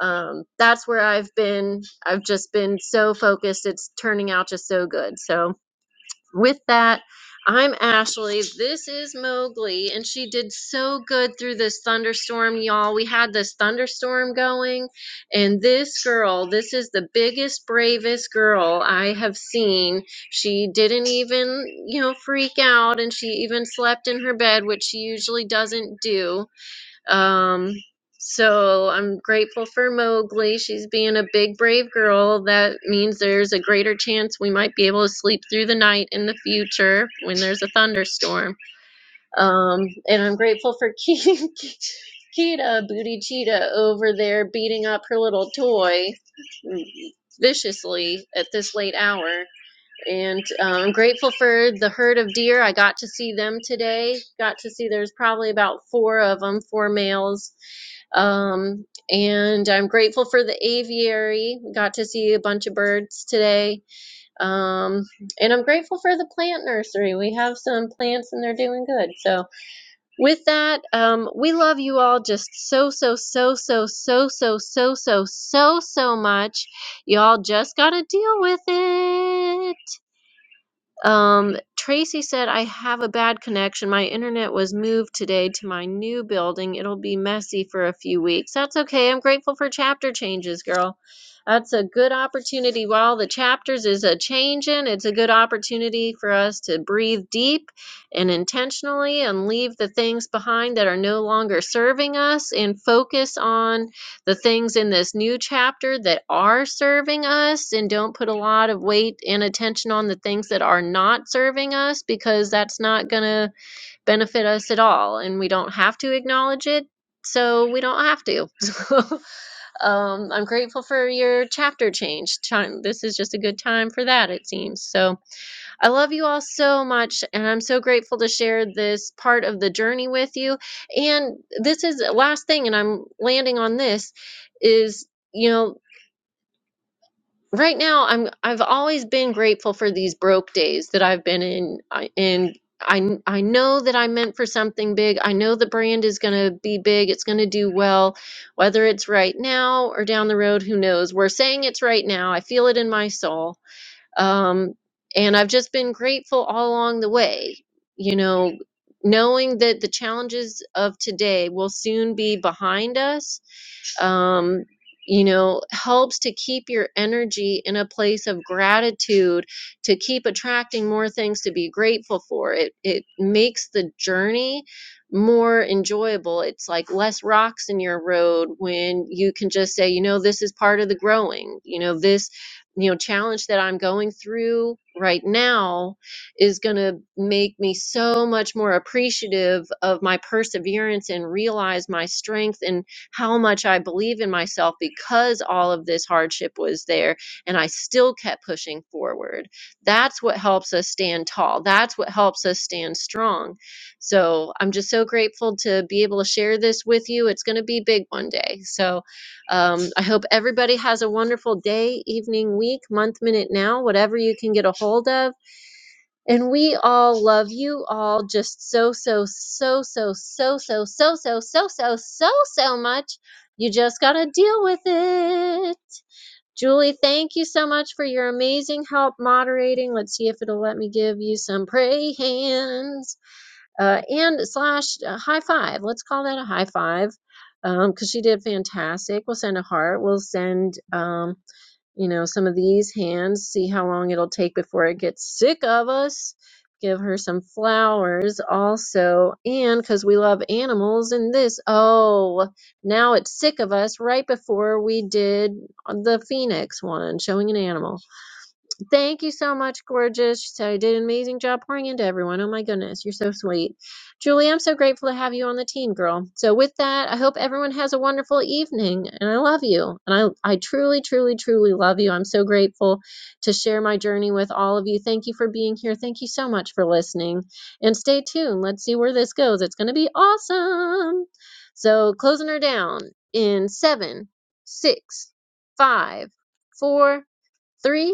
S1: um, that's where I've been. I've just been so focused. It's turning out just so good. So, with that, I'm Ashley. This is Mowgli, and she did so good through this thunderstorm, y'all. We had this thunderstorm going, and this girl, this is the biggest, bravest girl I have seen. She didn't even, you know, freak out, and she even slept in her bed, which she usually doesn't do um, so I'm grateful for Mowgli. She's being a big, brave girl. That means there's a greater chance we might be able to sleep through the night in the future when there's a thunderstorm. Um, and I'm grateful for [laughs] Ke- Kita, Booty Cheetah, over there beating up her little toy viciously at this late hour. And uh, I'm grateful for the herd of deer. I got to see them today. Got to see there's probably about four of them, four males um, and I'm grateful for the aviary. We got to see a bunch of birds today. Um, and I'm grateful for the plant nursery. We have some plants and they're doing good. So, with that, um, we love you all just so, so, so, so, so, so, so, so, so, so much. Y'all just got to deal with it. Um, Tracy said, I have a bad connection. My internet was moved today to my new building. It'll be messy for a few weeks. That's okay. I'm grateful for chapter changes, girl. That's a good opportunity. While the chapters is a changing, it's a good opportunity for us to breathe deep and intentionally and leave the things behind that are no longer serving us and focus on the things in this new chapter that are serving us and don't put a lot of weight and attention on the things that are not serving us because that's not going to benefit us at all and we don't have to acknowledge it so we don't have to [laughs] so um, i'm grateful for your chapter change this is just a good time for that it seems so I love you all so much, and I'm so grateful to share this part of the journey with you. And this is the last thing, and I'm landing on this is, you know, right now I'm I've always been grateful for these broke days that I've been in. I- In I I know that I'm meant for something big. I know the brand is going to be big. It's going to do well, whether it's right now or down the road. Who knows? We're saying it's right now. I feel it in my soul um, and I've just been grateful all along the way, you know, knowing that the challenges of today will soon be behind us um, you know, helps to keep your energy in a place of gratitude to keep attracting more things to be grateful for. It it makes the journey more enjoyable. It's like less rocks in your road when you can just say, you know, this is part of the growing. You know, this you know challenge that I'm going through right now is going to make me so much more appreciative of my perseverance and realize my strength and how much I believe in myself because all of this hardship was there and I still kept pushing forward. That's what helps us stand tall. That's what helps us stand strong. So I'm just so grateful to be able to share this with you. It's going to be big one day. So um, I hope everybody has a wonderful day, evening, week, month, minute, now, whatever you can get a hold of. And we all love you all just so, so, so, so, so, so, so, so, so, so, so, so much. You just got to deal with it. Julie, thank you so much for your amazing help moderating. Let's see if it'll let me give you some pray hands uh, and slash uh, high five. Let's call that a high five because she did fantastic. We'll send a heart. We'll send. Um, you know, some of these hands, see how long it'll take before it gets sick of us. Give her some flowers also. And because we love animals and this, oh, now it's sick of us right before we did the phoenix one, showing an animal. Thank you so much, gorgeous. So I did an amazing job pouring into everyone. Oh my goodness, you're so sweet. Julie, I'm so grateful to have you on the team, girl. So with that, I hope everyone has a wonderful evening and I love you. And I I truly, truly, truly love you. I'm so grateful to share my journey with all of you. Thank you for being here. Thank you so much for listening. And stay tuned. Let's see where this goes. It's gonna be awesome. So closing her down in seven, six, five, four, three,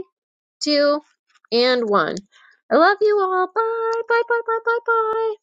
S1: two, and one. I love you all. Bye, bye, bye, bye, bye, bye.